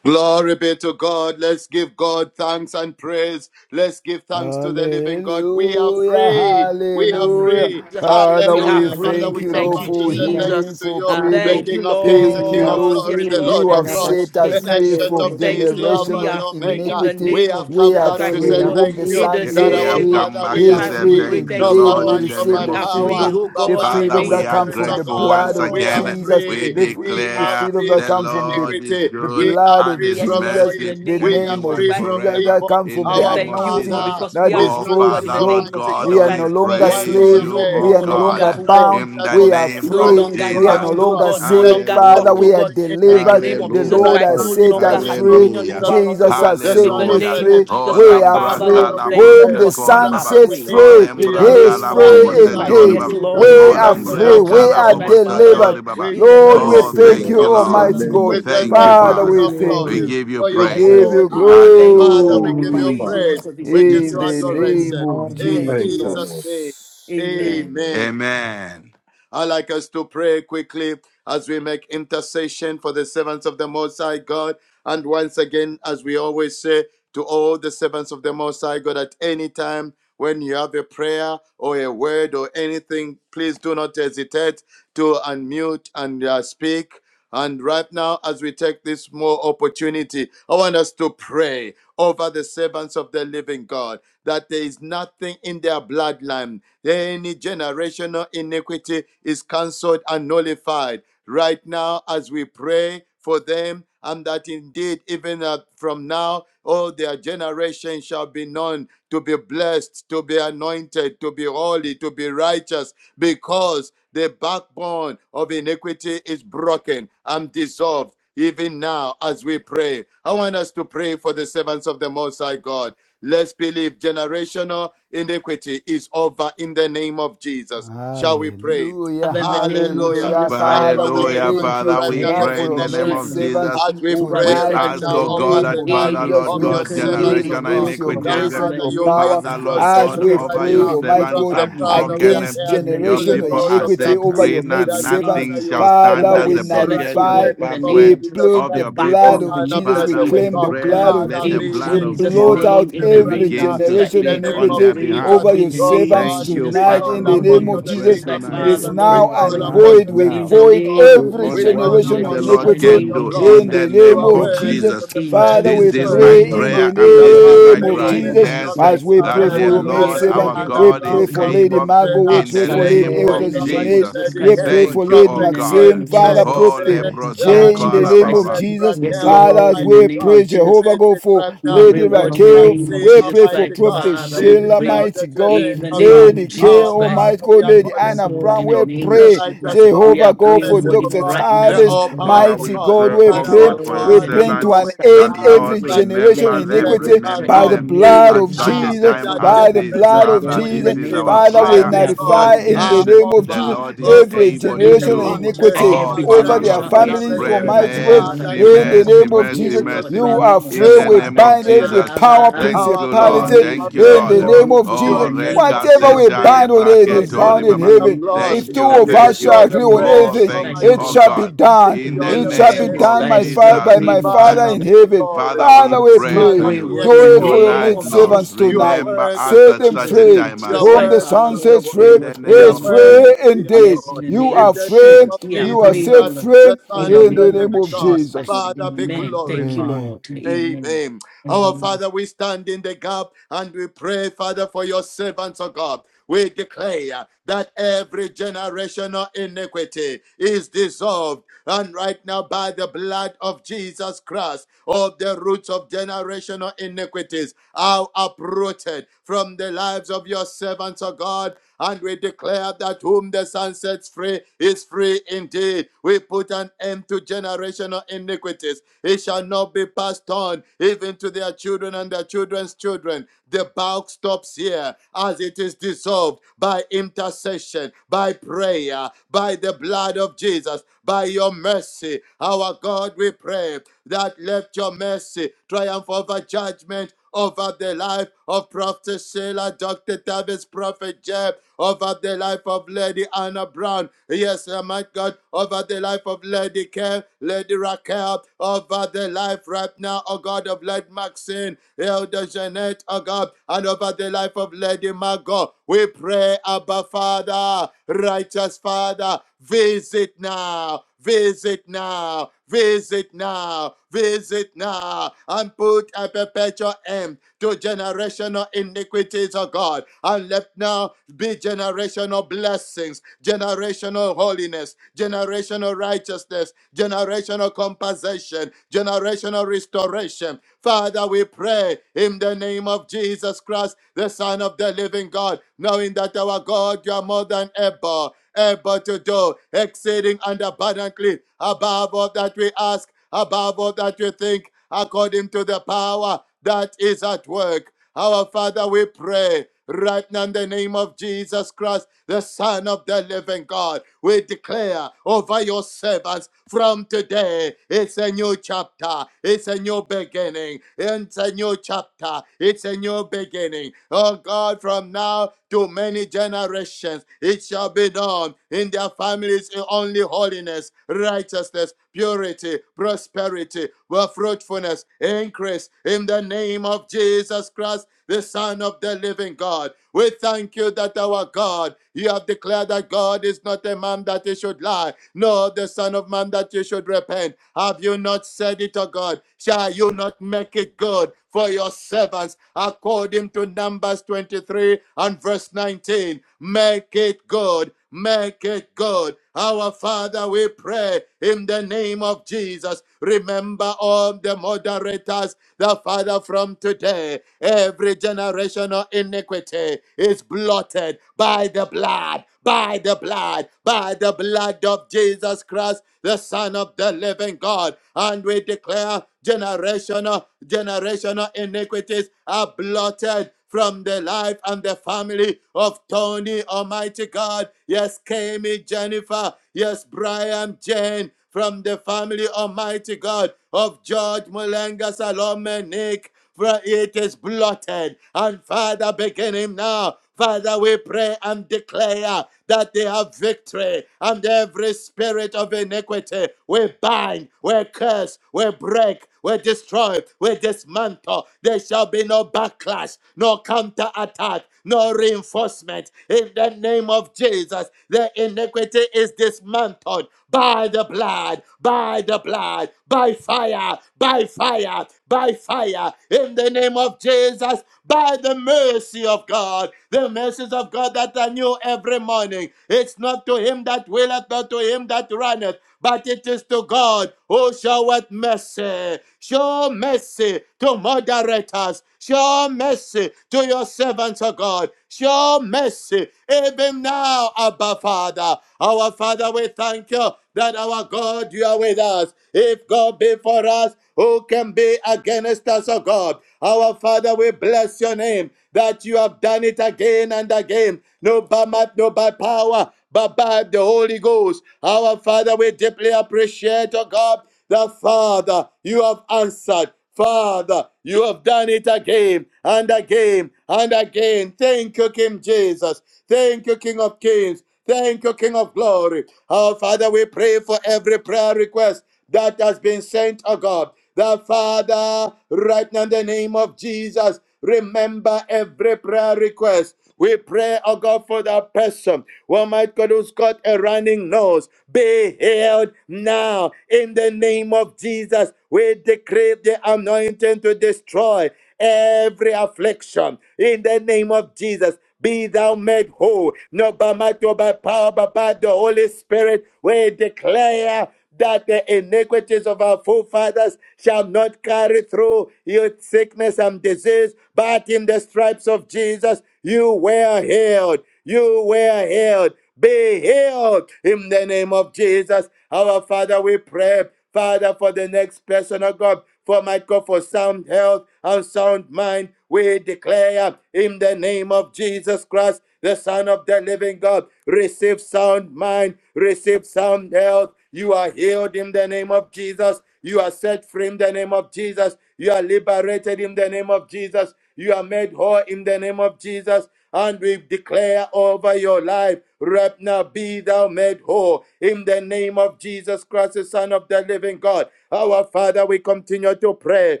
Speaker 5: Glory be to God. Let's give God thanks and praise. Let's give thanks to the living God. We are
Speaker 3: Hallelujah,
Speaker 5: free. We are
Speaker 8: Hallelujah.
Speaker 3: hallelujah.
Speaker 5: free.
Speaker 2: Jesus.
Speaker 3: Father,
Speaker 2: We are
Speaker 3: we
Speaker 5: Hallelujah.
Speaker 2: free.
Speaker 5: Father,
Speaker 3: thank
Speaker 2: We
Speaker 5: we
Speaker 3: you,
Speaker 5: come
Speaker 2: thank
Speaker 3: Lord,
Speaker 2: you,
Speaker 5: back to
Speaker 3: for
Speaker 5: say thank you
Speaker 3: healing,
Speaker 5: to
Speaker 2: Jesus.
Speaker 3: for
Speaker 5: you, the
Speaker 3: freedom.
Speaker 2: Thank
Speaker 8: Hallelujah.
Speaker 2: you,
Speaker 5: King of Kings, the
Speaker 3: Thank
Speaker 8: We
Speaker 5: King
Speaker 3: you,
Speaker 8: are
Speaker 5: of
Speaker 2: Lord.
Speaker 3: Lord.
Speaker 5: Glory,
Speaker 2: Yes,
Speaker 5: the
Speaker 8: free.
Speaker 2: Lord, in
Speaker 5: Lord
Speaker 3: You
Speaker 2: the
Speaker 3: have
Speaker 5: of
Speaker 2: name
Speaker 5: Lords,
Speaker 2: of
Speaker 3: set
Speaker 5: the
Speaker 2: Jesus
Speaker 3: us
Speaker 2: Christ.
Speaker 3: free
Speaker 8: Tarabashende.
Speaker 5: Ancient
Speaker 8: Look
Speaker 2: We
Speaker 3: from
Speaker 5: of
Speaker 8: at you.
Speaker 2: thank
Speaker 5: Days,
Speaker 2: you,
Speaker 5: the
Speaker 2: Lord.
Speaker 5: Alpha
Speaker 2: We
Speaker 5: and
Speaker 8: We
Speaker 3: generational
Speaker 5: the
Speaker 8: are
Speaker 2: are free in
Speaker 5: Omega.
Speaker 2: the
Speaker 3: iniquity.
Speaker 5: We
Speaker 2: name
Speaker 8: baptized.
Speaker 2: of
Speaker 5: have
Speaker 3: We
Speaker 5: come
Speaker 2: Jesus
Speaker 3: are
Speaker 5: back
Speaker 8: Father,
Speaker 2: Christ,
Speaker 5: to
Speaker 2: oh
Speaker 8: we
Speaker 5: say
Speaker 3: free.
Speaker 8: are
Speaker 2: God.
Speaker 3: Whom the
Speaker 5: thank
Speaker 8: free.
Speaker 5: you
Speaker 2: In the
Speaker 3: Son
Speaker 6: Yep,
Speaker 5: that
Speaker 6: we
Speaker 3: sets
Speaker 8: Lord,
Speaker 5: our
Speaker 8: we
Speaker 6: have
Speaker 2: name
Speaker 3: free,
Speaker 8: thank
Speaker 2: of
Speaker 6: come
Speaker 5: Father,
Speaker 6: back
Speaker 2: Jesus
Speaker 5: we
Speaker 3: he
Speaker 6: to
Speaker 5: are
Speaker 3: is
Speaker 2: Christ,
Speaker 8: you. Lord,
Speaker 6: say
Speaker 2: we
Speaker 8: we
Speaker 3: free
Speaker 5: free.
Speaker 2: pray.
Speaker 8: thank
Speaker 6: thank you,
Speaker 8: you.
Speaker 2: Thank
Speaker 5: not
Speaker 2: you,
Speaker 5: by
Speaker 3: indeed.
Speaker 6: Lord,
Speaker 3: We
Speaker 2: Lord.
Speaker 5: might,
Speaker 6: in the
Speaker 5: not
Speaker 3: receive
Speaker 5: by
Speaker 6: name
Speaker 2: We
Speaker 3: the
Speaker 2: are
Speaker 8: We
Speaker 6: of
Speaker 5: power,
Speaker 2: free,
Speaker 6: Jesus.
Speaker 3: freedom,
Speaker 2: oh
Speaker 5: but
Speaker 3: the
Speaker 2: God, in
Speaker 5: by
Speaker 2: the
Speaker 6: Father,
Speaker 5: your
Speaker 3: freedom
Speaker 2: name
Speaker 6: we
Speaker 3: that
Speaker 2: of
Speaker 6: are
Speaker 3: comes
Speaker 2: Jesus
Speaker 5: Spirit,
Speaker 3: from
Speaker 5: oh
Speaker 3: the
Speaker 2: Christ,
Speaker 6: grateful
Speaker 2: God,
Speaker 5: God.
Speaker 3: blood
Speaker 6: once
Speaker 5: We.
Speaker 3: of
Speaker 5: We are
Speaker 2: Lord.
Speaker 6: again.
Speaker 3: Jesus,
Speaker 6: We
Speaker 5: free.
Speaker 8: We thank
Speaker 3: the, free-
Speaker 5: We
Speaker 3: the
Speaker 5: are
Speaker 6: declare
Speaker 3: freedom
Speaker 5: free
Speaker 3: that
Speaker 6: the
Speaker 5: from
Speaker 3: comes from the
Speaker 6: Lord is
Speaker 5: iniquity.
Speaker 3: the
Speaker 6: good
Speaker 5: We are
Speaker 3: blood
Speaker 6: and
Speaker 3: of
Speaker 5: free
Speaker 6: his
Speaker 2: Yes,
Speaker 5: from
Speaker 3: Jesus,
Speaker 2: Lord, in
Speaker 6: mercy
Speaker 5: sin.
Speaker 2: the
Speaker 3: the
Speaker 2: name
Speaker 5: We
Speaker 2: of
Speaker 5: are
Speaker 3: name
Speaker 2: Jesus
Speaker 3: of
Speaker 6: endures
Speaker 5: free
Speaker 2: Christ,
Speaker 3: Jesus
Speaker 5: from
Speaker 3: that,
Speaker 6: forever
Speaker 3: that
Speaker 5: evil.
Speaker 3: come
Speaker 6: in
Speaker 3: from
Speaker 6: the
Speaker 3: the
Speaker 2: we
Speaker 5: Our
Speaker 6: name
Speaker 2: thank
Speaker 6: of
Speaker 2: you, oh
Speaker 3: anointing
Speaker 2: God,
Speaker 6: Jesus.
Speaker 5: Father,
Speaker 2: because we
Speaker 3: that
Speaker 2: are
Speaker 5: we
Speaker 6: Oh,
Speaker 2: free, oh
Speaker 5: thank
Speaker 2: God,
Speaker 5: you,
Speaker 2: in
Speaker 3: destroys
Speaker 6: Father,
Speaker 2: the
Speaker 6: Lord
Speaker 2: name
Speaker 3: yoke.
Speaker 2: of
Speaker 5: Almighty
Speaker 6: God,
Speaker 3: We
Speaker 2: Jesus
Speaker 3: are
Speaker 5: God,
Speaker 6: we
Speaker 3: no
Speaker 2: Christ.
Speaker 5: for
Speaker 3: longer
Speaker 2: Yes,
Speaker 5: wiping
Speaker 6: praise
Speaker 2: Lord,
Speaker 3: slaves.
Speaker 2: no
Speaker 6: you,
Speaker 5: away
Speaker 6: oh
Speaker 3: We are
Speaker 2: more
Speaker 3: no
Speaker 5: the
Speaker 2: no
Speaker 3: longer
Speaker 2: longer,
Speaker 6: God,
Speaker 2: oh God.
Speaker 3: bound.
Speaker 5: handwriting
Speaker 6: in
Speaker 5: that
Speaker 6: the
Speaker 3: We
Speaker 5: was
Speaker 3: are
Speaker 6: name
Speaker 2: No
Speaker 5: contrary
Speaker 3: free.
Speaker 6: of
Speaker 2: longer
Speaker 5: to
Speaker 3: We are
Speaker 5: us,
Speaker 6: Jesus.
Speaker 3: no
Speaker 5: oh
Speaker 2: bound, oh
Speaker 5: God.
Speaker 3: longer
Speaker 2: God, no
Speaker 5: Thank
Speaker 3: sick.
Speaker 5: you
Speaker 2: longer
Speaker 5: for
Speaker 3: Father,
Speaker 2: tossed, oh
Speaker 3: we
Speaker 6: Hallelujah.
Speaker 3: are
Speaker 2: God.
Speaker 5: removing
Speaker 2: In the
Speaker 3: delivered.
Speaker 2: name
Speaker 5: iniquity
Speaker 2: of
Speaker 3: The
Speaker 2: Jesus
Speaker 7: Hallelujah.
Speaker 3: Lord
Speaker 5: right
Speaker 6: Hallelujah.
Speaker 2: Christ,
Speaker 3: has
Speaker 5: now
Speaker 2: no
Speaker 7: Thank you,
Speaker 5: in
Speaker 3: set
Speaker 5: the
Speaker 2: longer
Speaker 3: us
Speaker 7: Lord.
Speaker 2: had
Speaker 5: name of
Speaker 3: free.
Speaker 7: Thank
Speaker 2: dominion
Speaker 6: Hallelujah.
Speaker 2: over
Speaker 7: you,
Speaker 5: Jesus
Speaker 7: Lord.
Speaker 2: us,
Speaker 5: Christ,
Speaker 2: oh
Speaker 3: Jesus
Speaker 2: God.
Speaker 3: has
Speaker 5: the
Speaker 2: In
Speaker 3: set
Speaker 5: Son
Speaker 2: the
Speaker 3: me
Speaker 5: of the
Speaker 6: Hallelujah.
Speaker 2: name of
Speaker 3: free.
Speaker 5: living
Speaker 2: Jesus
Speaker 5: God.
Speaker 3: We
Speaker 2: Christ,
Speaker 3: are
Speaker 5: Our
Speaker 6: Olambra
Speaker 2: Father,
Speaker 7: Thank
Speaker 3: free.
Speaker 2: Lord, we
Speaker 5: Father, we
Speaker 2: thank
Speaker 7: you,
Speaker 2: you
Speaker 3: Whom
Speaker 5: pray
Speaker 7: Jesus.
Speaker 6: calabroske
Speaker 3: the
Speaker 2: because we
Speaker 3: Son
Speaker 5: right
Speaker 2: are
Speaker 6: corba.
Speaker 5: now in the
Speaker 3: sets
Speaker 2: free.
Speaker 5: name of
Speaker 3: free,
Speaker 2: In
Speaker 3: he
Speaker 2: the
Speaker 6: Olembra
Speaker 5: Jesus,
Speaker 3: is
Speaker 2: name of
Speaker 5: by the
Speaker 6: calabobo
Speaker 3: free
Speaker 2: Jesus
Speaker 5: blood
Speaker 8: you.
Speaker 2: Christ,
Speaker 5: of
Speaker 3: indeed.
Speaker 2: yes,
Speaker 6: setorba.
Speaker 7: Indeed.
Speaker 2: Lord, we
Speaker 5: Jesus,
Speaker 7: Thank
Speaker 3: We
Speaker 2: go
Speaker 7: you,
Speaker 8: We
Speaker 3: are
Speaker 5: with
Speaker 8: thank
Speaker 2: thank you,
Speaker 5: the
Speaker 3: free.
Speaker 6: Olambra
Speaker 2: Lord
Speaker 5: help
Speaker 7: Jesus.
Speaker 5: of
Speaker 3: We
Speaker 8: you.
Speaker 5: the
Speaker 2: Jesus
Speaker 3: are
Speaker 6: calabobo
Speaker 5: Holy
Speaker 2: Christ, Father,
Speaker 5: Spirit.
Speaker 3: delivered.
Speaker 2: Lord.
Speaker 6: setorba.
Speaker 5: We
Speaker 2: In the
Speaker 5: say
Speaker 3: Lord,
Speaker 8: We
Speaker 2: name
Speaker 7: Thank
Speaker 3: we
Speaker 5: thank
Speaker 6: Oh,
Speaker 2: of
Speaker 7: you,
Speaker 5: you,
Speaker 8: thank
Speaker 2: Jesus
Speaker 3: thank
Speaker 5: King
Speaker 6: thank
Speaker 3: you,
Speaker 7: Lord.
Speaker 6: you,
Speaker 5: of
Speaker 2: Christ,
Speaker 8: you,
Speaker 7: In the
Speaker 6: Lord.
Speaker 5: Peace.
Speaker 8: Father.
Speaker 2: Father,
Speaker 3: Almighty
Speaker 7: name
Speaker 5: We
Speaker 2: Lord,
Speaker 3: God.
Speaker 7: of
Speaker 2: in the
Speaker 5: say
Speaker 6: Thank
Speaker 8: We
Speaker 2: name
Speaker 6: you,
Speaker 2: of
Speaker 5: thank
Speaker 8: give
Speaker 7: Jesus.
Speaker 5: you,
Speaker 3: Father,
Speaker 8: you
Speaker 5: King
Speaker 2: Jesus
Speaker 3: we
Speaker 6: Father.
Speaker 5: of
Speaker 2: Christ,
Speaker 3: thank
Speaker 6: We
Speaker 5: Glory,
Speaker 3: you.
Speaker 8: glory
Speaker 6: give you
Speaker 5: for
Speaker 3: We
Speaker 5: your
Speaker 2: yes,
Speaker 5: mighty
Speaker 3: give
Speaker 7: Thank
Speaker 6: praise.
Speaker 3: you
Speaker 2: Lord,
Speaker 5: hand.
Speaker 2: we
Speaker 7: you,
Speaker 2: thank you,
Speaker 5: Father,
Speaker 7: Lord.
Speaker 6: Hallelujah.
Speaker 2: Lord,
Speaker 5: we
Speaker 8: in
Speaker 2: and
Speaker 7: Thank
Speaker 8: the
Speaker 2: we
Speaker 5: give
Speaker 8: mighty
Speaker 7: you,
Speaker 5: you
Speaker 3: glory
Speaker 2: praise you, Lord,
Speaker 7: Father.
Speaker 5: praise.
Speaker 2: for
Speaker 8: name
Speaker 2: this
Speaker 8: of
Speaker 5: We
Speaker 2: in
Speaker 5: give
Speaker 3: in
Speaker 5: you
Speaker 2: Jesus'
Speaker 3: the
Speaker 8: Jesus.
Speaker 2: name.
Speaker 3: name
Speaker 5: adoration.
Speaker 3: of
Speaker 5: In
Speaker 8: Amen.
Speaker 2: Thank you,
Speaker 7: Thank you,
Speaker 2: Lord.
Speaker 5: Jesus'
Speaker 7: Lord.
Speaker 5: name,
Speaker 3: Jesus.
Speaker 2: Amen.
Speaker 7: Amen.
Speaker 5: amen.
Speaker 6: Amen.
Speaker 5: I'd like us to pray quickly as we make intercession for the servants of the Most High God. And once again, as we always say to all the servants of the Most High God, at any time when you have a prayer or a word or anything, please do not hesitate to unmute and uh, speak. And right now, as we take this more opportunity, I want us to pray over the servants of the living God that there is nothing in their bloodline any generational iniquity is cancelled and nullified right now as we pray for them, and that indeed, even uh, from now, all their generation shall be known to be blessed, to be anointed, to be holy, to be righteous, because the backbone of iniquity is broken and dissolved even now as we pray. I want us to pray for the servants of the Most High God. Let's believe generational iniquity is over in the name of Jesus. Shall we pray?
Speaker 3: Hallelujah,
Speaker 2: Father, in the name of
Speaker 5: Hallelujah.
Speaker 6: Uh,
Speaker 3: hallelujah.
Speaker 2: Jesus
Speaker 5: Our
Speaker 2: Christ, we
Speaker 3: Father,
Speaker 5: Father,
Speaker 3: we
Speaker 5: we
Speaker 2: declare, O
Speaker 6: Hallelujah,
Speaker 5: thank
Speaker 2: God,
Speaker 3: thank
Speaker 5: you
Speaker 3: you
Speaker 6: Father.
Speaker 5: right
Speaker 6: We
Speaker 5: now in
Speaker 3: tonight
Speaker 5: the
Speaker 6: pray
Speaker 3: for
Speaker 5: name
Speaker 6: in
Speaker 2: every
Speaker 3: your
Speaker 6: the
Speaker 5: of
Speaker 6: name
Speaker 2: ensure
Speaker 3: maid
Speaker 6: of
Speaker 5: Jesus
Speaker 3: servants.
Speaker 6: Jesus.
Speaker 5: as
Speaker 2: iniquity
Speaker 5: we
Speaker 2: over
Speaker 5: pray
Speaker 2: the
Speaker 6: We
Speaker 3: Tonight,
Speaker 5: right
Speaker 2: servant
Speaker 3: in
Speaker 6: ask,
Speaker 2: of
Speaker 8: Thank
Speaker 5: now
Speaker 3: the
Speaker 6: oh
Speaker 2: God.
Speaker 6: God,
Speaker 5: over
Speaker 3: name
Speaker 6: that
Speaker 5: the
Speaker 3: of
Speaker 5: life
Speaker 2: It
Speaker 6: Father,
Speaker 2: is
Speaker 3: Jesus,
Speaker 6: Lord
Speaker 5: of
Speaker 3: we
Speaker 5: your
Speaker 6: God,
Speaker 2: broken.
Speaker 3: pray,
Speaker 2: It
Speaker 5: servants of
Speaker 2: is
Speaker 6: generational
Speaker 5: God.
Speaker 3: release your
Speaker 2: broken
Speaker 5: Now,
Speaker 6: iniquities,
Speaker 2: now
Speaker 3: grace
Speaker 6: eh,
Speaker 2: in
Speaker 3: and
Speaker 2: the
Speaker 5: Father,
Speaker 3: your
Speaker 5: you
Speaker 2: name
Speaker 3: power
Speaker 6: Father,
Speaker 5: visit your
Speaker 2: of
Speaker 6: Lord
Speaker 3: as
Speaker 6: God,
Speaker 5: servants
Speaker 3: we
Speaker 2: Jesus.
Speaker 5: right
Speaker 6: over
Speaker 2: It
Speaker 3: pray,
Speaker 6: your
Speaker 5: now
Speaker 2: is
Speaker 3: Almighty
Speaker 2: broken
Speaker 5: from
Speaker 6: servants
Speaker 3: God,
Speaker 6: are
Speaker 5: the
Speaker 2: out. We
Speaker 5: crown of
Speaker 2: pray
Speaker 5: their
Speaker 6: broken. eh.
Speaker 3: against
Speaker 5: hairs
Speaker 2: in the
Speaker 5: to
Speaker 6: Your
Speaker 8: you.
Speaker 5: the
Speaker 2: name
Speaker 3: generational
Speaker 2: of
Speaker 6: people
Speaker 5: soles
Speaker 6: are
Speaker 5: of
Speaker 2: Jesus
Speaker 3: iniquity
Speaker 5: their
Speaker 2: Christ,
Speaker 6: set
Speaker 3: over
Speaker 5: feet.
Speaker 2: Father,
Speaker 6: free,
Speaker 3: your maid
Speaker 2: God,
Speaker 6: and
Speaker 2: in
Speaker 5: That,
Speaker 2: the name of
Speaker 3: servants.
Speaker 6: nothing
Speaker 5: Father,
Speaker 2: Jesus
Speaker 5: you
Speaker 2: Christ,
Speaker 6: shall
Speaker 5: touch
Speaker 6: stand
Speaker 3: Father,
Speaker 2: over
Speaker 5: them
Speaker 6: as
Speaker 2: the
Speaker 3: we
Speaker 6: a
Speaker 5: right
Speaker 2: servants,
Speaker 6: blockade
Speaker 2: oh
Speaker 5: now
Speaker 6: in
Speaker 5: in
Speaker 6: the
Speaker 2: God,
Speaker 3: nullify,
Speaker 2: in
Speaker 5: the
Speaker 2: the
Speaker 5: name of
Speaker 2: name
Speaker 6: pathway
Speaker 3: we
Speaker 2: of Jesus,
Speaker 5: Jesus
Speaker 3: plead
Speaker 6: of
Speaker 2: the
Speaker 3: the
Speaker 5: Christ,
Speaker 6: your
Speaker 5: the
Speaker 3: blood
Speaker 6: people.
Speaker 2: backbone of
Speaker 3: of
Speaker 5: Son of
Speaker 3: Jesus,
Speaker 5: the
Speaker 3: we
Speaker 6: Father,
Speaker 2: iniquity is
Speaker 5: living
Speaker 6: we
Speaker 3: claim the
Speaker 5: God.
Speaker 6: pray
Speaker 3: blood
Speaker 6: that
Speaker 2: broken.
Speaker 3: of
Speaker 6: let
Speaker 5: Father,
Speaker 6: the
Speaker 3: Jesus,
Speaker 2: In
Speaker 3: we
Speaker 6: blood
Speaker 5: visit
Speaker 6: of
Speaker 2: Jesus'
Speaker 5: all
Speaker 3: blot
Speaker 6: Jesus
Speaker 5: of
Speaker 2: name,
Speaker 3: out
Speaker 2: in
Speaker 5: them
Speaker 2: the
Speaker 6: to
Speaker 5: right
Speaker 3: every
Speaker 2: name of
Speaker 6: begin
Speaker 5: now
Speaker 2: Jesus,
Speaker 6: to
Speaker 2: Christ,
Speaker 5: in
Speaker 3: generation
Speaker 2: even
Speaker 5: the
Speaker 6: speak
Speaker 2: as
Speaker 5: name
Speaker 6: on
Speaker 2: we
Speaker 5: of
Speaker 3: iniquity
Speaker 6: their
Speaker 2: pray
Speaker 3: over
Speaker 6: behalf.
Speaker 5: Jesus.
Speaker 3: over your
Speaker 2: in the
Speaker 5: Oh
Speaker 2: name of
Speaker 3: servants
Speaker 5: God,
Speaker 6: Thank you,
Speaker 2: Jesus
Speaker 5: we
Speaker 3: tonight
Speaker 2: Christ,
Speaker 6: Father,
Speaker 5: call
Speaker 3: in the
Speaker 2: in
Speaker 6: Lord.
Speaker 2: the
Speaker 5: upon
Speaker 3: name
Speaker 2: name
Speaker 6: We
Speaker 3: of
Speaker 5: you,
Speaker 2: of
Speaker 5: the
Speaker 6: pray
Speaker 2: Jesus
Speaker 5: King
Speaker 3: Jesus.
Speaker 5: of
Speaker 2: Christ,
Speaker 6: tonight.
Speaker 5: Kings.
Speaker 3: It's
Speaker 2: Father, Lord,
Speaker 5: We
Speaker 2: we
Speaker 3: now
Speaker 2: are
Speaker 5: call
Speaker 3: and
Speaker 2: praying, oh
Speaker 5: upon
Speaker 2: God,
Speaker 6: Arise
Speaker 3: void.
Speaker 5: you, the
Speaker 3: We
Speaker 2: in
Speaker 5: King
Speaker 6: now.
Speaker 2: the
Speaker 5: of
Speaker 3: void
Speaker 2: name
Speaker 5: Glory.
Speaker 2: of
Speaker 6: Do
Speaker 3: every
Speaker 2: Jesus
Speaker 5: We
Speaker 6: only
Speaker 2: Christ.
Speaker 5: call
Speaker 6: what you,
Speaker 3: generation
Speaker 2: Yes,
Speaker 3: of
Speaker 5: upon
Speaker 6: the
Speaker 5: you,
Speaker 2: Lord, in
Speaker 5: the
Speaker 2: the
Speaker 6: Lord,
Speaker 3: iniquity
Speaker 5: Lord
Speaker 6: can
Speaker 2: name
Speaker 5: of
Speaker 2: of
Speaker 6: do
Speaker 2: Jesus
Speaker 5: Lords.
Speaker 6: in
Speaker 3: in the
Speaker 6: the
Speaker 2: Christ.
Speaker 5: You
Speaker 6: name
Speaker 3: name
Speaker 5: are
Speaker 3: of
Speaker 6: of
Speaker 5: worthy
Speaker 3: Jesus.
Speaker 2: Broken
Speaker 5: to
Speaker 6: Jesus.
Speaker 5: be
Speaker 2: in
Speaker 5: praised,
Speaker 3: Father,
Speaker 6: This
Speaker 3: we
Speaker 6: is
Speaker 2: Jesus'
Speaker 5: worthy,
Speaker 6: my
Speaker 5: oh
Speaker 3: pray
Speaker 2: name,
Speaker 3: in
Speaker 2: we
Speaker 5: God.
Speaker 3: the
Speaker 6: prayer
Speaker 2: pray, oh
Speaker 6: and
Speaker 5: The
Speaker 2: God,
Speaker 6: this is
Speaker 2: in the
Speaker 5: Father,
Speaker 6: my
Speaker 3: name
Speaker 5: may
Speaker 3: of
Speaker 5: you
Speaker 6: cry.
Speaker 2: name of
Speaker 3: Jesus
Speaker 5: visit
Speaker 2: Jesus
Speaker 6: Yes,
Speaker 5: Dr.
Speaker 3: as
Speaker 2: Christ.
Speaker 3: we
Speaker 6: that
Speaker 3: pray
Speaker 5: Tavis,
Speaker 3: for
Speaker 6: the
Speaker 2: Father,
Speaker 3: your
Speaker 2: Lord,
Speaker 5: uh,
Speaker 3: maid
Speaker 6: Lord
Speaker 2: yes,
Speaker 5: Lady
Speaker 2: Lord,
Speaker 3: servant.
Speaker 6: our
Speaker 2: let it
Speaker 5: Anna
Speaker 3: We
Speaker 2: be
Speaker 6: God
Speaker 5: Brown,
Speaker 3: pray
Speaker 6: is
Speaker 3: for
Speaker 2: broken.
Speaker 3: Lady
Speaker 5: Prophet
Speaker 6: able
Speaker 3: Margot. We
Speaker 5: Sheila,
Speaker 6: in
Speaker 3: pray
Speaker 6: the
Speaker 3: for
Speaker 2: Yes,
Speaker 5: Lady,
Speaker 6: name
Speaker 3: Lady
Speaker 2: Lord,
Speaker 3: Elder
Speaker 2: in
Speaker 6: of
Speaker 5: Lady
Speaker 2: the
Speaker 5: Almighty
Speaker 2: name of
Speaker 3: Janet.
Speaker 6: Jesus.
Speaker 2: Jesus
Speaker 5: Lady
Speaker 3: We
Speaker 2: Christ, oh
Speaker 5: K,
Speaker 3: pray
Speaker 2: God,
Speaker 3: for
Speaker 6: Thank you,
Speaker 3: Lady
Speaker 6: oh
Speaker 2: in
Speaker 5: Prophet
Speaker 2: the
Speaker 5: J.
Speaker 2: name
Speaker 6: God.
Speaker 3: Maxim.
Speaker 2: of
Speaker 5: May
Speaker 8: Lord,
Speaker 3: Father,
Speaker 2: Jesus,
Speaker 5: you
Speaker 8: yes,
Speaker 6: Holy
Speaker 3: Prophet
Speaker 5: visit,
Speaker 8: Lord, we bind
Speaker 2: of
Speaker 5: Almighty
Speaker 3: J in
Speaker 8: and
Speaker 3: the
Speaker 8: we
Speaker 2: Jesus
Speaker 5: God,
Speaker 3: name
Speaker 8: take
Speaker 3: of
Speaker 2: Christ.
Speaker 6: broske
Speaker 5: let
Speaker 8: every thing,
Speaker 3: Jesus.
Speaker 2: Yes,
Speaker 5: Raquel,
Speaker 8: and
Speaker 3: Father,
Speaker 2: Lord,
Speaker 3: as
Speaker 2: in the
Speaker 5: Almighty
Speaker 3: we
Speaker 8: everything,
Speaker 2: name
Speaker 5: God.
Speaker 3: pray,
Speaker 2: of Jesus,
Speaker 3: Jehovah, go
Speaker 5: Visit
Speaker 3: for
Speaker 2: we
Speaker 5: Ratna,
Speaker 8: Lord,
Speaker 2: pray,
Speaker 3: Lady
Speaker 2: oh
Speaker 8: you
Speaker 2: God,
Speaker 5: Lady
Speaker 2: in
Speaker 8: money
Speaker 2: the
Speaker 8: from
Speaker 3: Raquel.
Speaker 2: name
Speaker 8: him
Speaker 2: of
Speaker 3: We
Speaker 5: Maxine,
Speaker 8: to
Speaker 3: we
Speaker 2: Jesus
Speaker 3: pray for
Speaker 5: Almighty
Speaker 2: Christ,
Speaker 8: and
Speaker 5: God.
Speaker 8: this
Speaker 3: Prophet
Speaker 8: one,
Speaker 2: Father,
Speaker 8: I
Speaker 2: we
Speaker 5: Visit
Speaker 3: Sheila,
Speaker 2: pray
Speaker 8: mean,
Speaker 3: mighty
Speaker 5: Elder
Speaker 3: God,
Speaker 2: in
Speaker 5: Janet,
Speaker 2: the
Speaker 5: oh
Speaker 8: it's you,
Speaker 5: God.
Speaker 2: name
Speaker 8: and
Speaker 2: of
Speaker 3: Lady K,
Speaker 2: Jesus
Speaker 5: Our
Speaker 2: Christ.
Speaker 8: and
Speaker 3: Almighty
Speaker 5: Father, we
Speaker 3: God,
Speaker 5: are
Speaker 3: Lady
Speaker 8: and
Speaker 5: calling
Speaker 2: Yes,
Speaker 3: Anna
Speaker 2: Lord,
Speaker 5: upon
Speaker 3: Brown.
Speaker 2: in
Speaker 8: and
Speaker 2: the
Speaker 3: We
Speaker 5: you,
Speaker 2: name
Speaker 8: and
Speaker 2: of
Speaker 5: the
Speaker 3: pray,
Speaker 2: Jesus,
Speaker 8: and
Speaker 5: righteous
Speaker 8: so,
Speaker 5: God,
Speaker 2: we
Speaker 3: Jehovah
Speaker 2: are
Speaker 5: the
Speaker 3: God,
Speaker 2: praying, oh
Speaker 3: for
Speaker 2: God,
Speaker 5: merciful
Speaker 8: mm,
Speaker 3: Dr.
Speaker 2: even
Speaker 8: thank
Speaker 5: God,
Speaker 8: you,
Speaker 2: right
Speaker 5: the
Speaker 3: Tavis,
Speaker 2: now.
Speaker 8: Lord,
Speaker 5: all
Speaker 8: for the
Speaker 6: Father,
Speaker 5: powerful
Speaker 8: thank
Speaker 6: we
Speaker 3: mighty
Speaker 8: you
Speaker 5: God.
Speaker 8: for
Speaker 3: God.
Speaker 8: the
Speaker 6: pray,
Speaker 3: We
Speaker 8: thank
Speaker 5: That
Speaker 6: oh
Speaker 2: Yes,
Speaker 3: pray,
Speaker 5: our
Speaker 6: God, for
Speaker 2: Lord,
Speaker 6: your
Speaker 2: in
Speaker 3: we
Speaker 2: the
Speaker 5: God,
Speaker 8: you, thank
Speaker 3: bring
Speaker 8: you,
Speaker 2: name of
Speaker 3: to
Speaker 6: servant,
Speaker 5: do
Speaker 3: an
Speaker 2: Jesus
Speaker 5: it
Speaker 8: for
Speaker 2: Christ,
Speaker 8: the
Speaker 6: that
Speaker 3: end
Speaker 2: Father,
Speaker 5: now.
Speaker 2: we
Speaker 3: every
Speaker 6: Lord,
Speaker 5: That
Speaker 2: pray.
Speaker 5: you
Speaker 2: Let
Speaker 3: generation
Speaker 6: remember
Speaker 2: it
Speaker 5: visit
Speaker 2: be, oh
Speaker 8: thank you.
Speaker 6: them,
Speaker 3: iniquity
Speaker 5: Lady
Speaker 2: God,
Speaker 6: remember
Speaker 3: by
Speaker 2: in
Speaker 3: the
Speaker 5: Margot,
Speaker 2: the
Speaker 6: them
Speaker 8: I
Speaker 2: name
Speaker 3: blood
Speaker 5: even
Speaker 6: at
Speaker 2: of
Speaker 3: of
Speaker 8: thank you,
Speaker 6: such a
Speaker 5: now.
Speaker 2: Jesus
Speaker 8: Lord,
Speaker 3: Jesus,
Speaker 2: Christ,
Speaker 6: time
Speaker 2: oh
Speaker 8: thank
Speaker 5: That
Speaker 8: you,
Speaker 6: as
Speaker 3: by
Speaker 2: God.
Speaker 8: for
Speaker 3: the
Speaker 6: this.
Speaker 8: the
Speaker 2: My
Speaker 3: blood
Speaker 8: thank
Speaker 5: generational
Speaker 3: of
Speaker 8: you,
Speaker 6: Father,
Speaker 2: God, in the
Speaker 6: this
Speaker 3: Jesus.
Speaker 6: is
Speaker 2: name
Speaker 5: iniquities
Speaker 2: of
Speaker 6: our
Speaker 3: Father,
Speaker 2: Jesus
Speaker 5: are
Speaker 3: we
Speaker 2: Christ,
Speaker 6: prayer
Speaker 2: we
Speaker 8: and
Speaker 2: are
Speaker 8: bless
Speaker 6: that
Speaker 2: praying
Speaker 8: your
Speaker 3: nullify
Speaker 5: dissolved,
Speaker 2: oh
Speaker 8: faith
Speaker 2: God,
Speaker 3: in
Speaker 6: yes,
Speaker 3: the
Speaker 5: are
Speaker 8: and
Speaker 3: name of
Speaker 8: faith
Speaker 6: the
Speaker 3: Jesus
Speaker 5: over.
Speaker 8: and
Speaker 6: Lord is
Speaker 5: Oh,
Speaker 8: bless
Speaker 3: every
Speaker 8: you
Speaker 6: able
Speaker 8: upon
Speaker 5: concerning
Speaker 6: to
Speaker 2: In the
Speaker 5: the
Speaker 8: you.
Speaker 3: generation
Speaker 2: name
Speaker 6: do.
Speaker 2: of
Speaker 8: and
Speaker 2: Jesus
Speaker 5: family,
Speaker 8: see
Speaker 2: Christ,
Speaker 8: you,
Speaker 3: iniquity
Speaker 6: Oh,
Speaker 2: every
Speaker 8: and
Speaker 3: over
Speaker 6: Father,
Speaker 5: concerning
Speaker 8: Thank
Speaker 3: their
Speaker 5: the
Speaker 6: Lord,
Speaker 2: generation,
Speaker 6: we
Speaker 2: yes,
Speaker 3: families,
Speaker 2: Lord,
Speaker 6: pray
Speaker 5: generation.
Speaker 8: you,
Speaker 2: ever
Speaker 3: Almighty
Speaker 2: been
Speaker 3: God,
Speaker 2: over the
Speaker 5: Father,
Speaker 8: Lord,
Speaker 6: mercy,
Speaker 8: thank
Speaker 5: in
Speaker 3: in
Speaker 2: family.
Speaker 5: the
Speaker 8: you,
Speaker 3: the
Speaker 8: and
Speaker 6: mercy,
Speaker 5: name
Speaker 8: thank
Speaker 3: name
Speaker 8: you,
Speaker 5: of
Speaker 3: of
Speaker 6: mercy,
Speaker 2: Yes,
Speaker 3: Jesus.
Speaker 5: Jesus
Speaker 2: Lord, in
Speaker 6: mercy
Speaker 2: the
Speaker 5: Christ
Speaker 3: You
Speaker 8: Lord,
Speaker 3: are
Speaker 2: name of
Speaker 3: free
Speaker 5: the
Speaker 8: that
Speaker 6: in the
Speaker 3: we
Speaker 2: Jesus
Speaker 5: Son
Speaker 6: name
Speaker 5: of
Speaker 6: of
Speaker 3: bind
Speaker 2: Christ,
Speaker 5: the
Speaker 3: every
Speaker 5: living
Speaker 6: Jesus.
Speaker 5: God.
Speaker 3: power,
Speaker 2: Father,
Speaker 6: Thank
Speaker 5: Our
Speaker 6: you,
Speaker 8: you
Speaker 2: in
Speaker 8: have
Speaker 2: the
Speaker 3: principality
Speaker 5: God,
Speaker 6: Lord.
Speaker 5: you
Speaker 2: name of
Speaker 5: are
Speaker 6: Thank you,
Speaker 2: Jesus
Speaker 3: in
Speaker 2: Christ,
Speaker 3: the
Speaker 6: Lord.
Speaker 2: Lord,
Speaker 8: to be
Speaker 5: faithful.
Speaker 3: name
Speaker 2: rebuke
Speaker 3: of
Speaker 2: you
Speaker 8: faithful.
Speaker 5: You
Speaker 2: in
Speaker 5: are
Speaker 3: Jesus.
Speaker 6: Oh,
Speaker 2: the name
Speaker 5: faithful,
Speaker 2: of
Speaker 6: reka
Speaker 5: King
Speaker 3: Whatever
Speaker 5: of
Speaker 8: Thank
Speaker 2: Jesus
Speaker 3: we
Speaker 6: seta
Speaker 2: Christ.
Speaker 5: kings.
Speaker 3: bind on
Speaker 6: rebra
Speaker 3: earth
Speaker 5: You are
Speaker 3: is
Speaker 2: Yes,
Speaker 3: bound
Speaker 6: ketori
Speaker 5: faithful,
Speaker 3: in
Speaker 2: Lord, in
Speaker 6: baba.
Speaker 2: the
Speaker 5: King of
Speaker 3: heaven.
Speaker 2: name of
Speaker 3: If
Speaker 5: glory.
Speaker 6: Thank
Speaker 2: Jesus
Speaker 3: two
Speaker 6: you,
Speaker 2: Christ,
Speaker 3: of
Speaker 2: we
Speaker 5: We
Speaker 2: have
Speaker 5: give
Speaker 3: us
Speaker 6: thank
Speaker 2: free
Speaker 5: you
Speaker 3: shall
Speaker 5: all
Speaker 6: you.
Speaker 2: God
Speaker 5: the
Speaker 3: agree
Speaker 2: in the
Speaker 3: on
Speaker 2: name of
Speaker 5: praise,
Speaker 6: Oh,
Speaker 2: Jesus
Speaker 3: anything,
Speaker 6: thank
Speaker 2: Christ,
Speaker 6: you,
Speaker 2: oh
Speaker 3: it
Speaker 5: Almighty
Speaker 6: oh
Speaker 2: God.
Speaker 3: shall
Speaker 5: God.
Speaker 3: be
Speaker 6: God
Speaker 2: In
Speaker 5: We
Speaker 2: the
Speaker 5: give
Speaker 6: in
Speaker 3: done.
Speaker 5: you
Speaker 6: the
Speaker 5: all
Speaker 2: name
Speaker 3: It
Speaker 5: the
Speaker 2: of
Speaker 3: shall be
Speaker 6: name
Speaker 5: praise,
Speaker 2: Jesus
Speaker 5: King
Speaker 3: done
Speaker 6: of
Speaker 5: of
Speaker 3: my
Speaker 2: Christ, in
Speaker 3: father,
Speaker 2: the
Speaker 5: kings.
Speaker 3: by
Speaker 6: Jesus.
Speaker 3: my
Speaker 2: name of
Speaker 3: Father
Speaker 6: Fa-
Speaker 2: Jesus
Speaker 5: Father,
Speaker 3: in
Speaker 5: be
Speaker 2: Christ.
Speaker 3: heaven.
Speaker 6: Father, we
Speaker 3: Father,
Speaker 5: glorified.
Speaker 8: you.
Speaker 3: we
Speaker 2: We
Speaker 6: pray to
Speaker 3: pray.
Speaker 5: Father,
Speaker 2: pray, oh
Speaker 5: be
Speaker 6: you
Speaker 2: God, in the
Speaker 3: Do it for your
Speaker 5: exalted, O
Speaker 2: name
Speaker 6: tonight,
Speaker 3: maid
Speaker 2: of
Speaker 5: God.
Speaker 6: Lord.
Speaker 3: servants
Speaker 2: Jesus,
Speaker 5: You are
Speaker 3: tonight.
Speaker 6: Remember
Speaker 5: worthy
Speaker 6: us
Speaker 5: to
Speaker 3: Set
Speaker 6: at
Speaker 5: be
Speaker 3: them
Speaker 6: such
Speaker 2: Jesus,
Speaker 6: a
Speaker 5: praised.
Speaker 3: free.
Speaker 2: name of
Speaker 6: time
Speaker 5: You are
Speaker 2: Jesus
Speaker 6: as
Speaker 3: Whom
Speaker 2: Christ,
Speaker 3: the
Speaker 6: this.
Speaker 5: worthy
Speaker 2: Father,
Speaker 5: to
Speaker 3: Son
Speaker 5: be
Speaker 2: Lord, we
Speaker 3: sets
Speaker 2: pray, oh
Speaker 3: free
Speaker 6: In
Speaker 5: worshipped.
Speaker 6: the
Speaker 2: God, in the
Speaker 5: You
Speaker 6: name
Speaker 5: are
Speaker 3: is
Speaker 2: name
Speaker 6: of
Speaker 2: of Jesus.
Speaker 6: Jesus.
Speaker 5: worthy
Speaker 3: free
Speaker 5: to be
Speaker 3: indeed.
Speaker 2: Yes, in
Speaker 5: adored.
Speaker 2: the
Speaker 3: You
Speaker 2: name
Speaker 5: In
Speaker 3: are
Speaker 2: of
Speaker 5: the name
Speaker 3: free.
Speaker 2: Jesus,
Speaker 5: of
Speaker 2: we are
Speaker 3: You are
Speaker 5: Jesus
Speaker 2: praying, O
Speaker 3: set
Speaker 5: Christ,
Speaker 2: Lord,
Speaker 3: free
Speaker 5: the
Speaker 2: in
Speaker 5: Son
Speaker 2: the
Speaker 5: of
Speaker 3: in
Speaker 5: the
Speaker 3: the
Speaker 2: name
Speaker 3: name
Speaker 2: of
Speaker 5: living
Speaker 3: of
Speaker 5: God,
Speaker 2: Jesus Christ.
Speaker 3: Jesus.
Speaker 5: Father, be
Speaker 2: Amen. Thank you,
Speaker 5: glorified.
Speaker 3: Amen.
Speaker 2: Lord. Amen.
Speaker 5: Amen. Our Father, we stand in the gap and we pray, Father, for your servants, of God. We declare that every generational iniquity is dissolved. And right now, by the blood of Jesus Christ, all the roots of generational iniquities are uprooted from the lives of your servants, of God and we declare that whom the Son sets free is free indeed. We put an end to generational iniquities. It shall not be passed on even to their children and their children's children. The bulk stops here as it is dissolved by intercession, by prayer, by the blood of Jesus, by your mercy. Our God, we pray that let your mercy triumph over judgment over the life of Prophet Sheila, Dr. Davis, Prophet Jeb, over the life of Lady Anna Brown. Yes, uh, my God, over the life of Lady Kev, Lady Raquel, over the life right now, oh God, of Lady Maxine, Elder Jeanette, oh God, and over the life of Lady Margot. We pray, Abba Father, righteous Father, visit now visit now, visit now, visit now, and put a perpetual end to generational iniquities, of God. And let now be generational blessings, generational holiness, generational righteousness, generational compensation, generational restoration. Father, we pray in the name of Jesus Christ, the Son of the living God, knowing that our God, you are more than able able to do exceeding and abundantly above all that we ask, above all that we think, according to the power that is at work. Our Father, we pray right now in the name of Jesus Christ, the Son of the living God. We declare over your servants from today, it's a new chapter, it's a new beginning, it's a new chapter, it's a new beginning. Oh God, from now to many generations, it shall be known down in their families in only holiness, righteousness, purity, prosperity, well, fruitfulness, increase in the name of Jesus Christ, the Son of the living God. We thank you that our God, you have declared that God is not a man that he should lie, nor the Son of Man that you should repent. Have you not said it, O God? Shall you not make it good for your servants according to Numbers 23 and verse 19? Make it good. Make it good. Our Father, we pray in the name of Jesus. Remember all the moderators, the Father, from today. Every generational iniquity is blotted by the blood, by the blood, by the blood of Jesus Christ, the Son of the living God. And we declare generational, generational iniquities are blotted from the life and the family of Tony, Almighty God. Yes, Kemi, Jennifer. Yes, Brian, Jane. From the family, Almighty God, of George Mulenga Salome, Nick, for it is blotted. And Father, beginning now, Father, we pray and declare that they have victory and every spirit of iniquity we bind, we curse, we break, we destroy, we dismantle. There shall be no backlash, no counter attack, no reinforcement. In the name of Jesus, the iniquity is dismantled by the blood, by the blood, by fire, by fire, by fire. In the name of Jesus, by the mercy of of God, the mercies of God that are new every morning. It's not to him that willeth, not to him that runneth, but it is to God who showeth mercy. Show mercy to moderators. Show mercy to your servants, O God. Show mercy even now, Abba Father. Our Father, we thank you that our God, you are with us. If God be for us, who can be against us, O God? Our Father, we bless your name that you have done it again and again, not by might, not by power, but by the Holy Ghost. Our Father, we deeply appreciate, oh God, the Father, you have answered. Father, you have done it again and again and again. Thank you, King Jesus. Thank you, King of Kings. Thank you, King of Glory. Our Father, we pray for every prayer request that has been sent, oh God. The Father, right now in the name of Jesus, remember every prayer request. We pray, oh God, for that person, Almighty God, who's got a running nose, be healed now in the name of Jesus. We decree the anointing to destroy every affliction in the name of Jesus. Be thou made whole, not by might or by power, but by the Holy Spirit. We declare that the iniquities of our forefathers shall not carry through your sickness and disease, but in the stripes of Jesus you were healed. You were healed. Be healed in the name of Jesus. Our Father, we pray Father, for the next person, oh God, for Michael, for sound health and sound mind, we declare in the name of Jesus Christ, the Son of the living God, receive sound mind, receive sound health. You are healed in the name of Jesus. You are set free in the name of Jesus. You are liberated in the name of Jesus. You are made whole in the name of Jesus and we declare over your life, Rabna, be thou made whole. In the name of Jesus Christ, the Son of the living God, our Father, we continue to pray.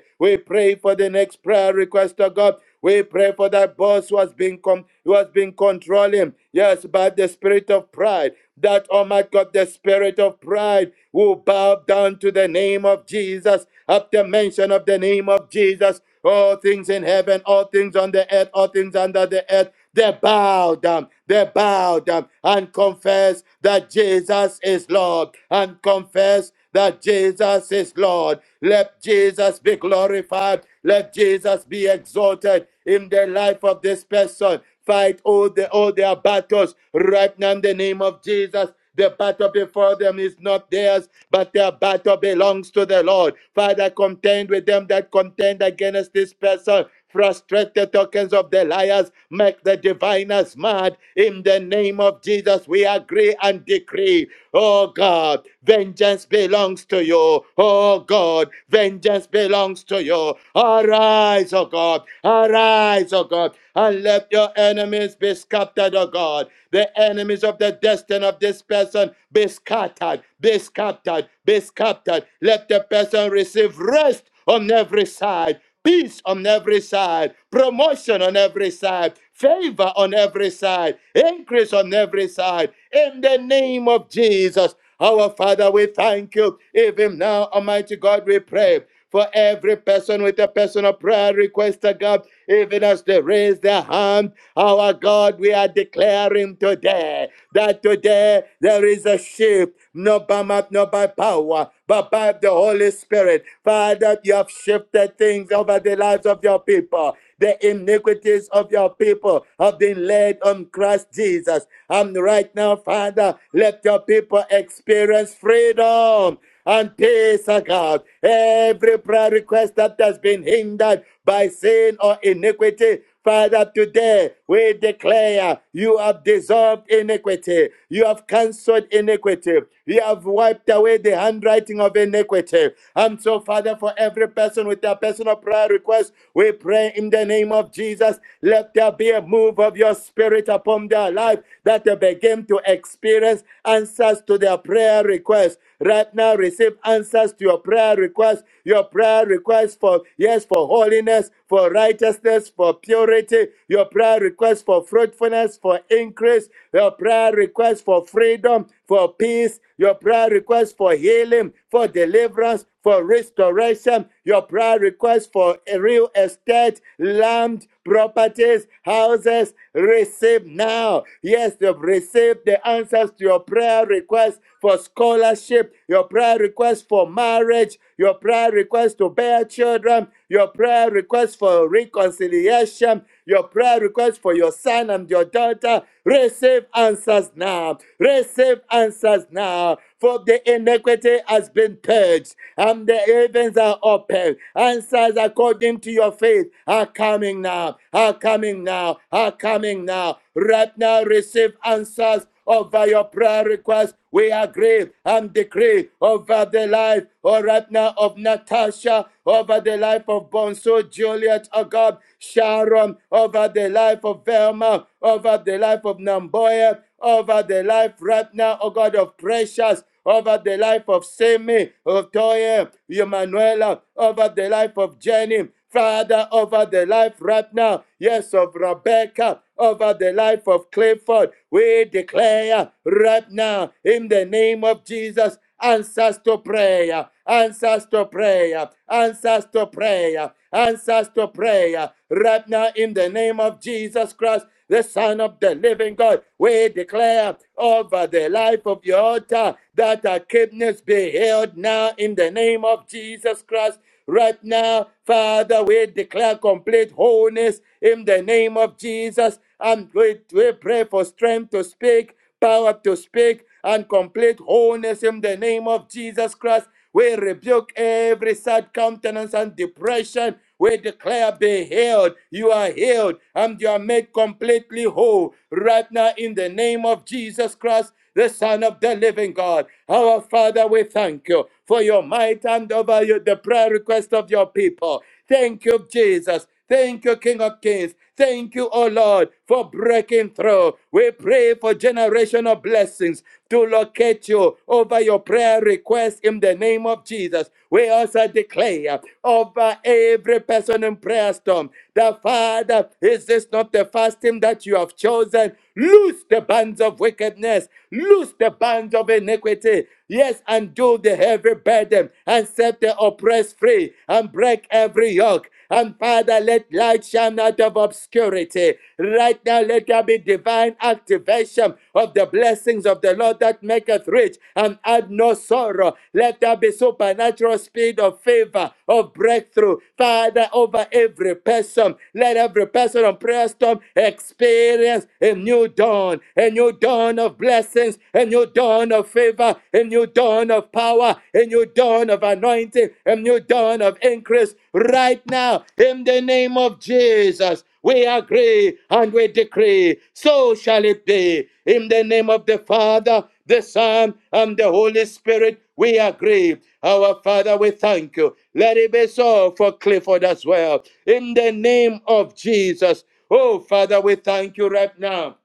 Speaker 5: We pray for the next prayer request of God. We pray for that boss who has been com- who has been controlling, yes, by the spirit of pride. That oh my God, the spirit of pride will bow down to the name of Jesus. At the mention of the name of Jesus, all things in heaven, all things on the earth, all things under the earth. They bow down, they bow down and confess that Jesus is Lord and confess that Jesus is Lord. Let Jesus be glorified. Let Jesus be exalted in the life of this person. Fight all, the, all their battles right now in the name of Jesus. The battle before them is not theirs, but their battle belongs to the Lord. Father, contend with them that contend against this person. Frustrate the tokens of the liars, make the diviners mad. In the name of Jesus, we agree and decree. Oh God, vengeance belongs to you. Oh God, vengeance belongs to you. Arise, oh God. Arise, O God, and let your enemies be scattered, O God. The enemies of the destiny of this person be scattered, be scattered, be scattered. Let the person receive rest on every side peace on every side, promotion on every side, favor on every side, increase on every side. In the name of Jesus, our Father, we thank you. Even now, Almighty God, we pray for every person with a personal prayer request, oh God, even as they raise their hand. Our God, we are declaring today that today there is a shift, not by might, not by power, but by the Holy Spirit. Father, you have shifted things over the lives of your people. The iniquities of your people have been laid on Christ Jesus. And right now, Father, let your people experience freedom and peace, oh God. Every prayer request that has been hindered by sin or iniquity, Father, today we declare you have dissolved iniquity, you have cancelled iniquity, you have wiped away the handwriting of iniquity. And so, Father, for every person with their personal prayer request, we pray in the name of Jesus, let there be a move of your spirit upon their life that they begin to experience answers to their prayer requests. Right now, receive answers to your prayer requests. Your prayer requests for, yes, for holiness, for righteousness, for purity. Your prayer requests for fruitfulness, for increase. Your prayer requests for freedom, for peace. Your prayer requests for healing, for deliverance, for restoration. Your prayer requests for a real estate, land, properties, houses, receive now. Yes, you've received the answers to your prayer request for scholarship, your prayer request for marriage, your prayer request to bear children, your prayer request for reconciliation, your prayer request for your son and your daughter, receive answers now. Receive answers now. For the iniquity has been purged, and the heavens are open. Answers according to your faith are coming now, are coming now, are coming now. Right now, receive answers over your prayer requests. We agree and decree over the life, or right now, of Natasha, over the life of Bonso Juliet, oh God, Sharon, over the life of Velma, over the life of Namboya, over the life right now, oh God of precious, over the life of Simi, of Toye, Emanuela, over the life of Jenny, Father, over the life right now, yes, of Rebecca, over the life of Clifford, we declare right now in the name of Jesus answers to prayer, answers to prayer, answers to prayer, answers to prayer. Right now, in the name of Jesus Christ, the Son of the Living God, we declare over the life of your altar that our kidneys be healed now in the name of Jesus Christ. Right now, Father, we declare complete wholeness in the name of Jesus. And we, we pray for strength to speak power to speak, and complete wholeness in the name of Jesus Christ. We rebuke every sad countenance and depression. We declare, be healed. You are healed and you are made completely whole right now in the name of Jesus Christ, the Son of the living God. Our Father, we thank you for your might and over you, the prayer request of your people. Thank you, Jesus. Thank you, King of Kings. Thank you, O Lord, for breaking through. We pray for generational blessings to locate you over your prayer request in the name of Jesus. We also declare over every person in prayer storm the Father, is this not the fasting that you have chosen? Loose the bands of wickedness, loose the bands of iniquity. Yes, undo the heavy burden and set the oppressed free and break every yoke. And Father, let light shine out of obscurity. Right now, let there be divine activation of the blessings of the Lord that maketh rich and add no sorrow. Let there be supernatural speed of favor, of breakthrough. Father, over every person, let every person on prayer storm experience a new dawn, a new dawn of blessings, a new dawn of favor, a new dawn dawn of power, a new dawn of anointing, a new dawn of increase right now in the name of Jesus. We agree and we decree, so shall it be. In the name of the Father, the Son, and the Holy Spirit, we agree. Our Father, we thank you. Let it be so for Clifford as well. In the name of Jesus. Oh, Father, we thank you right now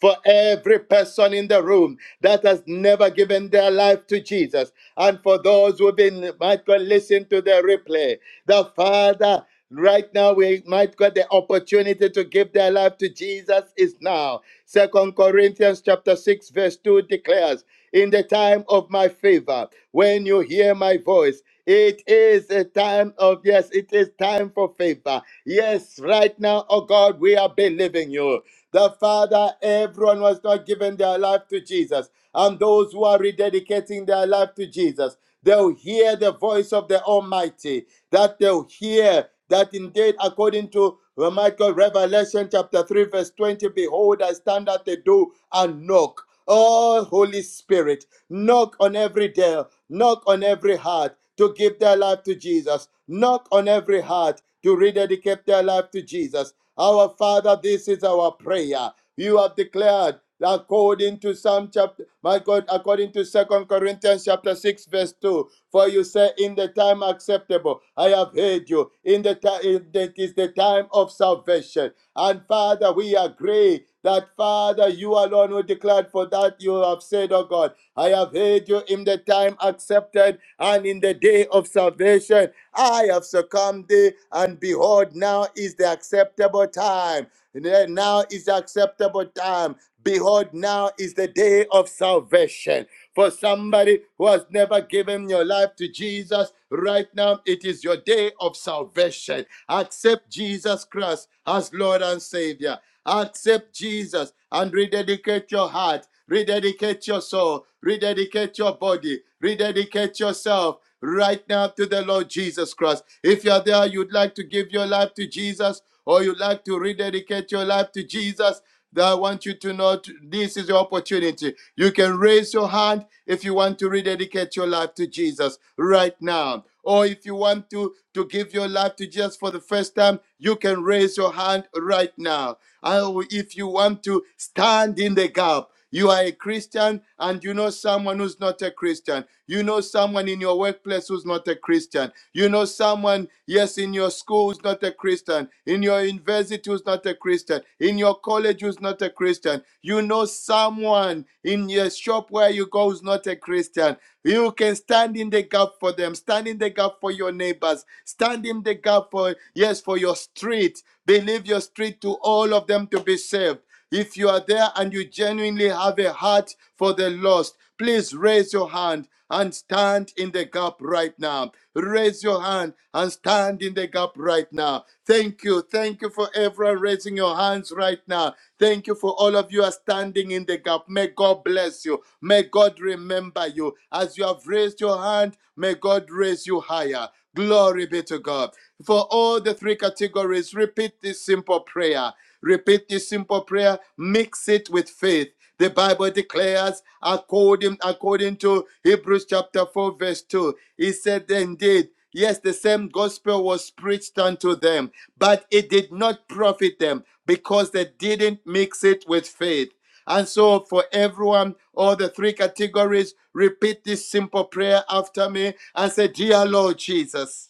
Speaker 5: for every person in the room that has never given their life to Jesus, and for those who've been might go listen to the replay. The Father. Right now, we might get the opportunity to give their life to Jesus is now. Second Corinthians chapter 6, verse 2 declares, In the time of my favor, when you hear my voice, it is a time of yes, it is time for favor. Yes, right now, oh God, we are believing you that Father, everyone who has not given their life to Jesus and those who are rededicating their life to Jesus, they'll hear the voice of the Almighty, that they'll hear that indeed, according to uh, Michael Revelation chapter 3, verse 20, behold, I stand at the door and knock. Oh, Holy Spirit, knock on every door. Knock on every heart to give their life to Jesus. Knock on every heart to rededicate their life to Jesus. Our Father, this is our prayer. You have declared according to Psalm chapter, my God, according to Second Corinthians chapter 6, verse 2. For you say, In the time acceptable, I have heard you. In the time that is the time of salvation. And Father, we agree that Father, you alone will declare for that you have said, oh God. I have heard you in the time accepted and in the day of salvation. I have succumbed thee, and behold, now is the acceptable time. Now is the acceptable time. Behold, now is the day of salvation. For somebody who has never given your life to Jesus, right now it is your day of salvation. Accept Jesus Christ as Lord and Savior. Accept Jesus and rededicate your heart, rededicate your soul, rededicate your body, rededicate yourself right now to the Lord Jesus Christ. If you're there, you'd like to give your life to Jesus or you'd like to rededicate your life to Jesus, that I want you to know this is your opportunity. You can raise your hand if you want to rededicate your life to Jesus right now. Or if you want to, to give your life to Jesus for the first time, you can raise your hand right now. And if you want to stand in the gap, you are a Christian and you know someone who's not a Christian. You know someone in your workplace who's not a Christian. You know someone, yes, in your school who's not a Christian. In your university who's not a Christian. In your college who's not a Christian. You know someone in your shop where you go who's not a Christian. You can stand in the gap for them, stand in the gap for your neighbors, stand in the gap for, yes, for your street. Believe your street to all of them to be saved. If you are there and you genuinely have a heart for the lost, please raise your hand and stand in the gap right now. Raise your hand and stand in the gap right now. Thank you. Thank you for everyone raising your hands right now. Thank you for all of you are standing in the gap. May God bless you. May God remember you. As you have raised your hand, may God raise you higher. Glory be to God. For all the three categories, repeat this simple prayer. Repeat this simple prayer, mix it with faith. The Bible declares, according, according to Hebrews chapter 4, verse 2, he said, Indeed, yes, the same gospel was preached unto them, but it did not profit them because they didn't mix it with faith. And so, for everyone, all the three categories, repeat this simple prayer after me and say, Dear Lord Jesus.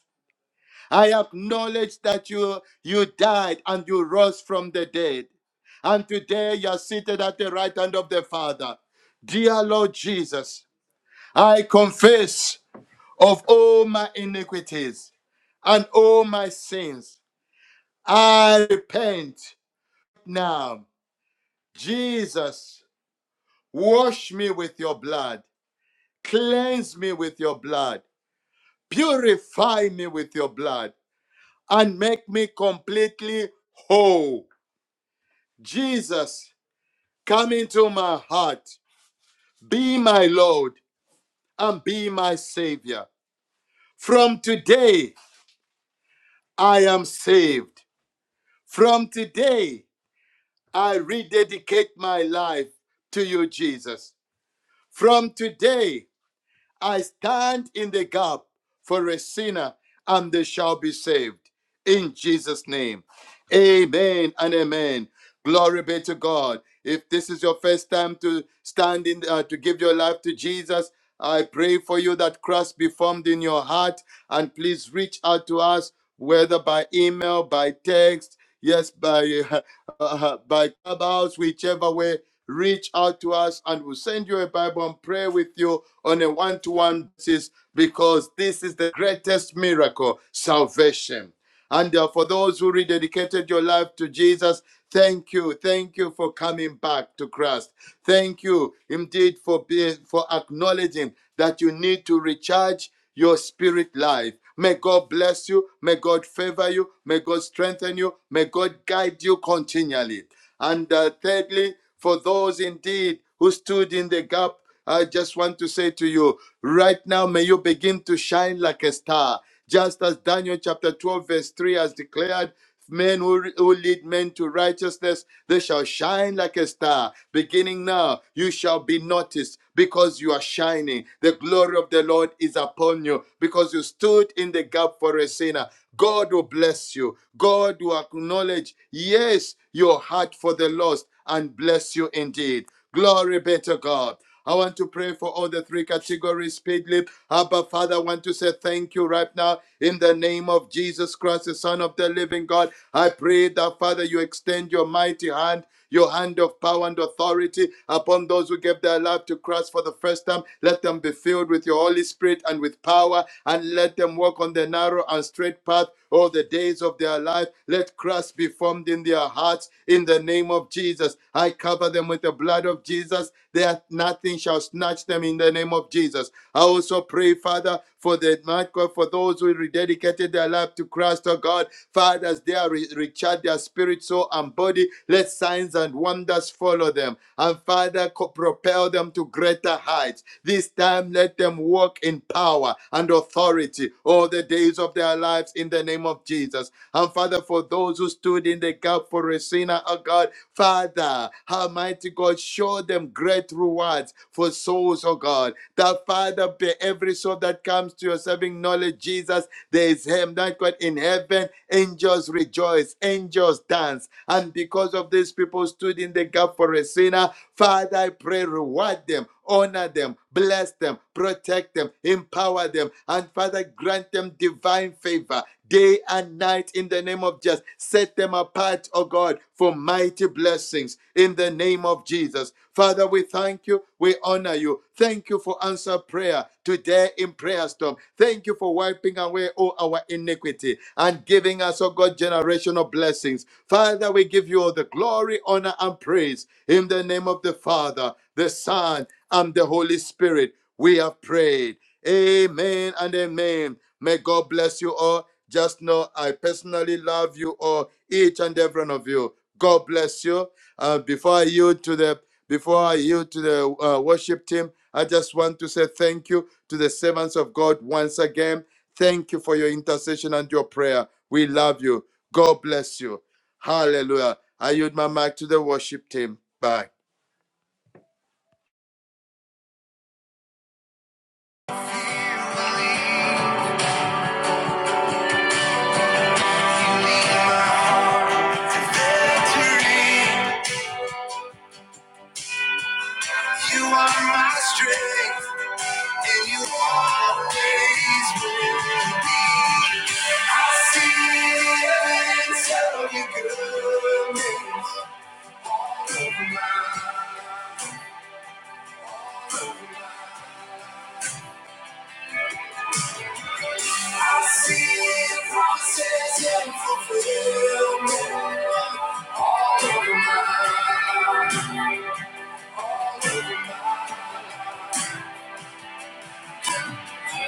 Speaker 5: I acknowledge that you, you died and you rose from the dead. And today you are seated at the right hand of the Father. Dear Lord Jesus, I confess of all my iniquities and all my sins. I repent now. Jesus, wash me with your blood, cleanse me with your blood, purify me with your blood, and make me completely whole. Jesus, come into my heart. Be my Lord and be my Savior. From today, I am saved. From today, I rededicate my life to you, Jesus. From today, I stand in the gap for a sinner and they shall be saved. In Jesus' name. Amen and amen. Glory be to God. If this is your first time to stand in, uh, to give your life to Jesus, I pray for you that Christ be formed in your heart. And please reach out to us, whether by email, by text, yes, by uh, uh, by clubhouse, whichever way. Reach out to us, and we'll send you a Bible and pray with you on a one-to-one basis because this is the greatest miracle, salvation. And uh, for those who rededicated your life to Jesus, thank you. Thank you for coming back to Christ. Thank you indeed for being, for acknowledging that you need to recharge your spirit life. May God bless you. May God favor you. May God strengthen you. May God guide you continually. And uh, thirdly, for those indeed who stood in the gap I just want to say to you right now, may you begin to shine like a star. Just as Daniel chapter 12, verse 3 has declared, men who, who lead men to righteousness, they shall shine like a star. Beginning now, you shall be noticed because you are shining. The glory of the Lord is upon you because you stood in the gap for a sinner. God will bless you. God will acknowledge, yes, your heart for the lost and bless you indeed. Glory be to God. I want to pray for all the three categories speedily. Abba, Father, I want to say thank you right now in the name of Jesus Christ, the Son of the living God. I pray that, Father, you extend your mighty hand your hand of power and authority upon those who gave their life to Christ for the first time. Let them be filled with your Holy Spirit and with power, and let them walk on the narrow and straight path all the days of their life. Let Christ be formed in their hearts in the name of Jesus. I cover them with the blood of Jesus. That nothing shall snatch them in the name of Jesus. I also pray, Father, for the might God, for those who rededicated their life to Christ, oh God. Father, as they are re- recharged their spirit, soul, and body, let signs and wonders follow them. And Father, co- propel them to greater greater heights. This time, let them walk in power and authority all the days of their lives in the name of Jesus. And Father, for those who stood in the gap for Resina, oh God, Father, Almighty God, show them great rewards for souls, oh God. That Father, be every soul that comes to your saving knowledge, Jesus, there is Him, that God in heaven, angels rejoice, angels dance. And because of these people stood in the gap for a sinner, Father, I pray, reward them honor them, bless them, protect them, empower them, and Father, grant them divine favor day and night in the name of Jesus. Set them apart, oh God, for mighty blessings in the name of Jesus. Father, we thank you, we honor you. Thank you for answer prayer today in prayer storm. Thank you for wiping away all our iniquity and giving us, oh God, generational blessings. Father, we give you all the glory, honor, and praise in the name of the Father, the Son, and the Holy Spirit. We have prayed. Amen and amen. May God bless you all. Just know I personally love you all, each and every one of you. God bless you. Uh, before I yield to the before I yield to the uh, worship team, I just want to say thank you to the servants of God once again. Thank you for your intercession and your prayer. We love you. God bless you. Hallelujah. I yield my mic to the worship team. Bye.
Speaker 1: You are my strength, and you always will be. I see evidence of your goodness. I see process and fulfillment all over my life.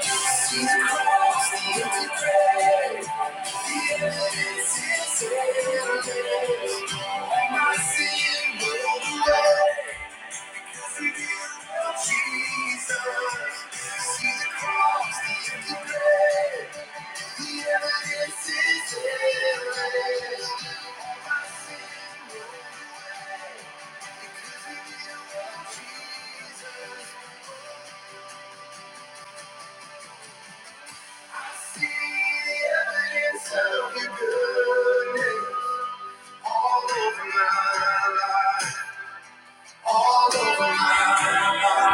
Speaker 1: Jesus. I see the evidence of your goodness all over my life, all over my life.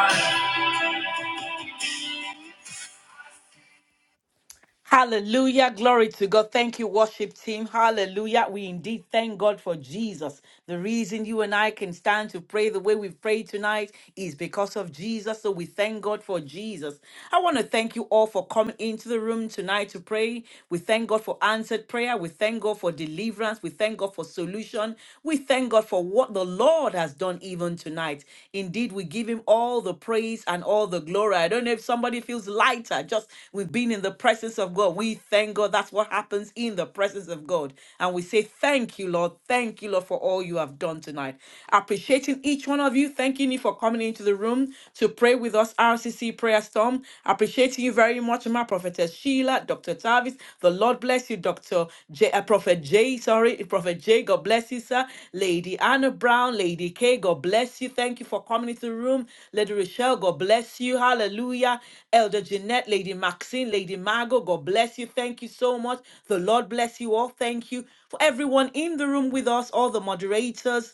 Speaker 2: Hallelujah. Glory to God. Thank you, worship team. Hallelujah. We indeed thank God for Jesus. The reason you and I can stand to pray the way we pray tonight is because of Jesus. So we thank God for Jesus. I want to thank you all for coming into the room tonight to pray. We thank God for answered prayer. We thank God for deliverance. We thank God for solution. We thank God for what the Lord. God has done even tonight. Indeed, we give him all the praise and all the glory. I don't know if somebody feels lighter just with being in the presence of God. We thank God. That's what happens in the presence of God. And we say, Thank you, Lord. Thank you, Lord, for all you have done tonight. Appreciating each one of you. Thanking you for coming into the room to pray with us, RCC Prayer Storm. Appreciating you very much, my prophet. Prophetess Sheila, Dr. Tavis. The Lord bless you, Dr. J, uh, Prophet J, sorry, Prophet J, God bless you, sir. Lady Anna Brown, Lady K, God bless you. Thank you for coming into the room. Lady Rochelle, God bless you. Hallelujah. Elder Jeanette, Lady Maxine, Lady Margot, God bless you. Thank you so much. The Lord bless you all. Thank you for everyone in the room with us, all the moderators.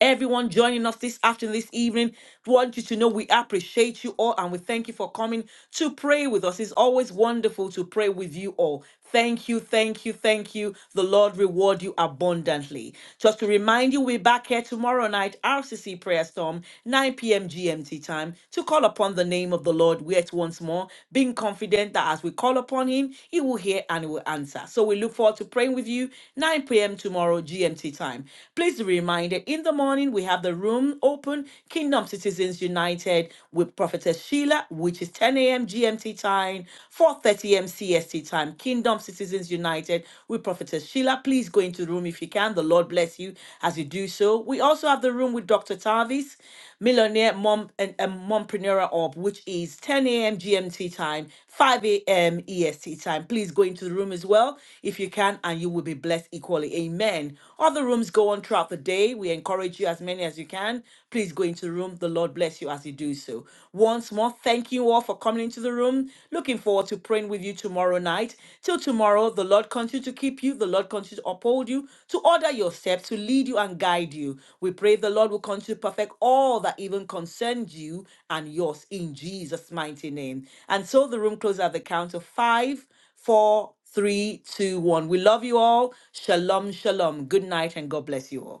Speaker 2: Everyone joining us this afternoon, this evening, we want you to know we appreciate you all and we thank you for coming to pray with us. It's always wonderful to pray with you all. Thank you, thank you, thank you. The Lord reward you abundantly. Just to remind you, we're back here tomorrow night, RCC Prayer Storm, 9 p.m. GMT time, to call upon the name of the Lord yet once more, being confident that as we call upon Him, He will hear and He will answer. So we look forward to praying with you, 9 p.m. tomorrow GMT time. Please be reminded in the morning, we have the room open, Kingdom Citizens United with Prophetess Sheila, which is 10 a.m. GMT time, 4.30 a.m. CST time. Kingdom Citizens United with Prophetess Sheila. Please go into the room if you can. The Lord bless you as you do so. We also have the room with Dr. Tavis. Millionaire Mom and, Mompreneur Up, which is 10 a.m. GMT time, 5 a.m. EST time. Please go into the room as well if you can, and you will be blessed equally. Amen. Other rooms go on throughout the day. We encourage you as many as you can. Please go into the room. The Lord bless you as you do so. Once more, thank you all for coming into the room. Looking forward to praying with you tomorrow tomorrow night. Till tomorrow, the Lord continue to keep you, the Lord continue to uphold you, to order your steps, to lead you and guide you. We pray the Lord will continue to perfect all that even concerns you and yours in Jesus' mighty name. And so the room closes at the count of five, four, three, two, one. We love you all. Shalom, shalom. Good night and God bless you all.